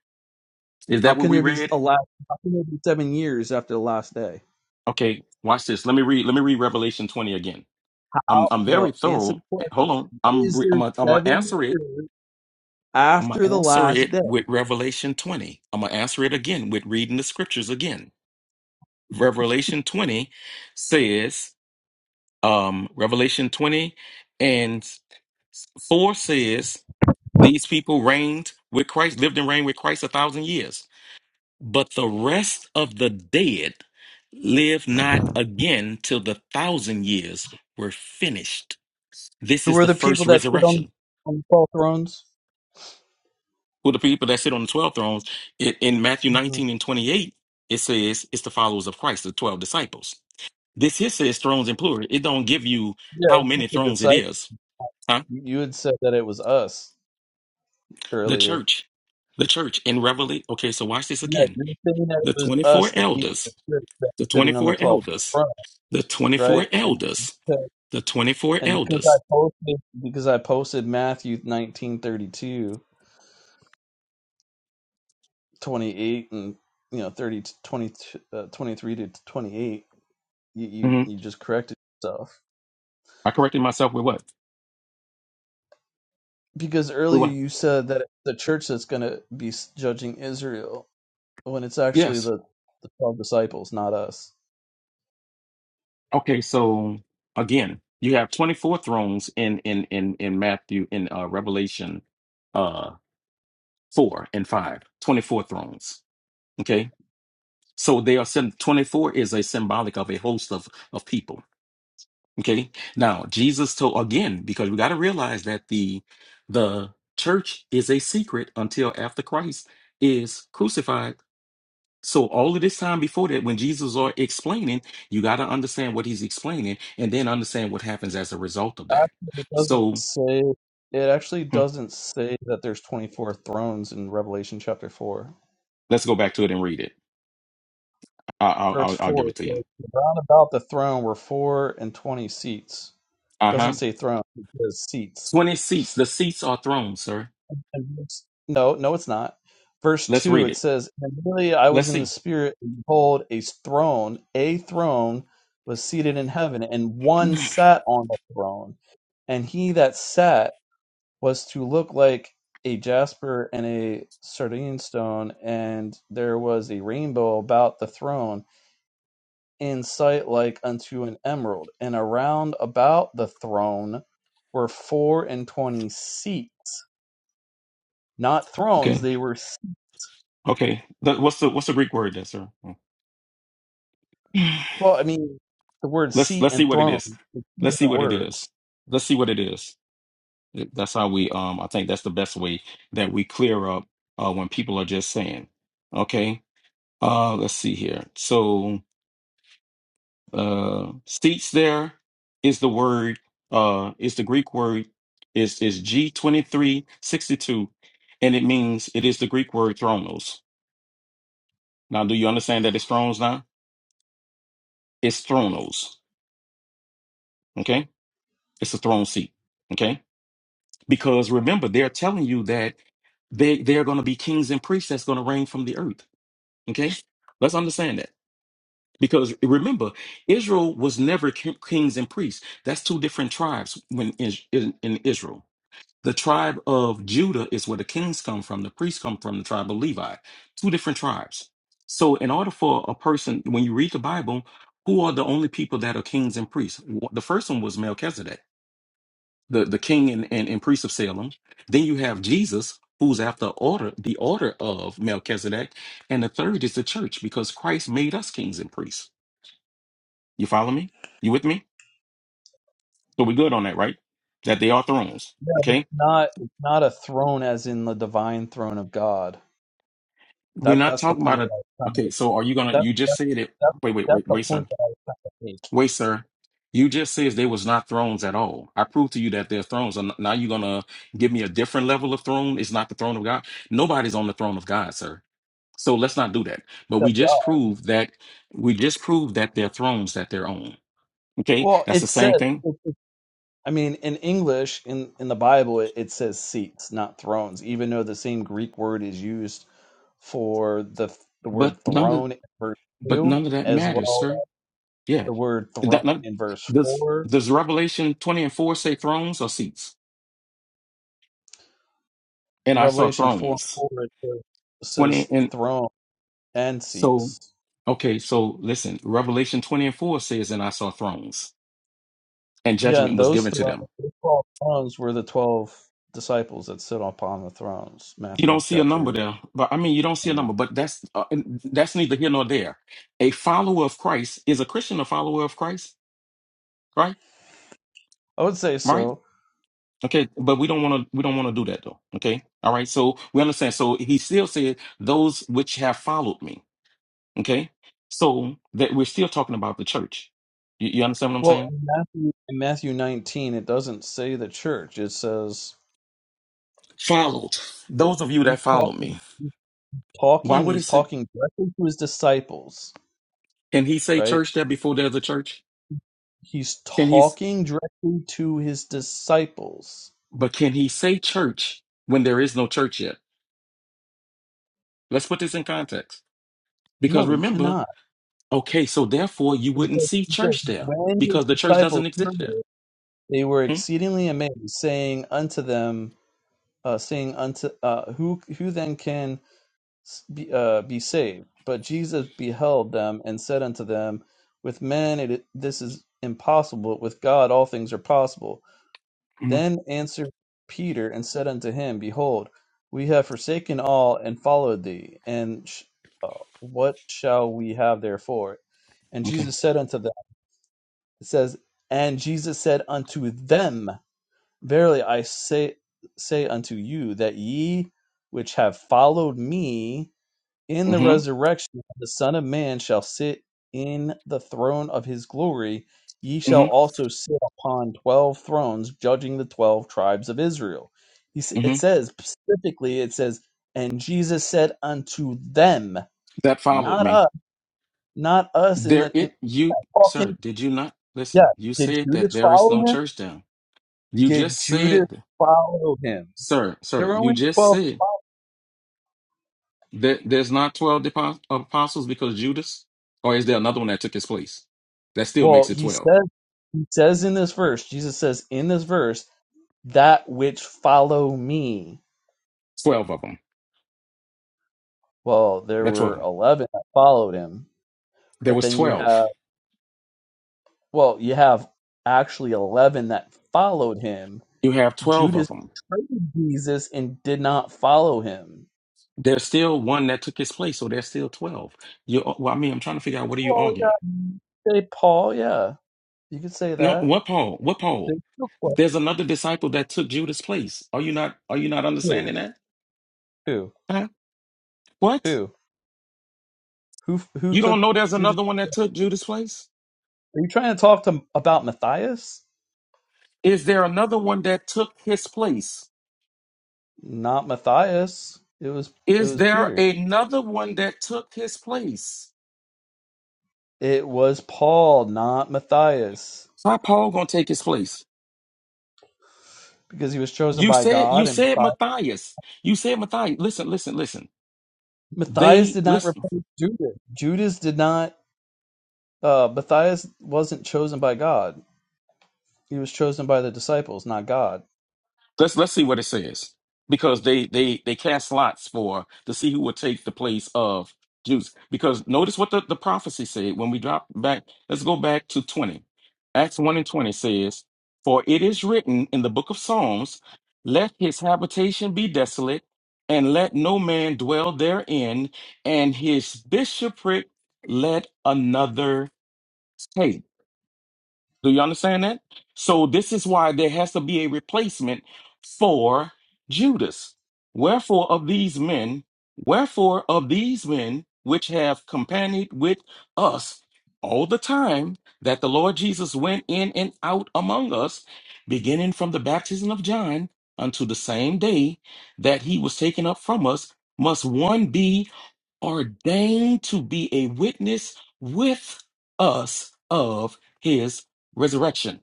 Speaker 3: Is
Speaker 2: How
Speaker 3: that what
Speaker 2: can
Speaker 3: we
Speaker 2: there be
Speaker 3: read?
Speaker 2: a last? How can there be seven years after the last day?
Speaker 3: Okay, watch this. Let me read, let me read Revelation 20 again. I'm I'm very
Speaker 2: No, answer
Speaker 3: thorough.
Speaker 2: the question.
Speaker 3: Hold on.
Speaker 2: How
Speaker 3: I'm
Speaker 2: is
Speaker 3: re- I'm
Speaker 2: there
Speaker 3: gonna I'm gonna
Speaker 2: seven
Speaker 3: answer it
Speaker 2: years
Speaker 3: I'm going to
Speaker 2: after the
Speaker 3: answer
Speaker 2: last
Speaker 3: it
Speaker 2: day?
Speaker 3: with Revelation 20. I'm going to answer it again with reading the scriptures again. Revelation 20 says, um, Revelation 20 and 4 says, these people reigned with Christ, lived and reigned with Christ a thousand years. But the rest of the dead live not again till the thousand years were finished. This
Speaker 2: Who
Speaker 3: is
Speaker 2: are
Speaker 3: the
Speaker 2: the
Speaker 3: first
Speaker 2: people that sit on
Speaker 3: resurrection.
Speaker 2: on the twelve thrones?
Speaker 3: who the people that sit on the 12 thrones it, in matthew
Speaker 2: Mhm.
Speaker 3: 19 and 28 it says it's the followers of christ the 12 disciples this here says thrones in plural it don't give you
Speaker 2: Yeah,
Speaker 3: how
Speaker 2: it's not
Speaker 3: many
Speaker 2: the
Speaker 3: thrones it
Speaker 2: disciples.
Speaker 3: is huh
Speaker 2: You you had said that it was us
Speaker 3: the
Speaker 2: earlier.
Speaker 3: church the church in revelation okay so watch this
Speaker 2: Yeah,
Speaker 3: again
Speaker 2: you're saying that
Speaker 3: the
Speaker 2: it was
Speaker 3: 24
Speaker 2: us, the people that
Speaker 3: elders
Speaker 2: sit- that are
Speaker 3: the
Speaker 2: sitting on the
Speaker 3: 24
Speaker 2: twelve
Speaker 3: elders
Speaker 2: thrones,
Speaker 3: the 24
Speaker 2: right? And
Speaker 3: elders the 24
Speaker 2: and because I
Speaker 3: elders
Speaker 2: posted because I posted Matthew nineteen thirty two. 28 and you know 30 to 20 uh, 23 to 28 you, you
Speaker 3: Mhm.
Speaker 2: you just corrected yourself
Speaker 3: i corrected myself with what
Speaker 2: because
Speaker 3: with
Speaker 2: earlier
Speaker 3: what
Speaker 2: you said that the church that's going to be judging israel when it's actually
Speaker 3: yes
Speaker 2: the the 12 disciples not us
Speaker 3: Okay, so again, you have 24 thrones in in in in Matthew in uh Revelation uh 4 and 5. 24 thrones. Okay? So they are sym- 24 is a symbolic of a host of of people. Okay? Now, Jesus told again because we got to realize that the the church is a secret until after Christ is crucified so all of this time before that, when Jesus are explaining, you got to understand what he's explaining and then understand what happens as a result of that.
Speaker 2: actually, it doesn't
Speaker 3: So
Speaker 2: say it actually
Speaker 3: hmm,
Speaker 2: doesn't say that there's 24 thrones in revelation chapter 4
Speaker 3: let's go back to it and read it. I- I'll,
Speaker 2: verse
Speaker 3: I'll, I'll
Speaker 2: 4
Speaker 3: give it
Speaker 2: it
Speaker 3: to you.
Speaker 2: says, round about the throne were four and 20 seats
Speaker 3: Uh
Speaker 2: doesn't
Speaker 3: huh.
Speaker 2: say throne it says seats
Speaker 3: 20 seats. The seats are thrones, sir.
Speaker 2: And verse- No, no, it's not. Verse
Speaker 3: Let's
Speaker 2: 2,
Speaker 3: read
Speaker 2: it
Speaker 3: it.
Speaker 2: says, And really I
Speaker 3: Let's
Speaker 2: was in the
Speaker 3: see.
Speaker 2: spirit, and behold, a throne, a throne was seated in heaven, and one sat on the throne. And he that sat was to look like a jasper and a sardine stone, and there was a rainbow about the throne, in sight like unto an emerald. And around about the throne were four and twenty seats not thrones
Speaker 3: Okay.
Speaker 2: they were
Speaker 3: Okay. Th- What's the, what's the Greek word there, sir? Hmm. (sighs)
Speaker 2: Well, I mean, the word
Speaker 3: Let's,
Speaker 2: seat
Speaker 3: let's see
Speaker 2: and
Speaker 3: what it
Speaker 2: throne
Speaker 3: is.
Speaker 2: are two
Speaker 3: Let's see
Speaker 2: different
Speaker 3: what it is.
Speaker 2: words.
Speaker 3: Let's see what it is. That's how we, um, I think that's the best way that we clear up, uh, when people are just saying, okay. Uh, let's see here. So, uh, seats there is the word, uh, is the Greek word, is is G2362, and it means it is the Greek word thronos. Now, do you understand that it's thrones now? It's thronos. Okay. It's a throne seat. Okay. Because remember, they're telling you that they, they're going to be kings and priests that's going to reign from the earth. Okay. Let's understand that. Because remember, Israel was never ki- kings and priests. That's two different tribes when is- in, in Israel. The tribe of Judah is where the kings come from, the priests come from, the tribe of Levi. Two different tribes. So, in order for a person, when you read the Bible, who are the only people that are kings and priests? Wh- The first one was Melchizedek, the, the king and, and, and priest of Salem. Then you have Jesus, who's after order, the order of Melchizedek. And the third is the church, because Christ made us kings and priests. You follow me? You with me? So we're good on that, right? That they are thrones.
Speaker 2: Yeah, but it's
Speaker 3: Okay.
Speaker 2: not it's not a throne as in the divine throne of God.
Speaker 3: We're
Speaker 2: That
Speaker 3: not
Speaker 2: that's the
Speaker 3: talking about
Speaker 2: point that
Speaker 3: a.
Speaker 2: I was trying to.
Speaker 3: Okay. So are you gonna?
Speaker 2: That,
Speaker 3: You just
Speaker 2: that,
Speaker 3: said it.
Speaker 2: that,
Speaker 3: Wait, wait,
Speaker 2: that's
Speaker 3: wait,
Speaker 2: the
Speaker 3: wait, sir.
Speaker 2: point that I make.
Speaker 3: Wait, sir. You just says they was not thrones at all. I proved to you that they're thrones. And now you're gonna give me a different level of throne. It's not the throne of God. Nobody's on the throne of God, sir. So let's not do that. But
Speaker 2: That's
Speaker 3: we
Speaker 2: God.
Speaker 3: just proved that we just proved that they're thrones that they're on. Okay,
Speaker 2: Well,
Speaker 3: that's the
Speaker 2: it says.
Speaker 3: same thing.
Speaker 2: It, it- I mean, in English, in in the Bible, it, it says seats, not thrones. Even though the same Greek word is used for the the
Speaker 3: But
Speaker 2: word
Speaker 3: none of
Speaker 2: throne in verse
Speaker 3: but
Speaker 2: two,
Speaker 3: none of that
Speaker 2: as
Speaker 3: matters,
Speaker 2: well
Speaker 3: sir.
Speaker 2: as
Speaker 3: Yeah.
Speaker 2: the word throne
Speaker 3: That, that-
Speaker 2: in verse
Speaker 3: does
Speaker 2: four
Speaker 3: does Revelation twenty and four say thrones or seats? And I saw
Speaker 2: Revelation 4
Speaker 3: thrones
Speaker 2: and 4 it says it
Speaker 3: twenty
Speaker 2: says
Speaker 3: and
Speaker 2: throne and
Speaker 3: so.
Speaker 2: seats.
Speaker 3: Okay, so listen. Revelation twenty and four says, "And I saw thrones, and
Speaker 2: Yeah, and
Speaker 3: judgment was
Speaker 2: those
Speaker 3: given to
Speaker 2: thrones,
Speaker 3: them."
Speaker 2: those 12 thrones were the 12 disciples that sit upon the thrones.
Speaker 3: You
Speaker 2: Matthew
Speaker 3: don't see a number
Speaker 2: chapter.
Speaker 3: there, but I mean, you don't see a number, but that's uh, that's neither here nor there. A follower of Christ is a Christian, a follower of Christ, right?
Speaker 2: I would say
Speaker 3: Right?
Speaker 2: so.
Speaker 3: Okay, but we don't want to we don't want to do that though. Okay, all right. So we understand. So he still said, "Those which have followed me." Okay. So that we're still talking about the church. You, you understand what I'm
Speaker 2: Well,
Speaker 3: saying?
Speaker 2: in Matthew, in Matthew 19, it doesn't say the church. It says
Speaker 3: Followed. Those of you
Speaker 2: he's
Speaker 3: that follow
Speaker 2: talking,
Speaker 3: me,
Speaker 2: he's
Speaker 3: why
Speaker 2: talking,
Speaker 3: would it
Speaker 2: he's
Speaker 3: say,
Speaker 2: talking directly to his disciples,
Speaker 3: can he say
Speaker 2: right?
Speaker 3: church there before there's a church?
Speaker 2: He's
Speaker 3: Can he, s-
Speaker 2: talking directly to his disciples.
Speaker 3: but can he say church when there is no church yet? Let's put this in context. Because
Speaker 2: No, you cannot.
Speaker 3: remember, okay, so therefore you wouldn't
Speaker 2: Because-
Speaker 3: see
Speaker 2: because
Speaker 3: church there
Speaker 2: When his
Speaker 3: because the church
Speaker 2: disciples
Speaker 3: doesn't exist
Speaker 2: heard
Speaker 3: yet.
Speaker 2: it, they were
Speaker 3: Hmm?
Speaker 2: exceedingly amazed, saying unto them, uh, saying unto uh, who who then can s- be, uh, be saved? But Jesus beheld them and said unto them, With men it, this is impossible; with God all things are possible.
Speaker 3: Mm-hmm.
Speaker 2: Then answered Peter and said unto him, Behold, we have forsaken all and followed thee. And sh- uh, what shall we have therefore? And
Speaker 3: Okay.
Speaker 2: Jesus said unto them, it says, And Jesus said unto them, Verily I say say unto you that ye which have followed me in the
Speaker 3: Mm-hmm.
Speaker 2: resurrection of the Son of Man shall sit in the throne of his glory, ye shall
Speaker 3: Mm-hmm.
Speaker 2: also sit upon twelve thrones, judging the twelve tribes of Israel. He, s-
Speaker 3: Mm-hmm.
Speaker 2: it says specifically, it says, and Jesus said unto them,
Speaker 3: That followed
Speaker 2: not
Speaker 3: me.
Speaker 2: us, not us in
Speaker 3: There
Speaker 2: the in
Speaker 3: it you sir,
Speaker 2: talking.
Speaker 3: did you not
Speaker 2: Yeah,
Speaker 3: listen, you
Speaker 2: did
Speaker 3: said that
Speaker 2: Judas
Speaker 3: there is
Speaker 2: follow
Speaker 3: no
Speaker 2: him?
Speaker 3: church there. You
Speaker 2: Did
Speaker 3: just
Speaker 2: Judas
Speaker 3: said,
Speaker 2: follow him?
Speaker 3: sir,
Speaker 2: There
Speaker 3: sir,
Speaker 2: were
Speaker 3: you
Speaker 2: only
Speaker 3: just
Speaker 2: 12.
Speaker 3: said that there's not 12 depo- apostles because Judas, or is there another one that took his place? That still
Speaker 2: Well,
Speaker 3: makes it
Speaker 2: he
Speaker 3: 12.
Speaker 2: says he says in this verse, Jesus says in this verse, that which follow me.
Speaker 3: 12 of them.
Speaker 2: Well, there
Speaker 3: That's 12
Speaker 2: were
Speaker 3: of them.
Speaker 2: 11 that followed him,
Speaker 3: There
Speaker 2: but
Speaker 3: was
Speaker 2: then you have
Speaker 3: 12.
Speaker 2: well, you have actually 11 that followed him.
Speaker 3: You have 12
Speaker 2: Judas
Speaker 3: of them.
Speaker 2: betrayed Jesus and did not follow him.
Speaker 3: There's still one that took his place, so there's still 12. You, well, I mean, I'm trying to figure out what are you
Speaker 2: Well,
Speaker 3: arguing?
Speaker 2: yeah. Say Paul, yeah. You could say
Speaker 3: No,
Speaker 2: that.
Speaker 3: what Paul? What Paul?
Speaker 2: There's still question.
Speaker 3: There's another disciple that took Judas' place. Are you not, are you not
Speaker 2: Who?
Speaker 3: understanding that?
Speaker 2: Who?
Speaker 3: Huh? What?
Speaker 2: Who? Who who
Speaker 3: You don't
Speaker 2: took
Speaker 3: know there's
Speaker 2: Judas?
Speaker 3: another one that took Judas' place?
Speaker 2: Are you trying to talk to about Matthias?
Speaker 3: Is there another one that took his place?
Speaker 2: Not Matthias. It was it
Speaker 3: Is
Speaker 2: was
Speaker 3: there
Speaker 2: Peter.
Speaker 3: another one that took his place?
Speaker 2: It was Paul, not Matthias,
Speaker 3: So how Paul gonna take his place?
Speaker 2: because he was chosen
Speaker 3: You
Speaker 2: by
Speaker 3: said you
Speaker 2: God. And
Speaker 3: said Matthias. You said Matthias. Listen, listen, listen.
Speaker 2: Matthias
Speaker 3: They
Speaker 2: did not
Speaker 3: listen.
Speaker 2: replace Judas. Judas did not. Uh, Matthias wasn't chosen by God. He was chosen by the disciples, not God.
Speaker 3: Let's let's see what it says because they they they cast lots for to see who will take the place of Judas. Because notice what the, the prophecy said when we drop back. Let's go back to twenty. Acts one and twenty says, "For it is written in the book of Psalms, let his habitation be desolate, and let no man dwell therein, and his bishopric let another take." Do you understand that? So this is why there has to be a replacement for Judas. Wherefore of these men, wherefore of these men which have companied with us all the time that the Lord Jesus went in and out among us, beginning from the baptism of John unto the same day that he was taken up from us, must one be ordained to be a witness with us of his resurrection.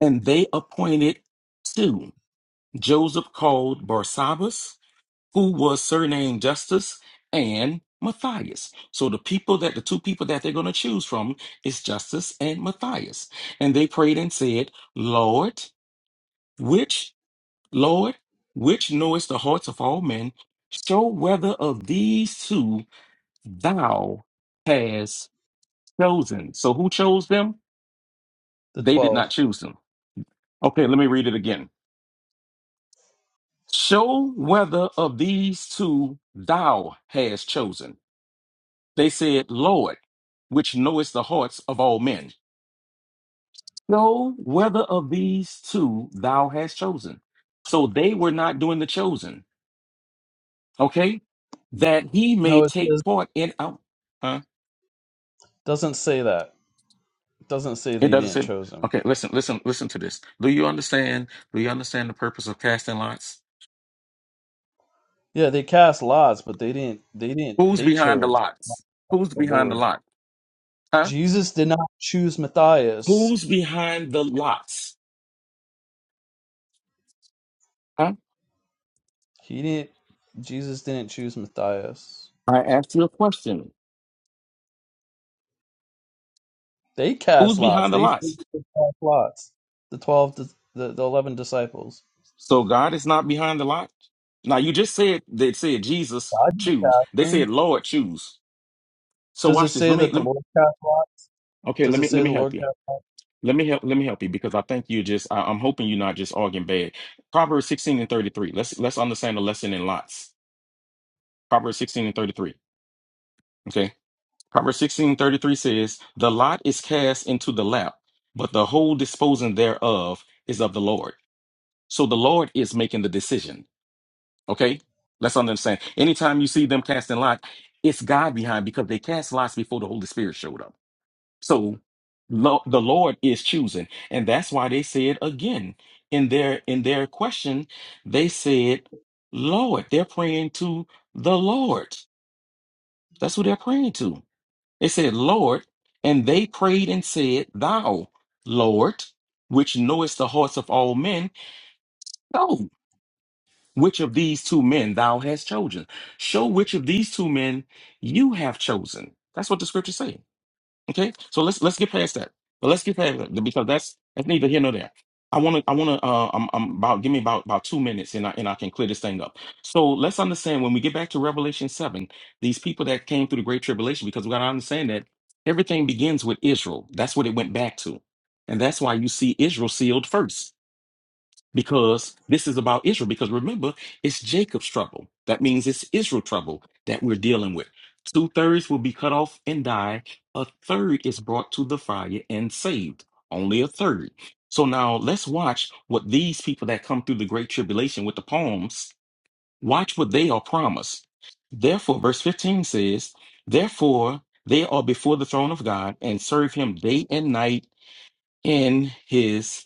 Speaker 3: And they appointed two Joseph called Barsabbas, who was surnamed Justus, and Matthias. So the people that the two people that they're going to choose from is Justus and Matthias. And they prayed and said, Lord, which, Lord, which knowest the hearts of all men, show whether of these two thou has chosen. So who chose them?
Speaker 2: The
Speaker 3: They did not
Speaker 2: twelve.
Speaker 3: choose them. Okay, let me read it again. Show whether of these two thou has chosen. They said, Lord, which knowest the hearts of all men. Show whether of these two thou has chosen. So they were not doing the chosen. Okay, that he may
Speaker 2: No, it says,
Speaker 3: take part in. Out.
Speaker 2: doesn't say that. It doesn't say
Speaker 3: It
Speaker 2: they
Speaker 3: doesn't
Speaker 2: didn't
Speaker 3: say.
Speaker 2: chose him.
Speaker 3: Okay, listen, listen, listen to this. Do you understand? Do you understand the purpose of casting lots?
Speaker 2: Yeah, they cast lots, but they didn't. They didn't.
Speaker 3: Who's
Speaker 2: They
Speaker 3: behind the
Speaker 2: chose
Speaker 3: lots? Who's
Speaker 2: the
Speaker 3: behind the
Speaker 2: Lord.
Speaker 3: lot? Huh?
Speaker 2: Jesus did not choose Matthias.
Speaker 3: Who's behind the lots? Huh?
Speaker 2: He didn't. Jesus didn't choose Matthias.
Speaker 3: I asked you a question.
Speaker 2: They
Speaker 3: Who's
Speaker 2: cast lots.
Speaker 3: behind the
Speaker 2: They
Speaker 3: lots?
Speaker 2: physically cast lots. The twelve, dis- the the eleven disciples.
Speaker 3: So God is not behind the lot. Now you just said they said Jesus
Speaker 2: God
Speaker 3: choose. They
Speaker 2: knew them.
Speaker 3: said Lord choose. So
Speaker 2: Does it
Speaker 3: watch this.
Speaker 2: say
Speaker 3: Let me
Speaker 2: that the
Speaker 3: let me.
Speaker 2: Lord cast lots?
Speaker 3: Okay, let
Speaker 2: Does it
Speaker 3: me let
Speaker 2: say
Speaker 3: me
Speaker 2: the
Speaker 3: help
Speaker 2: Lord
Speaker 3: you.
Speaker 2: cast?
Speaker 3: Let me help. Let me help you because I think you just. I, I'm hoping you're not just arguing bad. Proverbs 16 and 33. Let's let's understand the lesson in lots. Proverbs 16 and 33. Okay. Proverbs 16 and 33 says, "The lot is cast into the lap, but the whole disposing thereof is of the Lord." So the Lord is making the decision. Okay. Let's understand. Anytime you see them casting lot, it's God behind because they cast lots before the Holy Spirit showed up. So lo- the Lord is choosing, and that's why they said again in their in their question, they said, "Lord." They're praying to the Lord. That's who they're praying to. They said, "Lord," and they prayed and said, "Thou, Lord, which knowest the hearts of all men, know which of these two men thou hast chosen. Show which of these two men you have chosen." That's what the scriptures say. Okay, so let's let's get past that. But let's get past that because that's that's neither here nor there. I want to I want to uh I'm, I'm about give me about about two minutes and I and I can clear this thing up. So let's understand when we get back to Revelation seven, these people that came through the Great Tribulation because we got to understand that everything begins with Israel. That's what it went back to, and that's why you see Israel sealed first because this is about Israel. Because remember, it's Jacob's trouble. That means it's Israel trouble that we're dealing with. Two thirds will be cut off and die. A third is brought to the fire and saved. Only a third. So now let's watch what these people that come through the great tribulation with the palms, watch what they are promised. Therefore, verse 15 says, Therefore, they are before the throne of God and serve him day and night in his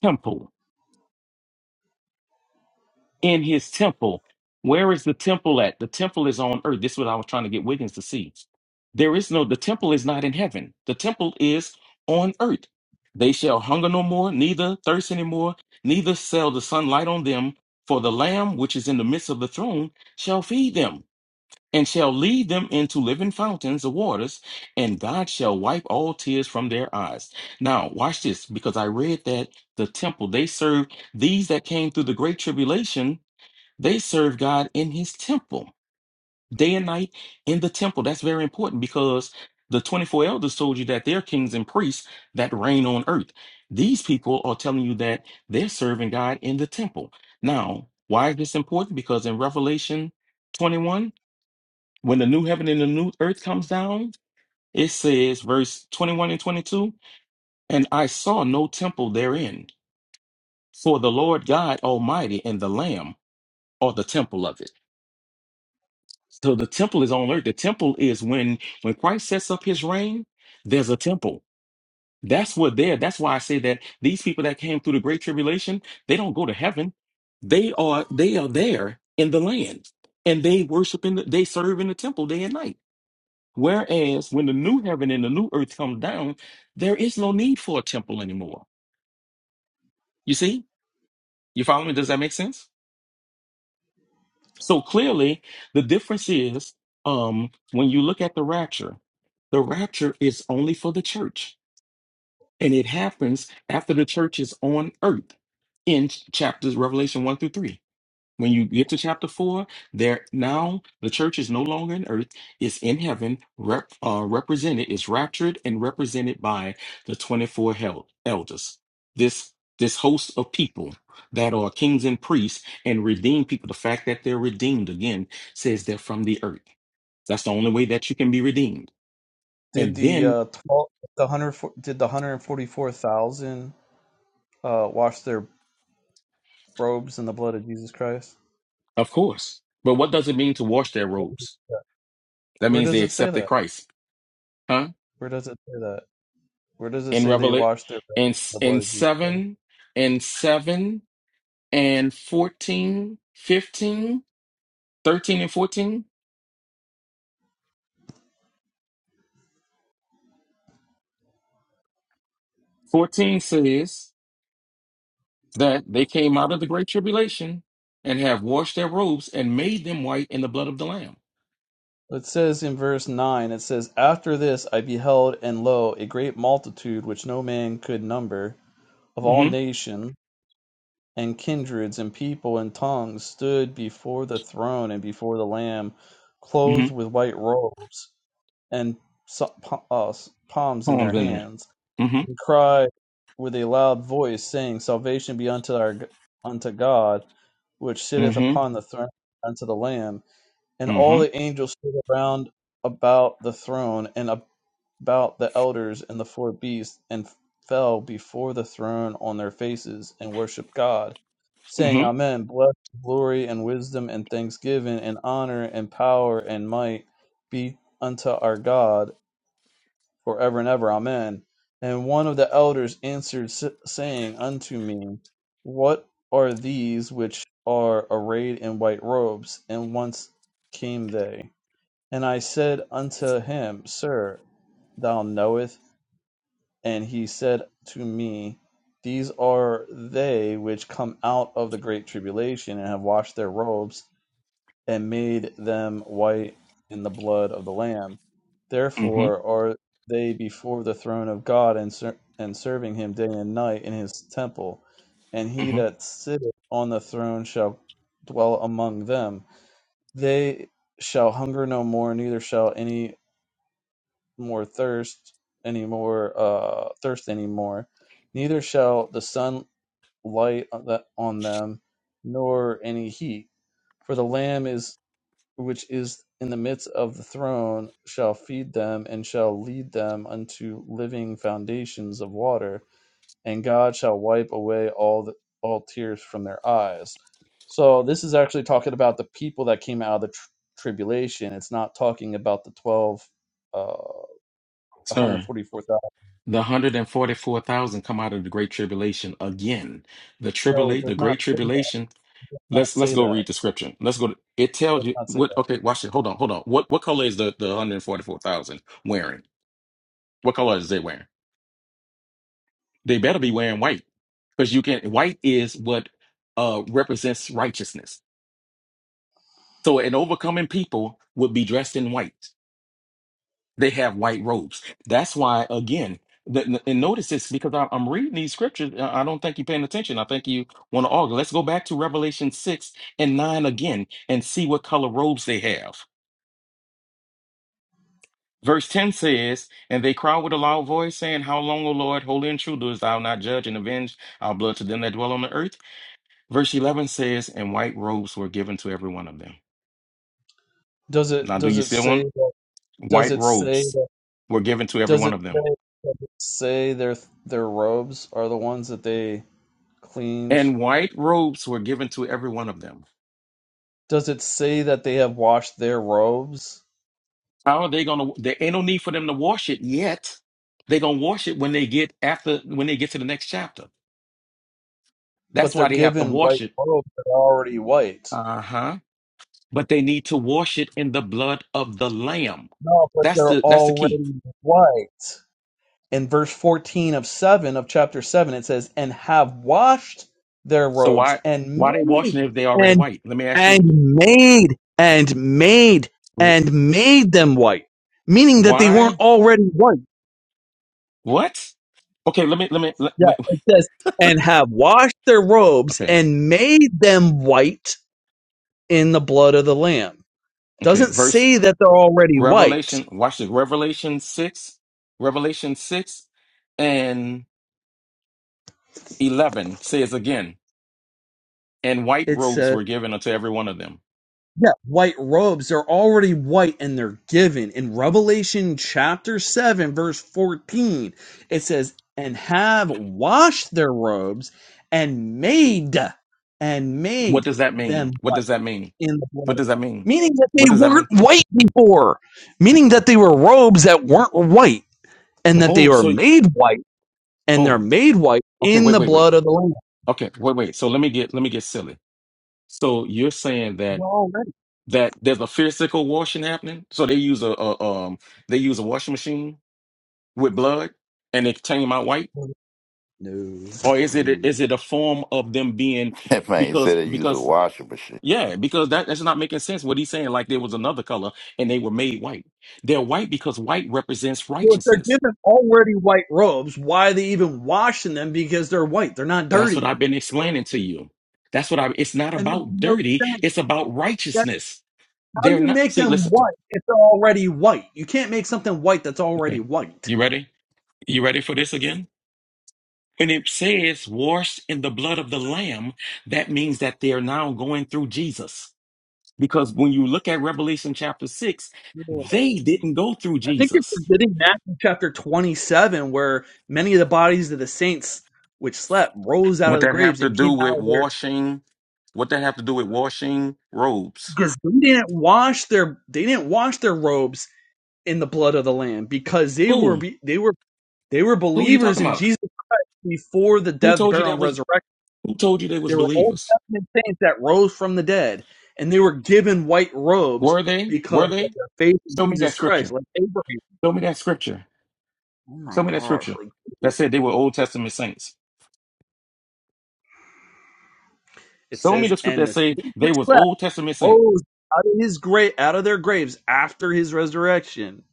Speaker 3: temple. in his temple. Where is the temple at? The temple is on earth. This is what I was trying to get Wiggins to see. There is no, the temple is not in heaven. The temple is on earth. They shall hunger no more, neither thirst any more, neither shall the sunlight on them, for the Lamb which is in the midst of the throne shall feed them and shall lead them into living fountains of waters, and God shall wipe all tears from their eyes. Now, watch this, because I read that the temple, they served these that came through the great tribulation they serve God in his temple, day and night in the temple. That's very important because the 24 elders told you that they're kings and priests that reign on earth. These people are telling you that they're serving God in the temple. Now, why is this important? Because in Revelation 21, when the new heaven and the new earth comes down, it says, verse 21 and 22, and I saw no temple therein, for the Lord God Almighty and the Lamb are the temple of it. So the temple is on earth. The temple is when when Christ sets up his reign, there's a temple. That's what they're. That's why I say that these people that came through the great tribulation, they don't go to heaven. They are they are there in the land. And they worship in the, they serve in the temple day and night. Whereas when the new heaven and the new earth come down, there is no need for a temple anymore. You see? You follow me? Does that make sense? So clearly, the difference is um, when you look at the rapture, the rapture is only for the church, and it happens after the church is on earth in ch- chapters Revelation 1 through 3. When you get to chapter four, there now the church is no longer in earth; it's in heaven, rep, uh, represented, is raptured and represented by the twenty-four hel- elders. This this host of people that are kings and priests and redeemed people. The fact that they're redeemed again says they're from the earth. That's the only way that you can be redeemed.
Speaker 2: Did
Speaker 3: And
Speaker 2: the
Speaker 3: then,
Speaker 2: uh, twelve, the hundred, did the hundred forty four thousand uh, wash their robes in the blood of Jesus Christ?
Speaker 3: of course, but what does it mean to wash their robes? That
Speaker 2: Where
Speaker 3: means
Speaker 2: does
Speaker 3: they
Speaker 2: it say
Speaker 3: accepted
Speaker 2: that?
Speaker 3: Christ, huh?
Speaker 2: Where does it say that? Where does it
Speaker 3: in
Speaker 2: say they
Speaker 3: Revelation
Speaker 2: washed their robes
Speaker 3: in
Speaker 2: in the
Speaker 3: in
Speaker 2: blood of Jesus?
Speaker 3: 7 in 7 and 14, 15, 13 and 14 14 says that they came out of the great tribulation and have washed their robes and made them white in the blood of the lamb
Speaker 2: It says in verse 9, it says, After this I beheld, and lo, a great multitude which no man could number, of all
Speaker 3: hmm
Speaker 2: nations, and kindreds, and people, and tongues, stood before the throne and before the Lamb,
Speaker 3: hmm
Speaker 2: clothed with white robes, and so- uh, palms in
Speaker 3: poems
Speaker 2: their
Speaker 3: in there
Speaker 2: hands,
Speaker 3: hmm
Speaker 2: and cried with a loud voice, saying, Salvation be unto, our, unto God, which sitteth
Speaker 3: hmm
Speaker 2: upon the throne, unto the Lamb. And all
Speaker 3: hmm
Speaker 2: the angels stood around about the throne and about the elders and the four beasts, and fell before the throne on their faces and worshiped God, saying,
Speaker 3: hmm
Speaker 2: Amen. Blessed glory and wisdom and thanksgiving and honor and power and might be unto our God forever and ever. Amen. And one of the elders answered, s- saying unto me, What are these which are arrayed in white robes? And whence came they? And I said unto him, Sir, thou knowest. And he said to me, These are they which come out of the great tribulation and have washed their robes and made them white in the blood of the Lamb.
Speaker 3: hmm
Speaker 2: Therefore are they before the throne of God and, ser- and serving him day and night in his temple. And he
Speaker 3: hmm
Speaker 2: that sitteth on the throne shall dwell among them. They shall hunger no more, neither shall any more thirst anymore uh thirst anymore neither shall the sun light on them nor any heat for the lamb is which is in the midst of the throne shall feed them and shall lead them unto living foundations of water and god shall wipe away all the, all tears from their eyes so this is actually talking about the people that came out of the tr- tribulation it's not talking about the 12 uh,
Speaker 3: sir
Speaker 2: 144,000.
Speaker 3: the 144,000 come out of the great tribulation again the
Speaker 2: No, it
Speaker 3: tribulate
Speaker 2: does
Speaker 3: the
Speaker 2: not
Speaker 3: great
Speaker 2: say that.
Speaker 3: tribulation
Speaker 2: It does not
Speaker 3: Let's let's
Speaker 2: say that.
Speaker 3: go read the scripture. Let's go to it
Speaker 2: It
Speaker 3: tells
Speaker 2: does
Speaker 3: you
Speaker 2: not say
Speaker 3: what
Speaker 2: that.
Speaker 3: okay, watch it. Hold on, hold on. What what color is the, the 144,000 wearing? What color is they wearing? They better be wearing white. Because you can white is what uh represents righteousness. So an overcoming people would be dressed in white. They have white robes. That's why again, the, and notice this because I, I'm reading these scriptures. I I don't think you're paying attention. I think you want to argue. Let's go back to Revelation 6 and 9 again and see what color robes they have. Verse 10 says, And they cried with a loud voice, saying, How long, O Lord, holy and true, dost thou not judge and avenge our blood to them that dwell on the earth? Verse 11 says, And white robes were given to every one of them.
Speaker 2: Does it
Speaker 3: Now, do
Speaker 2: does
Speaker 3: you
Speaker 2: it
Speaker 3: see
Speaker 2: say
Speaker 3: one?
Speaker 2: that does
Speaker 3: White
Speaker 2: it say
Speaker 3: robes
Speaker 2: that
Speaker 3: were given to every
Speaker 2: does
Speaker 3: one
Speaker 2: it
Speaker 3: of them.
Speaker 2: say, does it say their their robes are the ones that they cleaned?
Speaker 3: And white robes were given to every one of them.
Speaker 2: Does it say that they have washed their robes?
Speaker 3: How are they going to? There ain't no need for them to wash it yet. They're going to wash it when they get after, when they get to the next chapter.
Speaker 2: But
Speaker 3: That's
Speaker 2: they're
Speaker 3: why they have to
Speaker 2: given
Speaker 3: wash
Speaker 2: white
Speaker 3: it.
Speaker 2: robes that are already white.
Speaker 3: Uh huh. but they need to wash it in the blood of the lamb.
Speaker 2: No, but
Speaker 3: That's
Speaker 2: they're
Speaker 3: the that's the key.
Speaker 2: already white. in verse 14 of 7 of chapter 7 it says and have washed their
Speaker 3: So
Speaker 2: robes
Speaker 3: why
Speaker 2: and
Speaker 3: why they
Speaker 2: made
Speaker 3: washing it if they already
Speaker 2: and
Speaker 3: white? Let me ask
Speaker 2: and
Speaker 3: you.
Speaker 2: made and made
Speaker 3: Wh-
Speaker 2: and made them white meaning that they weren't
Speaker 3: Why?
Speaker 2: already white
Speaker 3: What? Okay, let me let me let,
Speaker 2: yeah
Speaker 3: wait, wait.
Speaker 2: it says and have washed their robes
Speaker 3: okay.
Speaker 2: and made them white in the blood of the lamb
Speaker 3: Okay,
Speaker 2: doesn't
Speaker 3: verse
Speaker 2: say that they're already white
Speaker 3: Revelation, watch this. Revelation 6, Revelation 6 and 11 says again, and white
Speaker 2: It says.
Speaker 3: robes were given unto every one of them.
Speaker 2: yeah, white robes they are already white and they're given. In Revelation chapter 7, verse 14, it says, And have washed their robes and made and
Speaker 3: What
Speaker 2: made
Speaker 3: does that mean?
Speaker 2: them
Speaker 3: What
Speaker 2: white
Speaker 3: does that mean?
Speaker 2: in the blood
Speaker 3: What
Speaker 2: of
Speaker 3: does
Speaker 2: the
Speaker 3: that
Speaker 2: Lamb."
Speaker 3: mean?
Speaker 2: Meaning that they
Speaker 3: What does that
Speaker 2: weren't
Speaker 3: mean?
Speaker 2: white before, meaning that they were robes that weren't white, and that they
Speaker 3: Oh,
Speaker 2: were
Speaker 3: so
Speaker 2: made white, and they're
Speaker 3: oh,
Speaker 2: made white
Speaker 3: okay,
Speaker 2: in
Speaker 3: wait,
Speaker 2: the
Speaker 3: wait, wait.
Speaker 2: blood of the Lamb.
Speaker 3: Okay, wait, wait. So let me get let me get silly. So you're saying that
Speaker 2: They're already-
Speaker 3: that there's a physical washing happening? So they use a, a um they use a washing machine with blood and they came out white?
Speaker 2: No,
Speaker 3: Or is it
Speaker 2: no.
Speaker 3: a, is it a form of them being
Speaker 5: (laughs) That man
Speaker 3: because
Speaker 5: said they use a
Speaker 3: because
Speaker 5: washing machine.
Speaker 3: yeah, because that, that's not making sense what he's saying, like there was another color and they were made white. They're white because white represents
Speaker 2: Well, if they're
Speaker 3: righteousness.
Speaker 2: given already white robes, why are they even washing them? Because they're white. They're not
Speaker 3: That's what
Speaker 2: dirty.
Speaker 3: I've been explaining to you. That's what I it's not
Speaker 2: That makes
Speaker 3: about
Speaker 2: no
Speaker 3: dirty,
Speaker 2: sense.
Speaker 3: it's about
Speaker 2: That,
Speaker 3: righteousness.
Speaker 2: how do
Speaker 3: They're
Speaker 2: you
Speaker 3: not
Speaker 2: make
Speaker 3: see,
Speaker 2: them
Speaker 3: listen.
Speaker 2: white if they're already white? You can't make something white that's already
Speaker 3: Okay.
Speaker 2: white.
Speaker 3: You ready? You ready for this again? When it says washed in the blood of the Lamb, that means that they are now going through Jesus. Because when you look at Revelation chapter 6,
Speaker 2: I
Speaker 3: they didn't go through
Speaker 2: think it's
Speaker 3: Jesus.
Speaker 2: forgetting that in chapter 27, where many of the bodies of the saints which slept rose out of
Speaker 3: What
Speaker 2: the
Speaker 3: that have
Speaker 2: graves
Speaker 3: to
Speaker 2: and
Speaker 3: do
Speaker 2: came
Speaker 3: with
Speaker 2: out of there
Speaker 3: washing? What that have to do with washing robes?
Speaker 2: because they didn't wash their they didn't wash their robes in the blood of the lamb because they were
Speaker 3: Who?
Speaker 2: be- they were they were
Speaker 3: Who are you
Speaker 2: believers
Speaker 3: talking
Speaker 2: in
Speaker 3: about?
Speaker 2: Jesus before the
Speaker 3: Who
Speaker 2: death,
Speaker 3: told you
Speaker 2: burial,
Speaker 3: that
Speaker 2: and
Speaker 3: was
Speaker 2: resurrection.
Speaker 3: who told you they was
Speaker 2: There were Old
Speaker 3: believers?
Speaker 2: Testament saints that rose from the dead, and they were given white robes
Speaker 3: Were they?
Speaker 2: because
Speaker 3: Were
Speaker 2: of
Speaker 3: they?
Speaker 2: their faith in
Speaker 3: Show me that
Speaker 2: Jesus Christ,
Speaker 3: scripture.
Speaker 2: like Abraham.
Speaker 3: Show me that scripture.
Speaker 2: Oh my
Speaker 3: Show me that
Speaker 2: gosh!
Speaker 3: scripture.
Speaker 2: Like
Speaker 3: That said they were Old Testament saints.
Speaker 2: it
Speaker 3: Show me
Speaker 2: says,
Speaker 3: the script
Speaker 2: and
Speaker 3: that
Speaker 2: the
Speaker 3: say they
Speaker 2: secret
Speaker 3: was
Speaker 2: sweat
Speaker 3: Old Testament saints.
Speaker 2: rose out of his grave, out of their graves after his resurrection.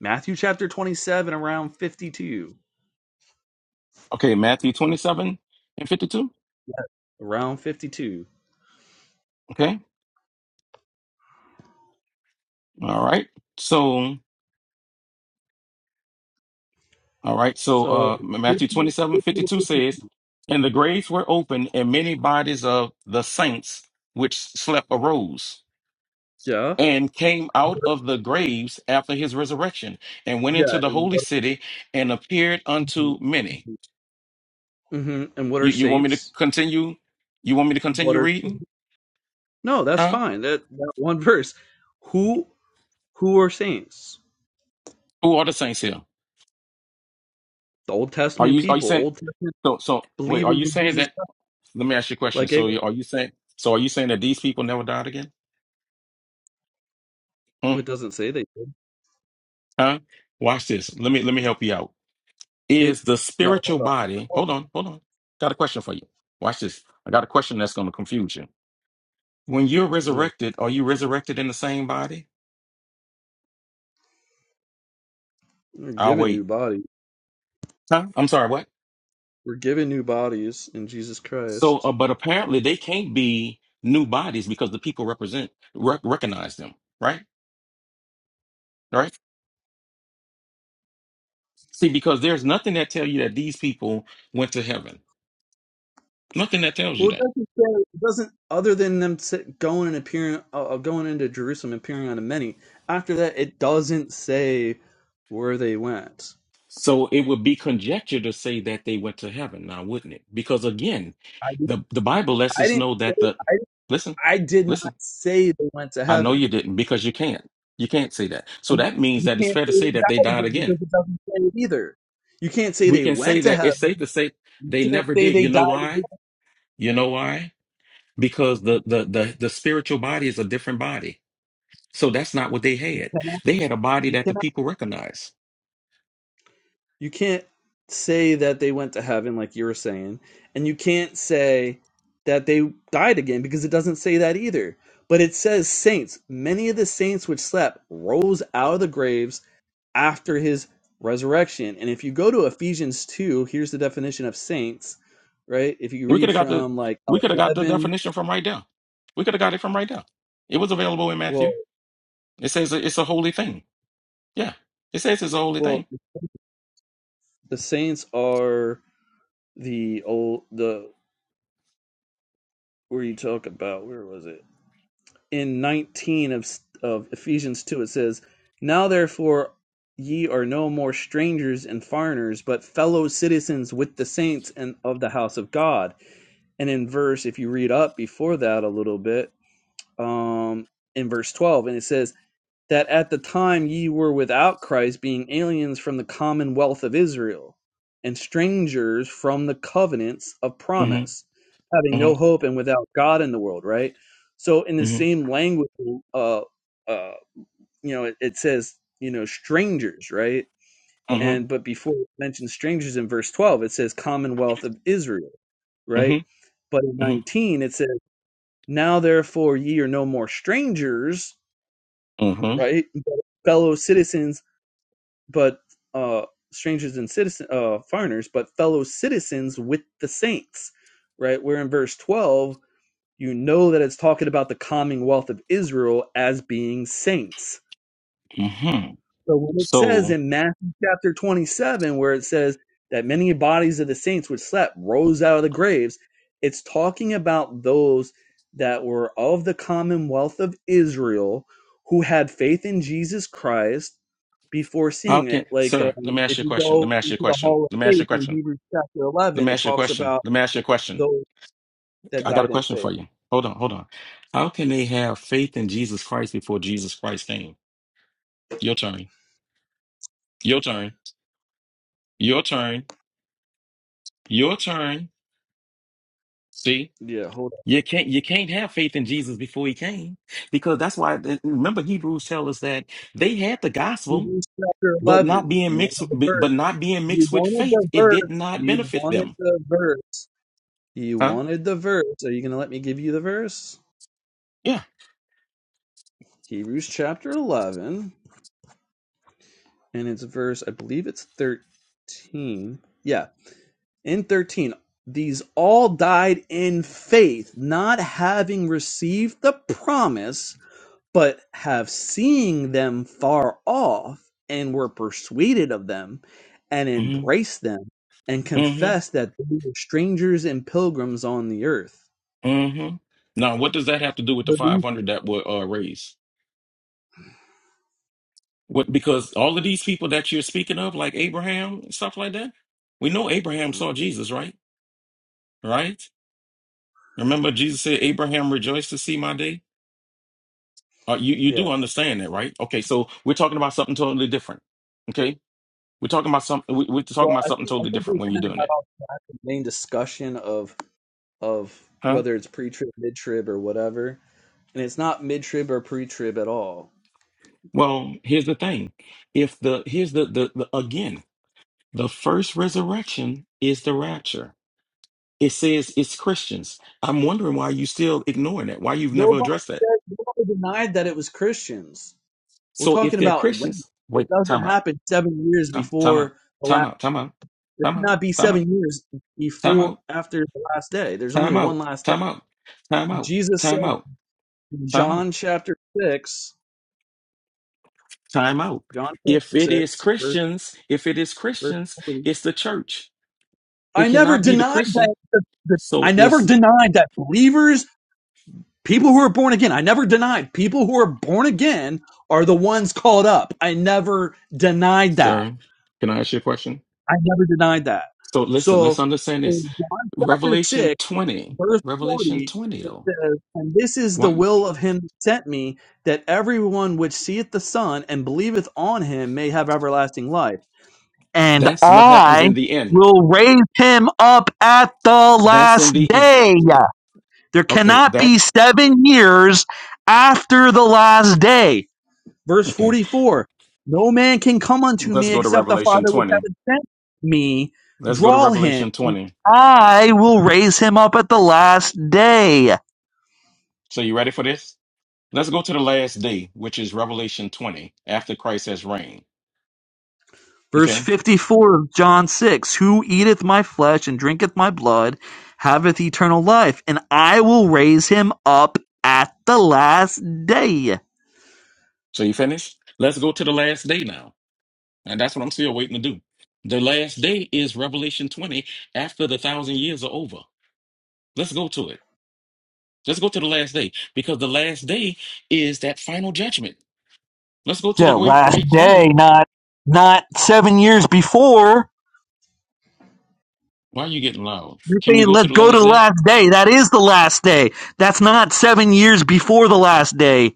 Speaker 2: Matthew chapter twenty-seven, around fifty-two,
Speaker 3: Okay, Matthew 27 and 52.
Speaker 2: around fifty-two.
Speaker 3: Okay. All right. So, all right. So,
Speaker 2: So,
Speaker 3: uh,
Speaker 2: yeah,
Speaker 3: Matthew 27 52 says, and the graves were opened and many bodies of the saints which slept arose
Speaker 2: yeah.
Speaker 3: and came out of the graves after his resurrection and went into the
Speaker 2: And
Speaker 3: holy
Speaker 2: what,
Speaker 3: city and appeared unto many.
Speaker 2: hmm and what are
Speaker 3: You, you want me to
Speaker 2: saints?
Speaker 3: continue? You want me to
Speaker 2: What
Speaker 3: continue
Speaker 2: are
Speaker 3: reading?
Speaker 2: No, that's
Speaker 3: Huh?
Speaker 2: fine. That, that one verse. Who who are saints?
Speaker 3: Who are the saints here?
Speaker 2: The Old
Speaker 3: Are
Speaker 2: Testament
Speaker 3: you, are you
Speaker 2: people,
Speaker 3: saying?
Speaker 2: Old Testament
Speaker 3: So, so wait, are
Speaker 2: believers
Speaker 3: you
Speaker 2: in
Speaker 3: saying
Speaker 2: Jesus
Speaker 3: that?
Speaker 2: Christ.
Speaker 3: Let me ask you a question.
Speaker 2: Like
Speaker 3: So,
Speaker 2: Abel.
Speaker 3: you- are you saying? So, are you saying that these people never died again? Hmm?
Speaker 2: It doesn't say they did.
Speaker 3: Huh? Watch this. Let me let me help you out.
Speaker 2: It
Speaker 3: Is the
Speaker 2: no,
Speaker 3: spiritual
Speaker 2: hold
Speaker 3: body?
Speaker 2: on.
Speaker 3: Hold on, hold on. Got a question for you. Watch this. I got a question that's going to confuse you. When you're
Speaker 2: No.
Speaker 3: resurrected, are you resurrected in the same body?
Speaker 2: We're
Speaker 3: I'll
Speaker 2: given new
Speaker 3: wait.
Speaker 2: bodies.
Speaker 3: Huh? I'm sorry. What?
Speaker 2: We're given new bodies in Jesus
Speaker 3: So,
Speaker 2: Christ.
Speaker 3: uh, but apparently they can't be new bodies because the people represent rec- recognize them, right? Right? See, because there's nothing that tell you that these people went to heaven. Nothing that tells you
Speaker 2: Well, it
Speaker 3: that.
Speaker 2: doesn't say it doesn't other than them sit, going and appearing, uh, uh, going into Jerusalem, and appearing on the many. After that, it doesn't say where they went.
Speaker 3: So it would be conjecture to say that they went to heaven now, wouldn't it? Because again,
Speaker 2: I,
Speaker 3: the, the Bible lets
Speaker 2: I
Speaker 3: us
Speaker 2: didn't.
Speaker 3: know that
Speaker 2: say-
Speaker 3: the
Speaker 2: I,
Speaker 3: listen,
Speaker 2: I did not
Speaker 3: listen,
Speaker 2: say they went to
Speaker 3: I know you
Speaker 2: heaven.
Speaker 3: didn't because you can't. You can't say that. So
Speaker 2: And
Speaker 3: that means
Speaker 2: You
Speaker 3: that it's
Speaker 2: can't
Speaker 3: fair
Speaker 2: say
Speaker 3: to
Speaker 2: they
Speaker 3: say that they
Speaker 2: died
Speaker 3: died
Speaker 2: again
Speaker 3: again.
Speaker 2: because it doesn't say it either. You can't say
Speaker 3: We
Speaker 2: they
Speaker 3: can say
Speaker 2: went to
Speaker 3: that
Speaker 2: heaven.
Speaker 3: it's safe to say they
Speaker 2: You can't
Speaker 3: never
Speaker 2: say
Speaker 3: did.
Speaker 2: they
Speaker 3: You know
Speaker 2: died
Speaker 3: why? You know why? Because the the the, the spiritual body is a different body. So that's not what they had.
Speaker 2: again.
Speaker 3: They had a body
Speaker 2: You
Speaker 3: that the
Speaker 2: cannot.
Speaker 3: people recognized.
Speaker 2: You can't say that they went to heaven like you were saying, and you can't say that they died again because it doesn't say that either. But it says saints. Many of the saints which slept rose out of the graves after his resurrection. And if you go to Ephesians two, here's the definition of saints, right? If you
Speaker 3: We could
Speaker 2: read
Speaker 3: have got the
Speaker 2: from like
Speaker 3: we could have got the
Speaker 2: eleven,
Speaker 3: definition from right there. We could have got it from right there. It was available in Matthew.
Speaker 2: well,
Speaker 3: It says it's a holy thing. Yeah, it says it's a holy
Speaker 2: well.
Speaker 3: thing.
Speaker 2: The Saints are the old the where you talk about where was it in nineteen of of Ephesians two it says now therefore ye are no more strangers and foreigners but fellow citizens with the saints and of the house of God and in verse if you read up before that a little bit um in verse twelve and it says that at the time ye were without Christ, being aliens from the commonwealth of Israel, and strangers from the covenants of
Speaker 3: hmm
Speaker 2: promise, having
Speaker 3: hmm
Speaker 2: no hope and without God in the world, right? So, in the
Speaker 3: hmm
Speaker 2: same language, uh, uh, you know, it, it says, you know, strangers, right?
Speaker 3: hmm
Speaker 2: And but before it mentions strangers in verse 12, it says commonwealth of Israel,
Speaker 3: hmm
Speaker 2: right? But in 19, it says, now therefore ye are no more strangers,
Speaker 3: hmm
Speaker 2: right? But Fellow citizens. but uh strangers and citizen uh foreigners but fellow citizens with the saints right where in verse 12 you know that it's talking about the commonwealth of israel as being saints
Speaker 3: hmm hmm
Speaker 2: so when it says
Speaker 3: So
Speaker 2: in Matthew chapter 27, where it says that many bodies of the saints which slept rose out of the graves, it's talking about those that were of the commonwealth of Israel who had faith in Jesus Christ before
Speaker 3: how
Speaker 2: seeing it.
Speaker 3: can
Speaker 2: Like
Speaker 3: sir?
Speaker 2: um,
Speaker 3: Let me ask you
Speaker 2: if
Speaker 3: a
Speaker 2: you
Speaker 3: question. Let
Speaker 2: go
Speaker 3: me ask you a
Speaker 2: into the
Speaker 3: question.
Speaker 2: hall
Speaker 3: Let me
Speaker 2: of
Speaker 3: ask you a
Speaker 2: faith in
Speaker 3: question.
Speaker 2: Hebrews chapter
Speaker 3: Let
Speaker 2: 11,
Speaker 3: me
Speaker 2: it
Speaker 3: ask you a
Speaker 2: talks
Speaker 3: question.
Speaker 2: about
Speaker 3: Let me ask you a question.
Speaker 2: those that
Speaker 3: I got a
Speaker 2: died in
Speaker 3: question
Speaker 2: faith.
Speaker 3: for you. Hold on, hold on. How can they have faith in Jesus Christ before Jesus Christ came? Your turn. Your turn. Your turn. Your turn. See?
Speaker 2: Yeah, hold on.
Speaker 3: You can't you can't have faith in Jesus before he came because that's why remember Hebrews tell us that they had the gospel
Speaker 2: Hebrews chapter
Speaker 3: but not
Speaker 2: 11.
Speaker 3: being
Speaker 2: You
Speaker 3: mixed
Speaker 2: wanted the verse.
Speaker 3: but not being
Speaker 2: You
Speaker 3: mixed with
Speaker 2: wanted
Speaker 3: faith
Speaker 2: the
Speaker 3: it did
Speaker 2: verse.
Speaker 3: not
Speaker 2: You
Speaker 3: benefit
Speaker 2: wanted
Speaker 3: them
Speaker 2: the verse. You
Speaker 3: huh
Speaker 2: wanted the verse. Are you going to let me give you the verse?
Speaker 3: yeah
Speaker 2: Hebrews chapter 11, and it's verse, I believe it's 13. Yeah, in 13, these all died in faith, not having received the promise, but have seeing them far off, and were persuaded of them, and
Speaker 3: mhm
Speaker 2: embraced them, and
Speaker 3: mhm
Speaker 2: confessed that they were strangers and pilgrims on the earth.
Speaker 3: mhm now what does that have to do with the
Speaker 2: But these-
Speaker 3: 500 that were uh, raised what because all of these people that you're speaking of like Abraham and stuff like that we know Abraham saw Jesus right right remember Jesus said Abraham rejoiced to see my day Uh, you you do
Speaker 2: Yeah.
Speaker 3: understand that, right? Okay, so we're talking about something totally different. Okay, we're talking about something. We, we're talking
Speaker 2: Well,
Speaker 3: about
Speaker 2: I
Speaker 3: something
Speaker 2: think I
Speaker 3: totally
Speaker 2: think we
Speaker 3: different when you're
Speaker 2: kind of
Speaker 3: doing it,
Speaker 2: got off the main discussion of of
Speaker 3: huh?
Speaker 2: whether it's pre-trib, mid-trib, or whatever, and it's not mid-trib or pre-trib at all.
Speaker 3: Well, here's the thing. If the here's the the, the again, the first resurrection is the rapture. It says it's Christians. I'm wondering why you still ignoring that. Why you've never
Speaker 2: Nobody
Speaker 3: addressed that.
Speaker 2: said, nobody denied that it was Christians. We're
Speaker 3: So if
Speaker 2: talking
Speaker 3: they're
Speaker 2: about when.
Speaker 3: Christians,
Speaker 2: It
Speaker 3: wait,
Speaker 2: doesn't
Speaker 3: time out,
Speaker 2: happen seven years
Speaker 3: time, time out,
Speaker 2: before the
Speaker 3: time
Speaker 2: last.
Speaker 3: out, time out,
Speaker 2: It
Speaker 3: time out,
Speaker 2: cannot be
Speaker 3: time out,
Speaker 2: seven years
Speaker 3: time
Speaker 2: before
Speaker 3: out,
Speaker 2: after the last day. There's only
Speaker 3: time
Speaker 2: one
Speaker 3: out,
Speaker 2: last day.
Speaker 3: time out, time out,
Speaker 2: Jesus
Speaker 3: time
Speaker 2: said
Speaker 3: out,
Speaker 2: in
Speaker 3: time out.
Speaker 2: John chapter six,
Speaker 3: Time out.
Speaker 2: John chapter
Speaker 3: If it
Speaker 2: six,
Speaker 3: is
Speaker 2: verse
Speaker 3: Christians, if it is Christians,
Speaker 2: verse.
Speaker 3: it's the church.
Speaker 2: I
Speaker 3: It
Speaker 2: never
Speaker 3: cannot be the
Speaker 2: denied
Speaker 3: Christian.
Speaker 2: that. that- that-
Speaker 3: So
Speaker 2: I never
Speaker 3: it's,
Speaker 2: denied that believers, people who are born again, I never denied people who are born again are the ones called up. I never denied that.
Speaker 3: sir, can I ask you a question?
Speaker 2: I never denied that.
Speaker 3: So listen, let's
Speaker 2: So
Speaker 3: understand this.
Speaker 2: in John chapter
Speaker 3: Revelation
Speaker 2: 6,
Speaker 3: 20,
Speaker 2: verse
Speaker 3: Revelation
Speaker 2: 40,
Speaker 3: 20,
Speaker 2: it
Speaker 3: though.
Speaker 2: says, And this is the
Speaker 3: Why?
Speaker 2: will of him that sent me, that everyone which seeth the Son and believeth on him may have everlasting life and
Speaker 3: That's what happens
Speaker 2: I
Speaker 3: in the end.
Speaker 2: will raise him up at the
Speaker 3: That's
Speaker 2: last
Speaker 3: in the end.
Speaker 2: day. There
Speaker 3: Okay,
Speaker 2: cannot
Speaker 3: that,
Speaker 2: be seven years after the last day. Verse
Speaker 3: okay.
Speaker 2: 44 No man can come unto
Speaker 3: Let's
Speaker 2: me
Speaker 3: go to
Speaker 2: except the
Speaker 3: Revelation
Speaker 2: Father which
Speaker 3: 20.
Speaker 2: hath sent me,
Speaker 3: Let's go to
Speaker 2: draw him.
Speaker 3: Revelation 20.
Speaker 2: I will raise him up at the last day.
Speaker 3: So you ready for this? Let's go to the last day, which is Revelation 20, after Christ has reigned.
Speaker 2: Verse
Speaker 3: Okay.
Speaker 2: 54 of John 6 Who eateth my flesh and drinketh my blood haveth eternal life, and I will raise him up at the last day.
Speaker 3: So you finished? Let's go to the last day now. And that's what I'm still waiting to do. The last day is Revelation 20 after the thousand years are over. Let's go to it. Let's go to the last day because the last day is that final judgment. Let's go to the
Speaker 2: Yeah,
Speaker 3: great
Speaker 2: last
Speaker 3: white
Speaker 2: day,
Speaker 3: throne.
Speaker 2: not not seven years before.
Speaker 3: Why are you getting loud?
Speaker 2: You're
Speaker 3: Can we
Speaker 2: saying
Speaker 3: go to
Speaker 2: let's
Speaker 3: the
Speaker 2: go to
Speaker 3: last
Speaker 2: the
Speaker 3: day?
Speaker 2: last day. That is the last day. That's not seven years before the last day.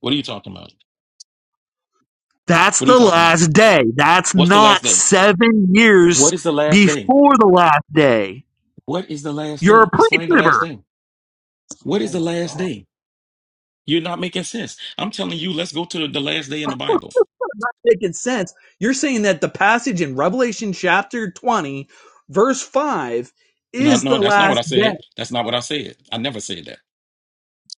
Speaker 3: What are you talking about?
Speaker 2: That's
Speaker 3: What are you
Speaker 2: the
Speaker 3: talking about?
Speaker 2: last day. That's
Speaker 3: What's the last
Speaker 2: not
Speaker 3: day?
Speaker 2: seven
Speaker 3: What
Speaker 2: years
Speaker 3: is the last day?
Speaker 2: before the last day.
Speaker 3: What is the last
Speaker 2: You're
Speaker 3: day?
Speaker 2: a
Speaker 3: Explain the last
Speaker 2: pre-tribber.
Speaker 3: day. What is
Speaker 2: Oh
Speaker 3: the
Speaker 2: my
Speaker 3: last
Speaker 2: God.
Speaker 3: day? You're not making sense. I'm telling you, let's go to the the last day in the Bible.
Speaker 2: Making sense. You're saying that the passage in Revelation chapter 20, verse 5,
Speaker 3: No,
Speaker 2: is
Speaker 3: no,
Speaker 2: the
Speaker 3: that's not what
Speaker 2: last
Speaker 3: I
Speaker 2: day.
Speaker 3: said. That's not what I said. I never said that.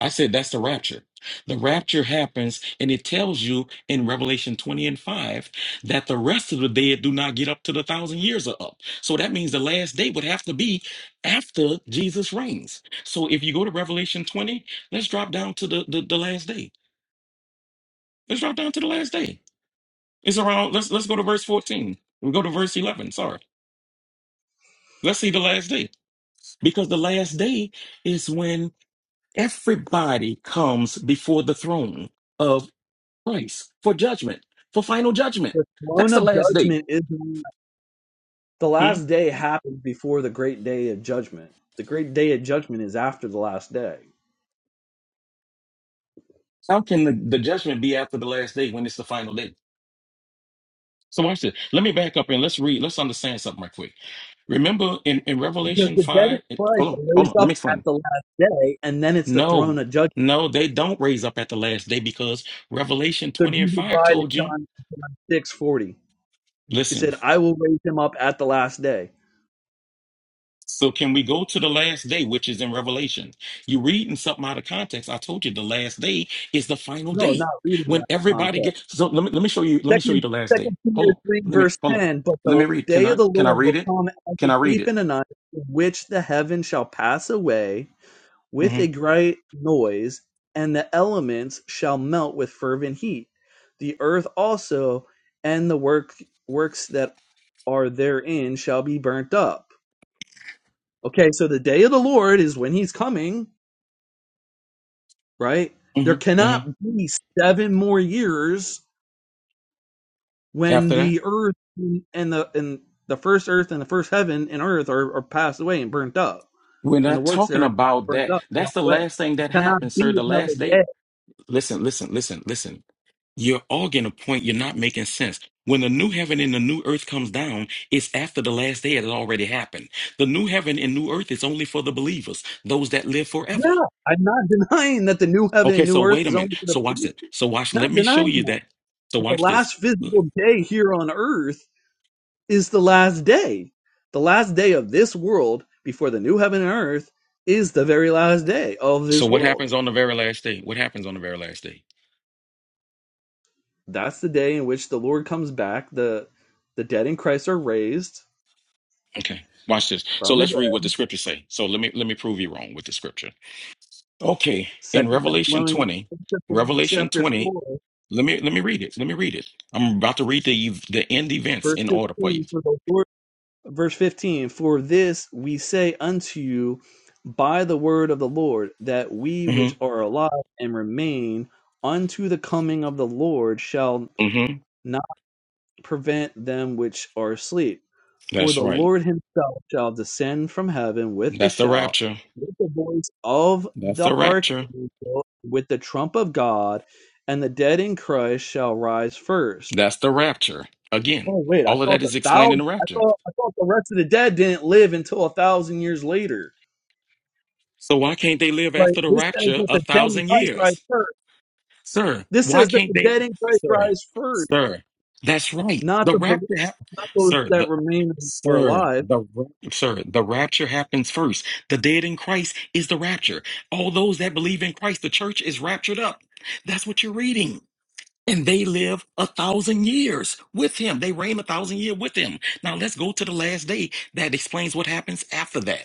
Speaker 3: I said that's the rapture. The rapture happens, and it tells you in Revelation 20 and 5 that the rest of the dead do not get up to the thousand years are up. So that means the last day would have to be after Jesus reigns. So if you go to Revelation 20, let's drop down to the, the, the last day. Let's drop down to the last day. It's around, let's let's go to verse 14. we go to verse 11. Sorry. Let's see the last day. Because the last day is when Everybody comes before the throne of Christ for judgment, for final judgment.
Speaker 2: The throne
Speaker 3: That's
Speaker 2: of
Speaker 3: the last day.
Speaker 2: judgment is not- the
Speaker 3: Hmm?
Speaker 2: last day happens before the great day of judgment. The great day of judgment is after the last day.
Speaker 3: How can the, the judgment be after the last day when it's the final day? So watch this. Let me back up and let's read, let's understand something right quick. Remember in, in
Speaker 2: Because
Speaker 3: Revelation
Speaker 2: the dead in
Speaker 3: 5, it-
Speaker 2: Christ
Speaker 3: hold on,
Speaker 2: are
Speaker 3: hold on,
Speaker 2: raised
Speaker 3: let me
Speaker 2: up at
Speaker 3: explain.
Speaker 2: the last day, and then it's the throne
Speaker 3: No,
Speaker 2: of judgment.
Speaker 3: no, they don't raise up at the last day because Revelation
Speaker 2: So
Speaker 3: 20 and
Speaker 2: Jesus
Speaker 3: 5
Speaker 2: lied in
Speaker 3: told you,
Speaker 2: John, six forty. He
Speaker 3: listen.
Speaker 2: said, "I will raise him up at the last day."
Speaker 3: So can we go to the last day, which is in Revelation? you reading something out of context. I told you the last day is the final
Speaker 2: No,
Speaker 3: day
Speaker 2: not reading
Speaker 3: when
Speaker 2: that
Speaker 3: everybody
Speaker 2: context.
Speaker 3: gets. So let me let me show you. Let me show you
Speaker 2: Second,
Speaker 3: the last day.
Speaker 2: Second
Speaker 3: Hold
Speaker 2: Peter
Speaker 3: on.
Speaker 2: three
Speaker 3: Let me
Speaker 2: verse
Speaker 3: hold on.
Speaker 2: ten. But
Speaker 3: Let
Speaker 2: the
Speaker 3: me read. Can
Speaker 2: day of
Speaker 3: I
Speaker 2: the
Speaker 3: can I
Speaker 2: Lord
Speaker 3: read
Speaker 2: will
Speaker 3: it?
Speaker 2: come as a
Speaker 3: Can I read
Speaker 2: thief
Speaker 3: it?
Speaker 2: in the night, in which the heaven shall pass away with
Speaker 3: hmm
Speaker 2: a great noise, and the elements shall melt with fervent heat. The earth also and the work works that are therein shall be burnt up. Okay, so the day of the Lord is when he's coming right? There
Speaker 3: hmm hmm
Speaker 2: cannot be seven more years when
Speaker 3: After that,
Speaker 2: the earth and the and the first earth and the first heaven and earth are, are passed away and burnt up,
Speaker 3: we're
Speaker 2: and the
Speaker 3: not
Speaker 2: works
Speaker 3: talking
Speaker 2: therein are
Speaker 3: about
Speaker 2: burnt
Speaker 3: that.
Speaker 2: up. and
Speaker 3: That's the
Speaker 2: burnt away.
Speaker 3: last thing
Speaker 2: It
Speaker 3: that
Speaker 2: cannot
Speaker 3: happens, sir.
Speaker 2: be
Speaker 3: The
Speaker 2: another
Speaker 3: last day
Speaker 2: day.
Speaker 3: listen, listen, listen, listen. You're all getting a point. You're not making sense. When the new heaven and the new earth comes down, it's after the last day it already happened. The new heaven and new earth is only for the believers, those that live forever.
Speaker 2: Yeah, I'm not denying that the new heaven
Speaker 3: Okay,
Speaker 2: and
Speaker 3: so
Speaker 2: new earth
Speaker 3: wait a
Speaker 2: is
Speaker 3: minute.
Speaker 2: only going
Speaker 3: So
Speaker 2: to
Speaker 3: watch
Speaker 2: be.
Speaker 3: it. So watch.
Speaker 2: Not
Speaker 3: Let me show
Speaker 2: denying
Speaker 3: you
Speaker 2: that.
Speaker 3: that. So
Speaker 2: But the
Speaker 3: watch this.
Speaker 2: last physical day here on earth is the last day. The last day of this world before the new heaven and earth is the very last day of
Speaker 3: So
Speaker 2: this
Speaker 3: what
Speaker 2: world
Speaker 3: happens on the very last day? What happens on the very last day?
Speaker 2: That's the day in which the Lord comes back. The the dead in Christ are raised
Speaker 3: Okay, watch this. So
Speaker 2: from the
Speaker 3: let's read
Speaker 2: dead.
Speaker 3: what the scripture say. So let me let me prove you wrong with the scripture. Okay, in
Speaker 2: Second
Speaker 3: Revelation
Speaker 2: Thessalonians
Speaker 3: 20, Revelation
Speaker 2: chapter
Speaker 3: 20
Speaker 2: four,
Speaker 3: Let me let me read it. Let me read it. I'm about to read the the end events
Speaker 2: verse
Speaker 3: in order for you.
Speaker 2: fifteen. For the Lord, verse fifteen. For this we say unto you by the word of the Lord, that we which
Speaker 3: Mm-hmm.
Speaker 2: are alive and remain unto the coming of the Lord shall
Speaker 3: Mm-hmm.
Speaker 2: prevent them which are asleep. For
Speaker 3: That's
Speaker 2: the
Speaker 3: right.
Speaker 2: Lord himself shall descend from heaven with the
Speaker 3: That's the
Speaker 2: shout,
Speaker 3: rapture.
Speaker 2: with the voice of
Speaker 3: That's
Speaker 2: the
Speaker 3: the rapture.
Speaker 2: archangel, with the trump of God, and the dead in Christ shall rise first.
Speaker 3: That's the rapture. Again,
Speaker 2: Oh wait, I
Speaker 3: all of
Speaker 2: thought
Speaker 3: that
Speaker 2: the
Speaker 3: is explaining
Speaker 2: thousand
Speaker 3: the
Speaker 2: I
Speaker 3: rapture.
Speaker 2: thought I thought the rest of the dead didn't live until a thousand years later.
Speaker 3: So why can't they live
Speaker 2: Right.
Speaker 3: after the
Speaker 2: This says
Speaker 3: rapture
Speaker 2: that
Speaker 3: a
Speaker 2: the dead in
Speaker 3: thousand
Speaker 2: Christ rise
Speaker 3: years?
Speaker 2: first.
Speaker 3: Sir,
Speaker 2: This
Speaker 3: why
Speaker 2: says that
Speaker 3: can't
Speaker 2: the
Speaker 3: they?
Speaker 2: dead in Christ
Speaker 3: Sir,
Speaker 2: rise first,
Speaker 3: sir, that's right.
Speaker 2: not
Speaker 3: The
Speaker 2: the bel-
Speaker 3: rapture, hap
Speaker 2: not those
Speaker 3: sir,
Speaker 2: that
Speaker 3: the
Speaker 2: remain are
Speaker 3: sir,
Speaker 2: alive.
Speaker 3: the ra- sir, the rapture happens first. The dead in Christ is the rapture. All those that believe in Christ, the church is raptured up. That's what you're reading. And they live a thousand years with him. They reign a thousand year with him. Now let's go to the last day. That explains what happens after that.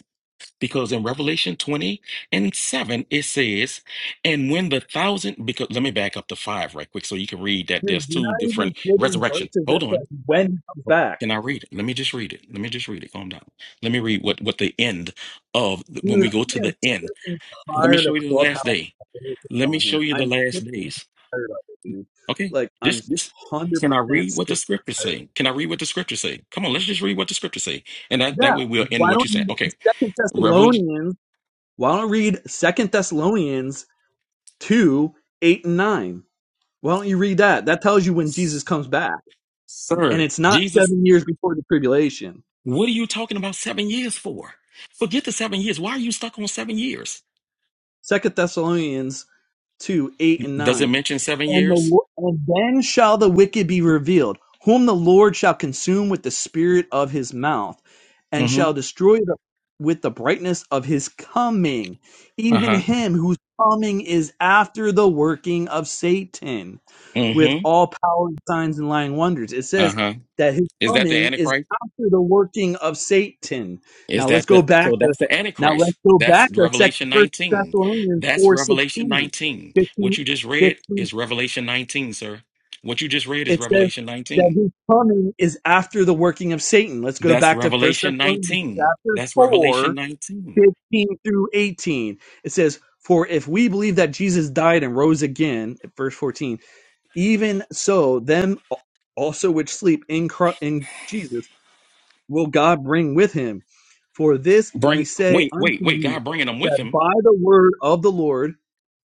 Speaker 3: Because in Revelation 20 and 7, it says, and when the thousand, because let me back up to five right quick so you can read that
Speaker 2: Dude,
Speaker 3: there's
Speaker 2: you're
Speaker 3: two
Speaker 2: not
Speaker 3: different
Speaker 2: even giving
Speaker 3: resurrection.
Speaker 2: verses that
Speaker 3: Hold on.
Speaker 2: says when he comes back.
Speaker 3: Can I read it? Let me just read it. Let me just read it. Calm down. Let me read what, what the end of when
Speaker 2: Dude,
Speaker 3: we go to
Speaker 2: I am
Speaker 3: the end.
Speaker 2: sick and
Speaker 3: Let me
Speaker 2: tired
Speaker 3: show
Speaker 2: of
Speaker 3: you the
Speaker 2: Clubhouse
Speaker 3: last day. Let me
Speaker 2: on
Speaker 3: show
Speaker 2: here.
Speaker 3: you the
Speaker 2: I'm
Speaker 3: last
Speaker 2: sick and
Speaker 3: days.
Speaker 2: tired of it, dude.
Speaker 3: Okay.
Speaker 2: Like,
Speaker 3: This
Speaker 2: I'm
Speaker 3: this
Speaker 2: 100%
Speaker 3: can I read what the
Speaker 2: sick and
Speaker 3: scriptures
Speaker 2: tired. of it.
Speaker 3: say? Can I read what the scriptures say? Come on, let's just read what the scriptures say. And that, that way
Speaker 2: Yeah,
Speaker 3: we'll
Speaker 2: why
Speaker 3: end what
Speaker 2: don't
Speaker 3: you're
Speaker 2: you
Speaker 3: saying.
Speaker 2: read
Speaker 3: Okay.
Speaker 2: Second
Speaker 3: Revelation.
Speaker 2: Thessalonians? Why don't you read Second Thessalonians 2, 8, and 9? Why don't you read that? That tells you when Jesus comes back. And
Speaker 3: Sir,
Speaker 2: it's not
Speaker 3: Jesus,
Speaker 2: seven years before the tribulation.
Speaker 3: what are you talking about seven years for? Forget the seven years. Why are you stuck on seven years?
Speaker 2: Second Thessalonians 2, 8, and
Speaker 3: Does
Speaker 2: 9.
Speaker 3: it mention seven
Speaker 2: and the
Speaker 3: years?
Speaker 2: and then shall the wicked be revealed, whom the Lord shall consume with the spirit of his mouth, and shall
Speaker 3: Mm-hmm.
Speaker 2: destroy the, with the brightness of his coming, even
Speaker 3: Uh-huh.
Speaker 2: him whose coming is after the working of Satan, with
Speaker 3: Mm-hmm.
Speaker 2: all power and signs and lying wonders. It says
Speaker 3: Uh-huh.
Speaker 2: that his
Speaker 3: Is that the
Speaker 2: coming is
Speaker 3: Antichrist?
Speaker 2: after the working of Satan.
Speaker 3: Is
Speaker 2: Now let's
Speaker 3: that
Speaker 2: go
Speaker 3: the
Speaker 2: back
Speaker 3: so
Speaker 2: to
Speaker 3: that's the
Speaker 2: now let's
Speaker 3: Antichrist?
Speaker 2: go
Speaker 3: That's
Speaker 2: back to Second
Speaker 3: Revelation
Speaker 2: First
Speaker 3: 19.
Speaker 2: Thessalonians
Speaker 3: That's
Speaker 2: four
Speaker 3: Revelation
Speaker 2: sixteen
Speaker 3: 19.
Speaker 2: fifteen
Speaker 3: What
Speaker 2: fifteen
Speaker 3: you just read is Revelation 19, sir. What you just read is
Speaker 2: it says
Speaker 3: Revelation
Speaker 2: that
Speaker 3: 19.
Speaker 2: his coming is after the working of Satan. Let's go
Speaker 3: That's
Speaker 2: back to First
Speaker 3: Revelation
Speaker 2: Thessalonians
Speaker 3: 19.
Speaker 2: chapter
Speaker 3: That's Revelation
Speaker 2: 4,
Speaker 3: 19.
Speaker 2: 15 through 18. It says, For if we believe that Jesus died and rose again, at verse 14, even so, them also which sleep in, Chri- in Jesus will God bring with him. For this we
Speaker 3: Bring
Speaker 2: say
Speaker 3: wait,
Speaker 2: unto
Speaker 3: wait, wait.
Speaker 2: you,
Speaker 3: God bringing them with
Speaker 2: that
Speaker 3: him.
Speaker 2: by the word of the Lord,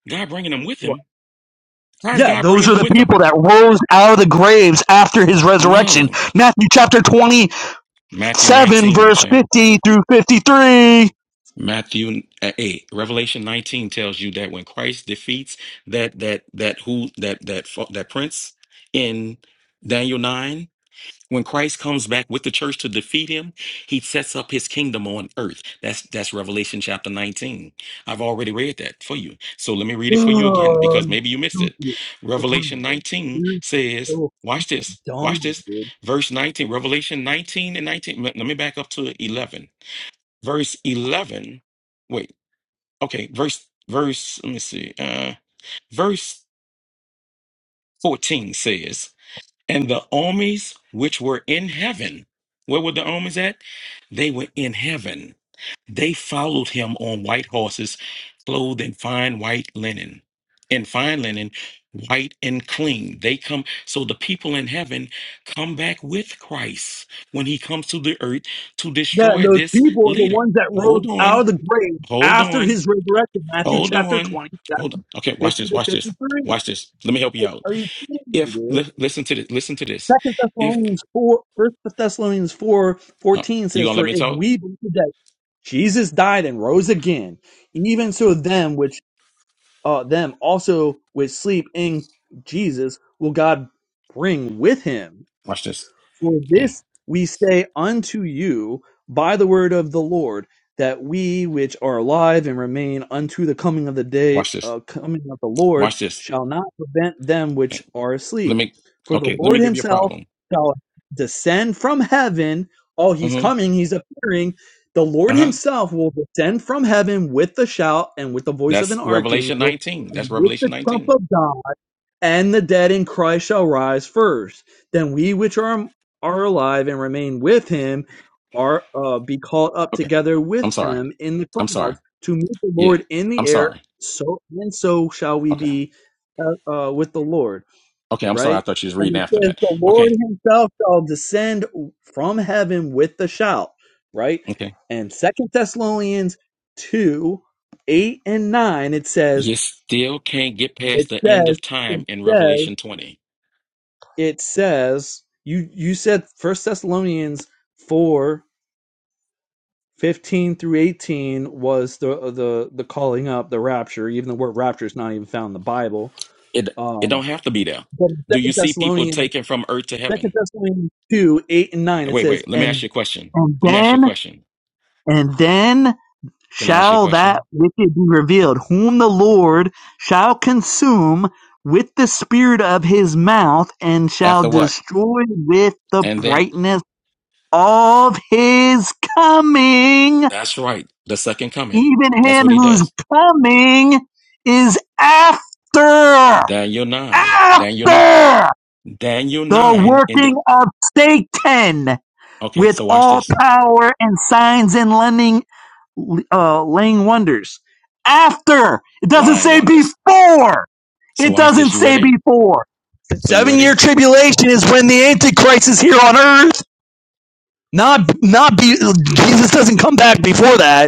Speaker 3: God bringing them with him. How is
Speaker 2: Yeah,
Speaker 3: God
Speaker 2: those
Speaker 3: bringing
Speaker 2: are
Speaker 3: them
Speaker 2: the
Speaker 3: with him?
Speaker 2: people that rose out of the graves after his resurrection.
Speaker 3: No.
Speaker 2: Matthew chapter
Speaker 3: Matthew
Speaker 2: 27,
Speaker 3: 19,
Speaker 2: verse
Speaker 3: say.
Speaker 2: 50 through 53.
Speaker 3: Matthew uh, 8, Revelation 19 tells you that when Christ defeats that that that who that that fo- that prince in Daniel 9, When Christ comes back with the church to defeat him, he sets up his kingdom on earth. That's that's Revelation chapter 19. I've already read that for you. So let me read it for you again
Speaker 2: Oh,
Speaker 3: because maybe you missed it.
Speaker 2: stupid.
Speaker 3: Revelation 19
Speaker 2: You're
Speaker 3: says,
Speaker 2: so
Speaker 3: watch this.
Speaker 2: dumb,
Speaker 3: Watch this.
Speaker 2: dude.
Speaker 3: Verse 19, Revelation 19 and 19. Let let me back up to 11. Verse 11. Wait. Okay, verse verse let me see. Uh verse 14 says and the armies which were in heaven, where were the armies at? They were in heaven. They followed him on white horses, clothed in fine white linen, in fine linen, white and clean. They come, so the people in heaven come back with Christ when he comes to the earth to
Speaker 2: Yeah,
Speaker 3: destroy
Speaker 2: those
Speaker 3: this
Speaker 2: people are the
Speaker 3: leader.
Speaker 2: ones that rose
Speaker 3: Hold
Speaker 2: out
Speaker 3: on,
Speaker 2: of the grave
Speaker 3: hold
Speaker 2: after
Speaker 3: on,
Speaker 2: his resurrection. Matthew
Speaker 3: hold
Speaker 2: chapter
Speaker 3: on,
Speaker 2: 20,
Speaker 3: hold on. Okay, watch
Speaker 2: fifty
Speaker 3: this,
Speaker 2: to
Speaker 3: watch this,
Speaker 2: 53.
Speaker 3: watch this. Let me help you out.
Speaker 2: Are you kidding me,
Speaker 3: If
Speaker 2: dude?
Speaker 3: li- listen to this, listen to this
Speaker 2: Second
Speaker 3: If
Speaker 2: Thessalonians 4, First Thessalonians 4,
Speaker 3: Uh,
Speaker 2: 14
Speaker 3: you
Speaker 2: says,
Speaker 3: gonna let
Speaker 2: For
Speaker 3: me
Speaker 2: if
Speaker 3: talk?
Speaker 2: we believe that Jesus died and rose again, even so them which uh, them also which sleep in Jesus will God bring with him.
Speaker 3: Watch this.
Speaker 2: For
Speaker 3: Mm.
Speaker 2: this we say unto you by the word of the Lord, that we which are alive and remain unto the coming of the day,
Speaker 3: Watch this.
Speaker 2: uh, coming of the Lord,
Speaker 3: Watch this.
Speaker 2: shall not prevent them which
Speaker 3: Mm.
Speaker 2: are
Speaker 3: Let
Speaker 2: asleep.
Speaker 3: me.
Speaker 2: For the
Speaker 3: Okay, let me
Speaker 2: Lord
Speaker 3: give you a
Speaker 2: himself
Speaker 3: problem.
Speaker 2: shall descend from heaven. Oh, he's
Speaker 3: hmm
Speaker 2: coming, he's appearing. The
Speaker 3: Uh
Speaker 2: Lord
Speaker 3: huh.
Speaker 2: himself will descend from heaven with the shout and with the voice of
Speaker 3: That's
Speaker 2: an
Speaker 3: Revelation
Speaker 2: archangel
Speaker 3: 19. That's
Speaker 2: and with
Speaker 3: Revelation
Speaker 2: the trump
Speaker 3: 19.
Speaker 2: of God and the dead in Christ shall rise first. Then we which are are alive and remain with him are uh, be caught up
Speaker 3: Okay.
Speaker 2: together
Speaker 3: I'm
Speaker 2: with
Speaker 3: sorry.
Speaker 2: them in the
Speaker 3: I'm sorry.
Speaker 2: clouds to meet the
Speaker 3: Yeah.
Speaker 2: Lord in the
Speaker 3: I'm
Speaker 2: air.
Speaker 3: sorry.
Speaker 2: So and so shall we
Speaker 3: Okay.
Speaker 2: be uh, uh, with the Lord.
Speaker 3: Okay. I'm sorry. I
Speaker 2: Right.
Speaker 3: thought you was
Speaker 2: And
Speaker 3: reading
Speaker 2: it
Speaker 3: after
Speaker 2: says
Speaker 3: that.
Speaker 2: the Lord
Speaker 3: Okay.
Speaker 2: Himself shall descend from heaven with the shout. Right.
Speaker 3: Okay.
Speaker 2: And Second Thessalonians two eight and nine it says
Speaker 3: You still can't get past
Speaker 2: it
Speaker 3: the end
Speaker 2: says
Speaker 3: of
Speaker 2: it
Speaker 3: time in
Speaker 2: says,
Speaker 3: Revelation 20.
Speaker 2: it says you you said First Thessalonians four fifteen through eighteen was the the the calling up the rapture. Even the word rapture is not even found in the Bible.
Speaker 3: It it
Speaker 2: Um,
Speaker 3: don't have to be there.
Speaker 2: but
Speaker 3: Do you
Speaker 2: Second
Speaker 3: see people
Speaker 2: Thessalonians
Speaker 3: taken from earth to
Speaker 2: Second
Speaker 3: heaven?
Speaker 2: Thessalonians two eight and nine it
Speaker 3: Wait,
Speaker 2: says
Speaker 3: wait. Let me ask you
Speaker 2: and
Speaker 3: a question.
Speaker 2: and
Speaker 3: Let me ask you a
Speaker 2: then
Speaker 3: question.
Speaker 2: and then
Speaker 3: Can I ask you a
Speaker 2: shall that
Speaker 3: question?
Speaker 2: wicked be revealed, whom the Lord shall consume with the spirit of his mouth and shall
Speaker 3: After what?
Speaker 2: destroy with the
Speaker 3: And then
Speaker 2: brightness of his coming,
Speaker 3: that's right, the second coming.
Speaker 2: even
Speaker 3: That's
Speaker 2: him
Speaker 3: what he
Speaker 2: whose
Speaker 3: does.
Speaker 2: coming is after,
Speaker 3: Daniel 9. Daniel 9.
Speaker 2: after
Speaker 3: Daniel
Speaker 2: the
Speaker 3: 9 in the
Speaker 2: working of Satan
Speaker 3: Okay,
Speaker 2: with
Speaker 3: so watch
Speaker 2: all
Speaker 3: this.
Speaker 2: power and signs and lending, uh, laying wonders. After. It doesn't
Speaker 3: Lion
Speaker 2: say
Speaker 3: wonders.
Speaker 2: before.
Speaker 3: So
Speaker 2: It
Speaker 3: watch
Speaker 2: doesn't
Speaker 3: this. You
Speaker 2: say
Speaker 3: ready?
Speaker 2: before. The
Speaker 3: So you
Speaker 2: seven year
Speaker 3: ready?
Speaker 2: tribulation is when the Antichrist is here on earth. Not, not be, Jesus doesn't come back before that.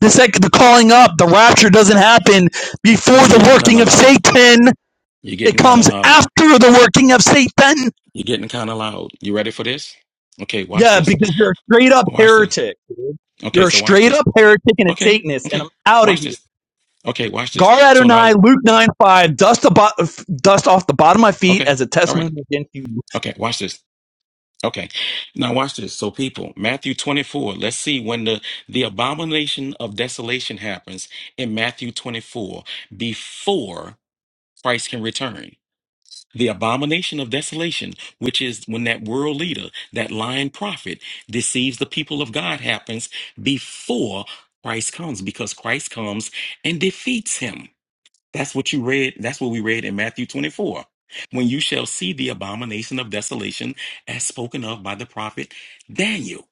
Speaker 2: the sec- the calling up, the rapture doesn't happen before
Speaker 3: You're
Speaker 2: the
Speaker 3: getting kind
Speaker 2: working
Speaker 3: of
Speaker 2: of
Speaker 3: loud.
Speaker 2: Satan.
Speaker 3: You're
Speaker 2: It
Speaker 3: getting kind of
Speaker 2: comes
Speaker 3: loud.
Speaker 2: after the working of Satan.
Speaker 3: You're getting kind of loud. You ready for this? Okay, watch
Speaker 2: Yeah,
Speaker 3: this.
Speaker 2: because you're a straight up
Speaker 3: Watch this.
Speaker 2: heretic. dude.
Speaker 3: Okay,
Speaker 2: You're a
Speaker 3: so watch
Speaker 2: straight
Speaker 3: this.
Speaker 2: up heretic and a
Speaker 3: Okay,
Speaker 2: Satanist, and
Speaker 3: okay.
Speaker 2: I'm out of
Speaker 3: Watch
Speaker 2: here.
Speaker 3: this. Okay, watch this.
Speaker 2: Gar
Speaker 3: So now
Speaker 2: Adonai, Luke 9 5, dust, the bo- dust off the bottom of my feet
Speaker 3: okay.
Speaker 2: as a
Speaker 3: All right.
Speaker 2: testimony against you
Speaker 3: Okay, watch this. Okay. Now watch this. So people, Matthew 24, let's see when the the abomination of desolation happens in Matthew 24 before Christ can return. The abomination of desolation, which is when that world leader, that lying prophet deceives the people of God happens before Christ comes because Christ comes and defeats him. That's what you read. That's what we read in Matthew 24. When you shall see the abomination of desolation as spoken of by the prophet Daniel.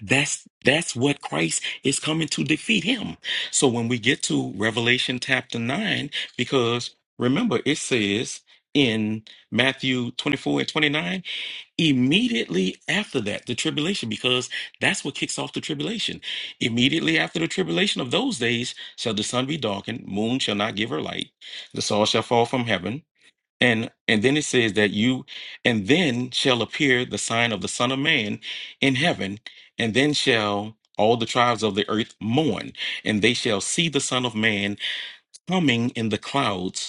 Speaker 3: That's that's what Christ is coming to defeat him. So when we get to Revelation chapter 9, because remember it says in Matthew 24 and 29 immediately after that the tribulation because that's what kicks off the tribulation immediately after the tribulation of those days shall the sun be darkened moon shall not give her light the sun shall fall from heaven and and then it says that you and then shall appear the sign of the son of man in heaven and then shall all the tribes of the earth mourn and they shall see the son of man coming in the clouds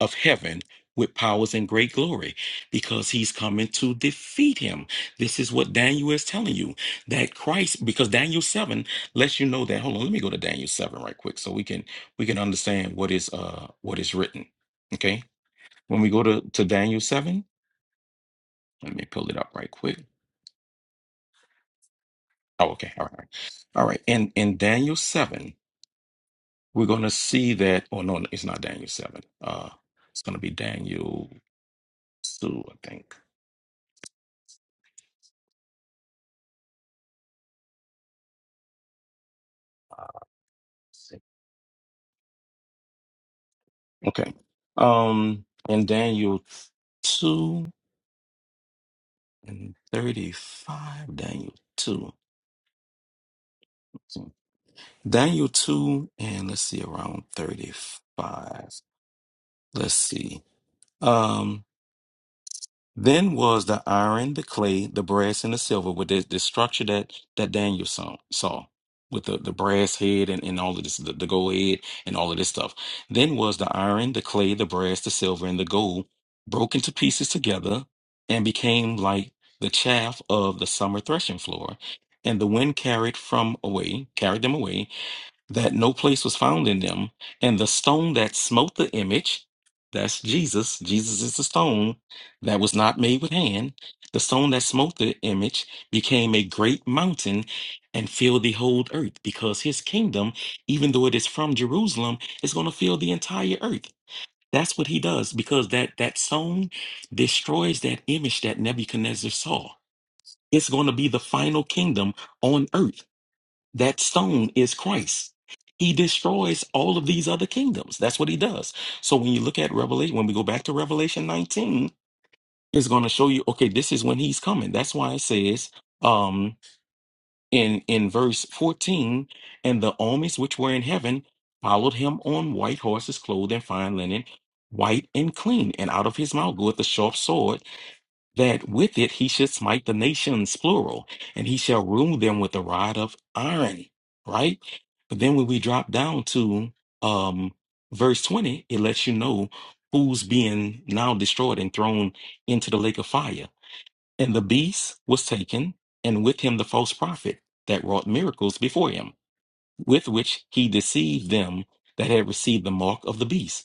Speaker 3: of heaven with powers and great glory because he's coming to defeat him. This is what Daniel is telling you that Christ, because Daniel 7 lets you know that. Hold on, let me go to Daniel 7 right quick so we can we can understand what is uh what is written. Okay. When we go to, to Daniel 7, let me pull it up right quick. Oh, okay. All right. All right. And in Daniel 7, we're gonna see that oh no, it's not Daniel 7. Uh it's gonna be Daniel 2, I think. Okay. Um, in Daniel 2 and 35, Daniel 2. Daniel 2 and let's see around 35. Let's see. Um, Then was the iron, the clay, the brass, and the silver with the, the structure that, that Daniel saw, saw with the, the brass head and, and all of this, the, the gold head and all of this stuff. Then was the iron, the clay, the brass, the silver, and the gold broken to pieces together and became like the chaff of the summer threshing floor. And the wind carried from away, carried them away, that no place was found in them. And the stone that smote the image, that's Jesus, Jesus is the stone that was not made with hand. The stone that smote the image became a great mountain and filled the whole earth because his kingdom, even though it is from Jerusalem, is going to fill the entire earth. That's what he does because that, that stone destroys that image that Nebuchadnezzar saw. It's going to be the final kingdom on earth that stone is Christ. He destroys all of these other kingdoms. That's what he does. So when you look at Revelation, when we go back to Revelation 19, it's going to show you, okay, this is when he's coming. That's why it says um in in verse 14, and the armies which were in heaven followed him on white horses clothed in fine linen, white and clean, and out of his mouth goeth a sharp sword that with it he should smite the nations, plural, and he shall rule them with a rod of iron, right? But then when we drop down to um, verse 20, it lets you know who's being now destroyed and thrown into the lake of fire. And the beast was taken, and with him the false prophet that wrought miracles before him, with which he deceived them that had received the mark of the beast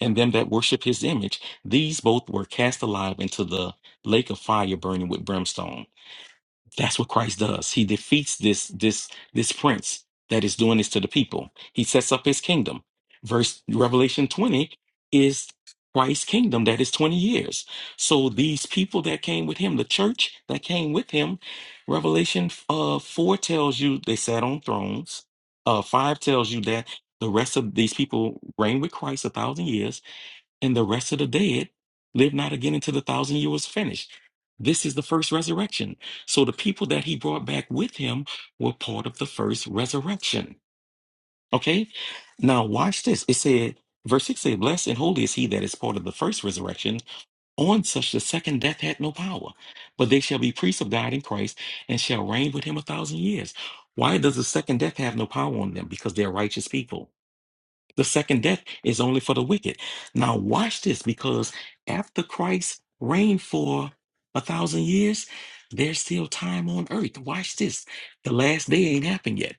Speaker 3: and them that worship his image. These both were cast alive into the lake of fire burning with brimstone. That's what Christ does. He defeats this this this prince that is doing this to the people. He sets up his kingdom. Verse Revelation 20 is Christ's kingdom that is 20 years. So these people that came with him, the church that came with him, Revelation uh 4 tells you they sat on thrones. Uh 5 tells you that the rest of these people reigned with Christ a thousand years and the rest of the dead live not again until the thousand years was finished. This is the first resurrection. So the people that he brought back with him were part of the first resurrection. Okay? Now watch this. It said, verse 6 said, Blessed and holy is he that is part of the first resurrection. On such the second death had no power. But they shall be priests of God in Christ and shall reign with him a thousand years. Why does the second death have no power on them? Because they're righteous people. The second death is only for the wicked. Now, watch this because after Christ reigned for a thousand years, there's still time on earth. Watch this. The last day ain't happened yet.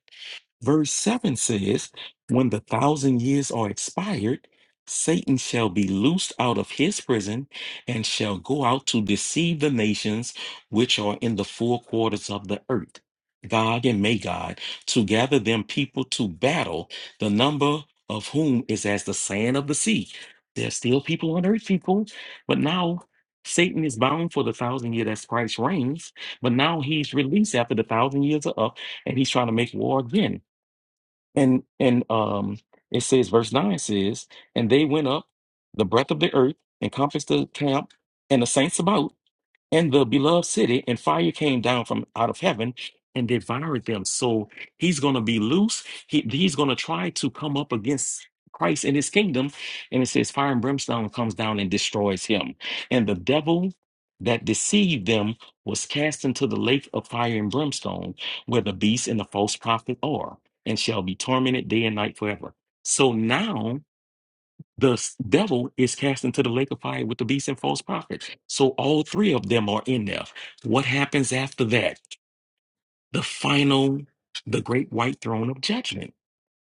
Speaker 3: Verse 7 says, When the thousand years are expired, Satan shall be loosed out of his prison and shall go out to deceive the nations which are in the four quarters of the earth, Gog and Magog, to gather them people to battle, the number of whom is as the sand of the sea. There's still people on earth, people, but now Satan is bound for the thousand year that's Christ reigns, but now he's released after the thousand years are up and he's trying to make war again. And and um it says verse 9 says, and they went up the breadth of the earth and compassed the camp and the saints about and the beloved city, and fire came down from out of heaven and devoured them. So he's going to be loose. He, he's going to try to come up against Christ and his kingdom. And it says, fire and brimstone comes down and destroys him. And the devil that deceived them was cast into the lake of fire and brimstone, where the beast and the false prophet are, and shall be tormented day and night forever. So now the s- devil is cast into the lake of fire with the beast and false prophets. So all three of them are in there. What happens after that? The final, the great white throne of judgment.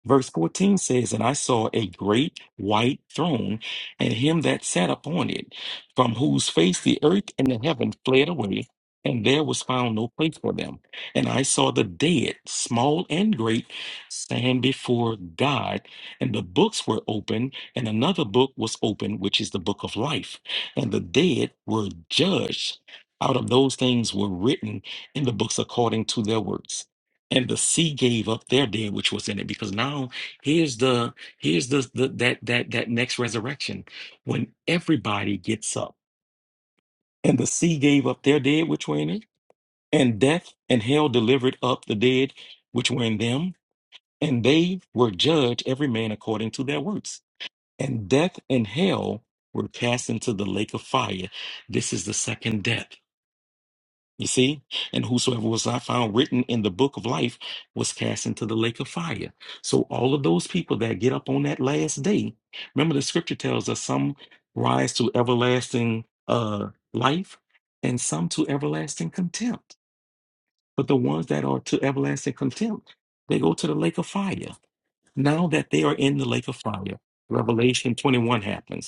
Speaker 3: Verse 14 says, And I saw a great white throne, and him that sat upon it, from whose face the earth and the heaven fled away, and there was found no place for them. And I saw the dead, small and great, stand before God, and the books were open, and another book was open, which is the book of life. And the dead were judged out of those things were written in the books according to their works and the sea gave up their dead which was in it because now here's the here's the, the that that that next resurrection when everybody gets up and the sea gave up their dead which were in it and death and hell delivered up the dead which were in them and they were judged every man according to their works and death and hell were cast into the lake of fire this is the second death You see? And whosoever was not found written in the book of life was cast into the lake of fire. So all of those people that get up on that last day, remember the scripture tells us some rise to everlasting uh life and some to everlasting contempt. But the ones that are to everlasting contempt, they go to the lake of fire. Now that they are in the lake of fire, Revelation 21 happens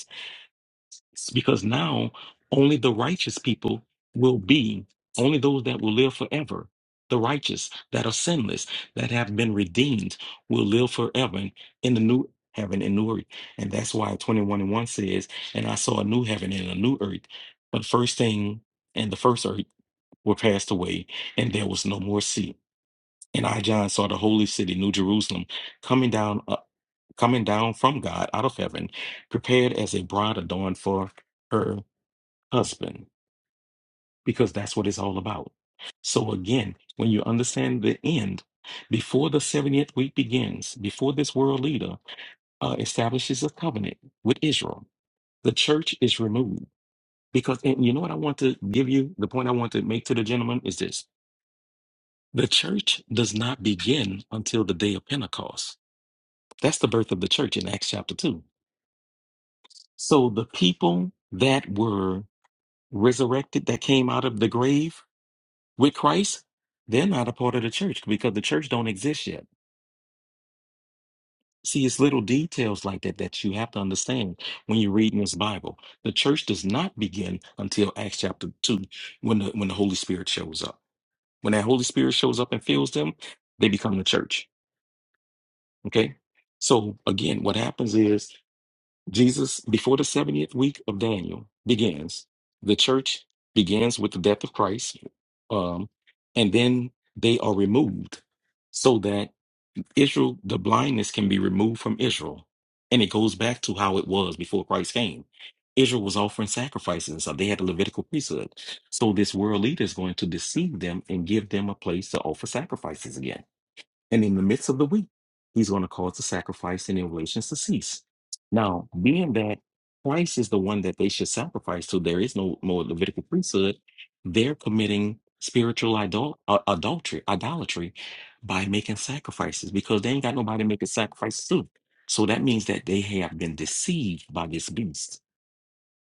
Speaker 3: it's because now only the righteous people will be, only those that will live forever, the righteous that are sinless, that have been redeemed, will live forever in the new heaven and new earth. And that's why 21 and 1 says, And I saw a new heaven and a new earth. But the first thing and the first earth were passed away, and there was no more sea. And I, John, saw the holy city, New Jerusalem, coming down, uh, coming down from God out of heaven, prepared as a bride adorned for her husband because that's what it's all about. So, again, when you understand the end, before the 70th week begins, before this world leader uh, establishes a covenant with Israel, the church is removed. Because, and you know what I want to give you? The point I want to make to the gentleman is this the church does not begin until the day of Pentecost. That's the birth of the church in Acts chapter 2. So, the people that were resurrected, that came out of the grave, With Christ, they're not a part of the church because the church don't exist yet. See, it's little details like that that you have to understand when you're reading this Bible. The church does not begin until Acts chapter two, when the when the Holy Spirit shows up. When that Holy Spirit shows up and fills them, they become the church. Okay. So again, what happens is Jesus, before the 70th week of Daniel begins, the church begins with the death of Christ. Um, and then they are removed so that Israel, the blindness can be removed from Israel. And it goes back to how it was before Christ came. Israel was offering sacrifices and stuff. They had the Levitical priesthood. So this world leader is going to deceive them and give them a place to offer sacrifices again. And in the midst of the week, he's going to cause the sacrifice and oblations to cease. Now, being that Christ is the one that they should sacrifice to, there is no more Levitical priesthood. They're committing spiritual idol- uh, adultery, idolatry by making sacrifices because they ain't got nobody making sacrifices to. So that means that they have been deceived by this beast,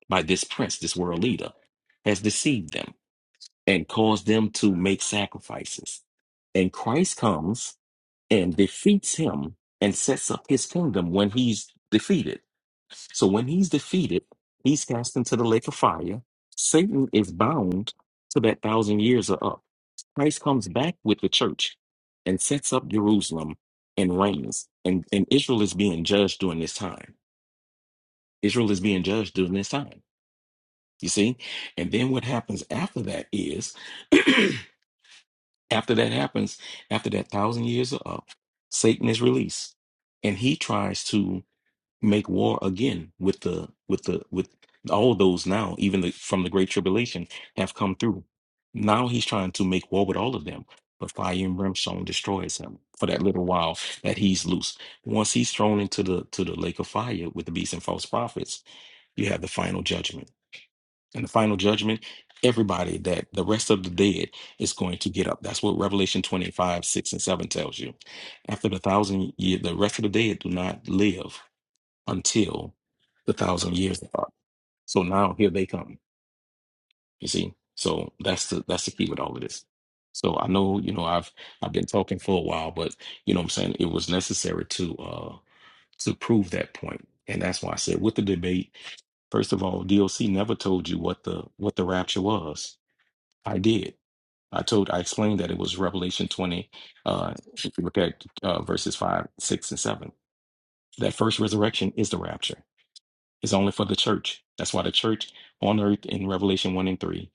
Speaker 3: by this prince, this world leader, has deceived them and caused them to make sacrifices. And Christ comes and defeats him and sets up his kingdom when he's defeated. So when he's defeated, he's cast into the lake of fire. Satan is bound to that thousand years are up. Christ comes back with the church and sets up Jerusalem and reigns. And, and Israel is being judged during this time. Israel is being judged during this time. You see? And then what happens after that is (clears throat) After that happens, after that thousand years are up, Satan is released, and he tries to make war again with the with the with all those now, even the, from the great tribulation, have come through. Now he's trying to make war with all of them, but fire and brimstone destroys him for that little while that he's loose. Once he's thrown into the to the lake of fire with the beast and false prophets, you have the final judgment in the final judgment, everybody that the rest of the dead is going to get up. That's what Revelation 25, 6 and 7 tells you. After the thousand year, the rest of the dead do not live until the thousand years are up. So now here they come. You see? So that's the that's the key with all of this. So I know, you know, I've I've been talking for a while, but you know what I'm saying it was necessary to uh to prove that point. And that's why I said with the debate, first of all, DOC never told you what the what the rapture was. I did. I told, I explained that it was Revelation 20. Uh, if you look at uh, verses 5, 6, and 7, that first resurrection is the rapture. It's only for the church. That's why the church on earth in Revelation 1 and 3.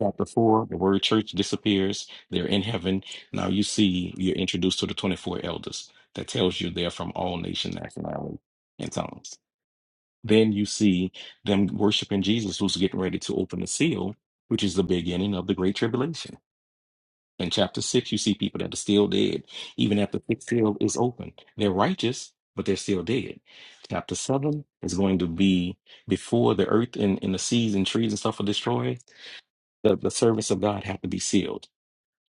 Speaker 3: Chapter 4, the word church disappears. They're in heaven. Now you see, you're introduced to the 24 elders. That tells you they're from all nations, nationality, and tongues. Then you see them worshiping Jesus, who's getting ready to open the seal, which is the beginning of the Great Tribulation. In chapter 6, you see people that are still dead, even after the sixth seal is open. They're righteous, but they're still dead. Chapter 7 is going to be before the earth and, and the seas and trees and stuff are destroyed, the, the servants of God have to be sealed.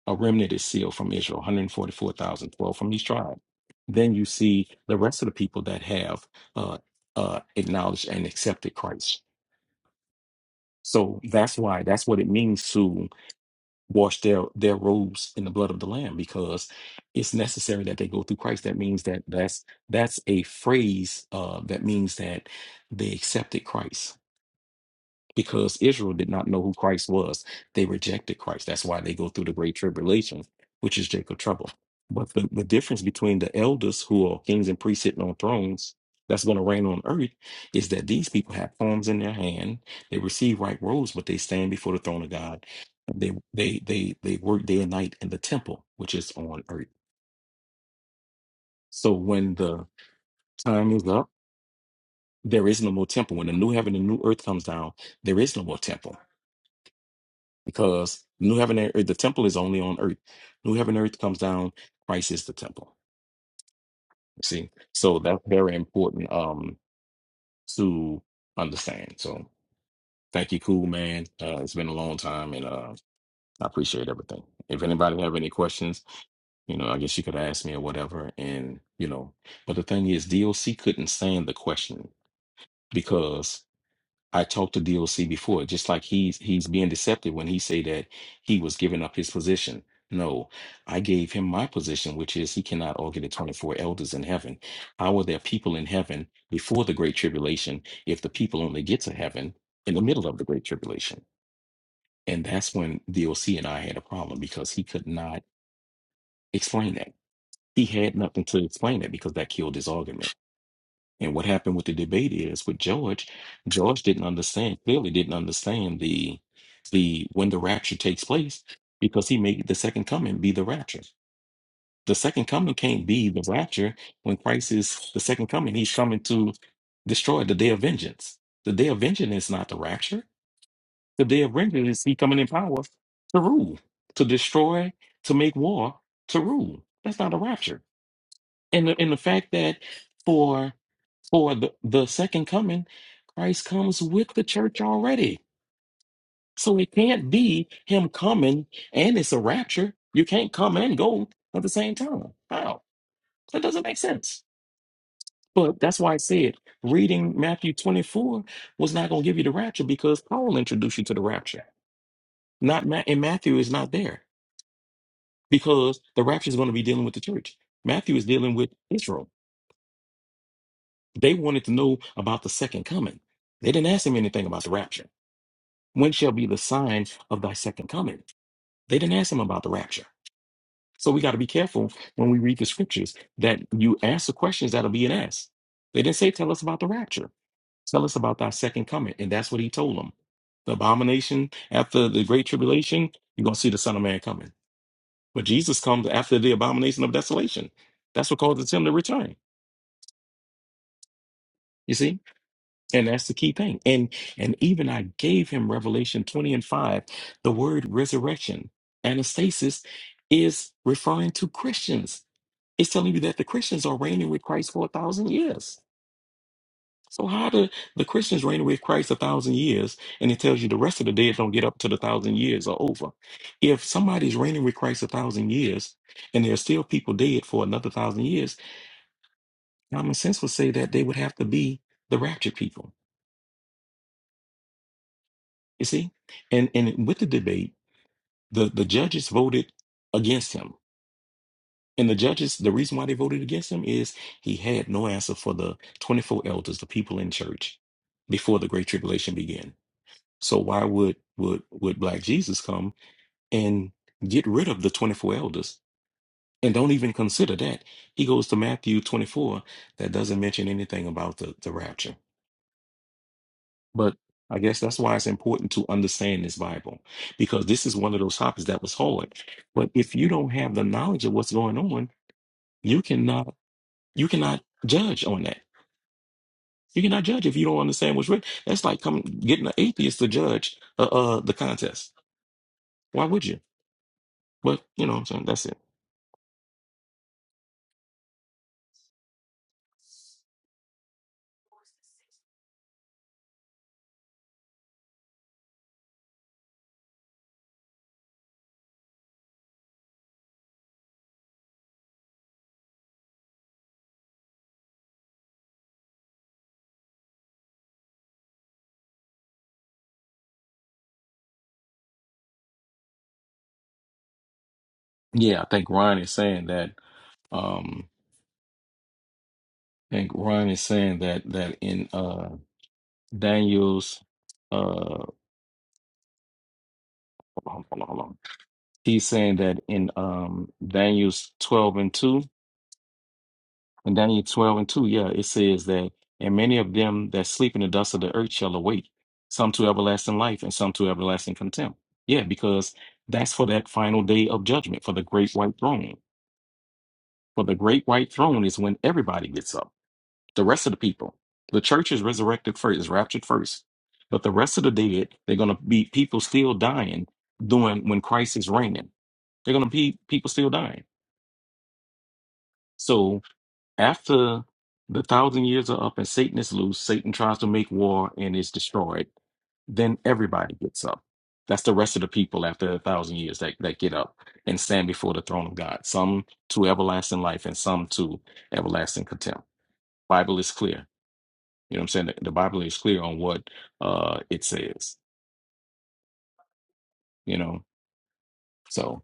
Speaker 3: A remnant is sealed from Israel, 144,000 12 from each tribe. Then you see the rest of the people that have uh, uh, acknowledged and accepted Christ. So that's why that's what it means to wash their their robes in the blood of the lamb because it's necessary that they go through Christ that means that that's that's a phrase uh that means that they accepted Christ because Israel did not know who Christ was. They rejected Christ. That's why they go through the great tribulation, which is Jacob trouble. But the, the difference between the elders who are kings and priests sitting on thrones that's going to reign on earth is that these people have palms in their hand. They receive right robes, but they stand before the throne of God. They they they they work day and night in the temple, which is on earth. So when the time is up, there is no more temple. When the new heaven and new earth comes down, there is no more temple because new heaven and earth, the temple is only on earth. New heaven and earth comes down. Christ is the temple. You see, so that's very important um to understand. So thank you, cool man. Uh, it's been a long time, and uh, I appreciate everything. If anybody have any questions, you know, I guess you could ask me or whatever. And you know, but the thing is, DOC couldn't stand the question because I talked to DOC before, just like he's he's being deceptive when he say that he was giving up his position. No, I gave him my position, which is he cannot argue the 24 elders in heaven. How are there people in heaven before the great tribulation if the people only get to heaven in the middle of the great tribulation? And that's when DOC and I had a problem because he could not explain that. He had nothing to explain that because that killed his argument. And what happened with the debate is with George, George didn't understand, clearly didn't understand the the when the rapture takes place because he made the second coming be the rapture. The second coming can't be the rapture when Christ is the second coming. He's coming to destroy the day of vengeance. The day of vengeance is not the rapture. The day of vengeance is he coming in power to rule, to destroy, to make war, to rule. That's not a rapture. And the, and the fact that for for the, the second coming, Christ comes with the church already. So it can't be him coming and it's a rapture. You can't come and go at the same time. How? That doesn't make sense. But that's why I said reading Matthew 24 was not going to give you the rapture because Paul introduced you to the rapture. Not Ma- and Matthew is not there because the rapture is going to be dealing with the church. Matthew is dealing with Israel. They wanted to know about the second coming. They didn't ask him anything about the rapture. When shall be the sign of thy second coming? They didn't ask him about the rapture. So we got to be careful when we read the scriptures that you ask the questions that are being asked. They didn't say, Tell us about the rapture. Tell us about thy second coming. And that's what he told them. The abomination after the great tribulation, you're going to see the Son of Man coming. But Jesus comes after the abomination of desolation. That's what causes him to return. You see? And that's the key thing. And and even I gave him Revelation 20 and 5, the word resurrection, anastasis, is referring to Christians. It's telling you that the Christians are reigning with Christ for a thousand years. So how do the Christians reign with Christ a thousand years? And it tells you the rest of the dead don't get up to the thousand years are over. If somebody's reigning with Christ a thousand years and there's still people dead for another thousand years, common sense would say that they would have to be the raptured people. You see? And and with the debate, the the judges voted against him and the judges the reason why they voted against him is he had no answer for the 24 elders the people in church before the great tribulation began so why would would would black jesus come and get rid of the 24 elders and don't even consider that he goes to matthew 24 that doesn't mention anything about the the rapture But I guess that's why it's important to understand this Bible because this is one of those topics that was hard. But if you don't have the knowledge of what's going on, you cannot you cannot judge on that. You cannot judge if you don't understand what's written. That's like coming getting an atheist to judge uh, uh the contest. Why would you? But you know, so that's it. Yeah, I think Ryan is saying that. Um, I think Ryan is saying that that in uh Daniel's uh hold on, hold on, hold on. he's saying that in um Daniel's 12 and 2, in Daniel 12 and 2, yeah, it says that, and many of them that sleep in the dust of the earth shall awake, some to everlasting life and some to everlasting contempt. Yeah, because that's for that final day of judgment, for the great white throne. For the great white throne is when everybody gets up, the rest of the people. The church is resurrected first, is raptured first. But the rest of the dead, they're going to be people still dying doing when Christ is reigning. They're going to be people still dying. So after the thousand years are up and Satan is loose, Satan tries to make war and is destroyed. Then everybody gets up. That's the rest of the people after a thousand years that, that get up and stand before the throne of God. Some to everlasting life and some to everlasting contempt. Bible is clear. You know what I'm saying? The, the Bible is clear on what uh it says, you know. So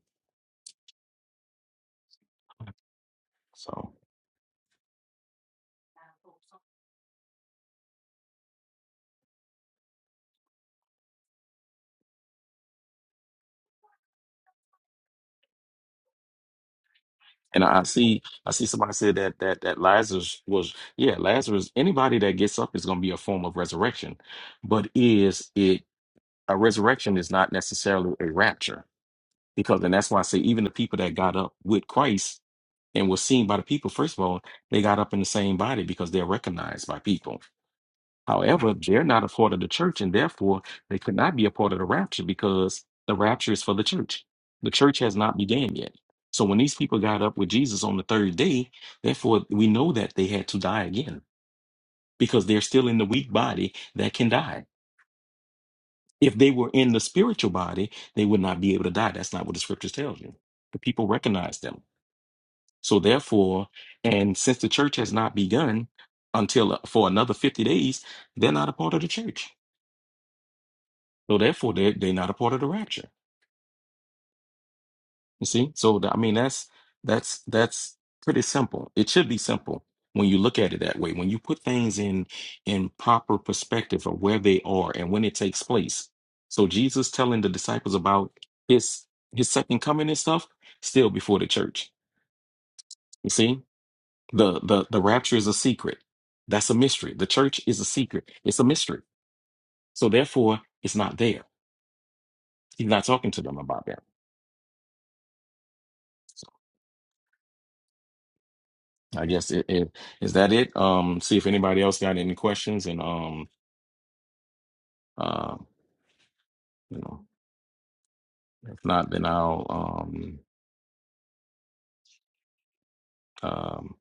Speaker 3: so And I I see, I see somebody said that that that Lazarus was, yeah, Lazarus. Anybody that gets up is going to be a form of resurrection, but is it a resurrection is not necessarily a rapture because, and that's why I say even the people that got up with Christ and were seen by the people, first of all, they got up in the same body because they're recognized by people. However, they're not a part of the church, and therefore they could not be a part of the rapture because the rapture is for the church. The church has not began yet. So when these people got up with Jesus on the third day, therefore we know that they had to die again because they're still in the weak body that can die. If they were in the spiritual body, they would not be able to die. That's not what the scriptures tell you. The people recognize them. So therefore, and since the church has not begun until uh, for another 50 days, they're not a part of the church. So therefore, they they're not a part of the rapture. You see? So th- I mean, that's that's that's pretty simple. It should be simple when you look at it that way. When you put things in in proper perspective of where they are and when it takes place. So Jesus telling the disciples about his his second coming and stuff still before the church. You see? The the the rapture is a secret. That's a mystery. The church is a secret. It's a mystery. So therefore, it's not there. He's not talking to them about that. I guess it, it is that it. Um, see if anybody else got any questions, and um, uh, you know, if not, then I'll um, um,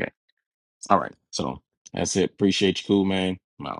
Speaker 3: okay. All right. So that's it. Appreciate you, cool man. I'm out.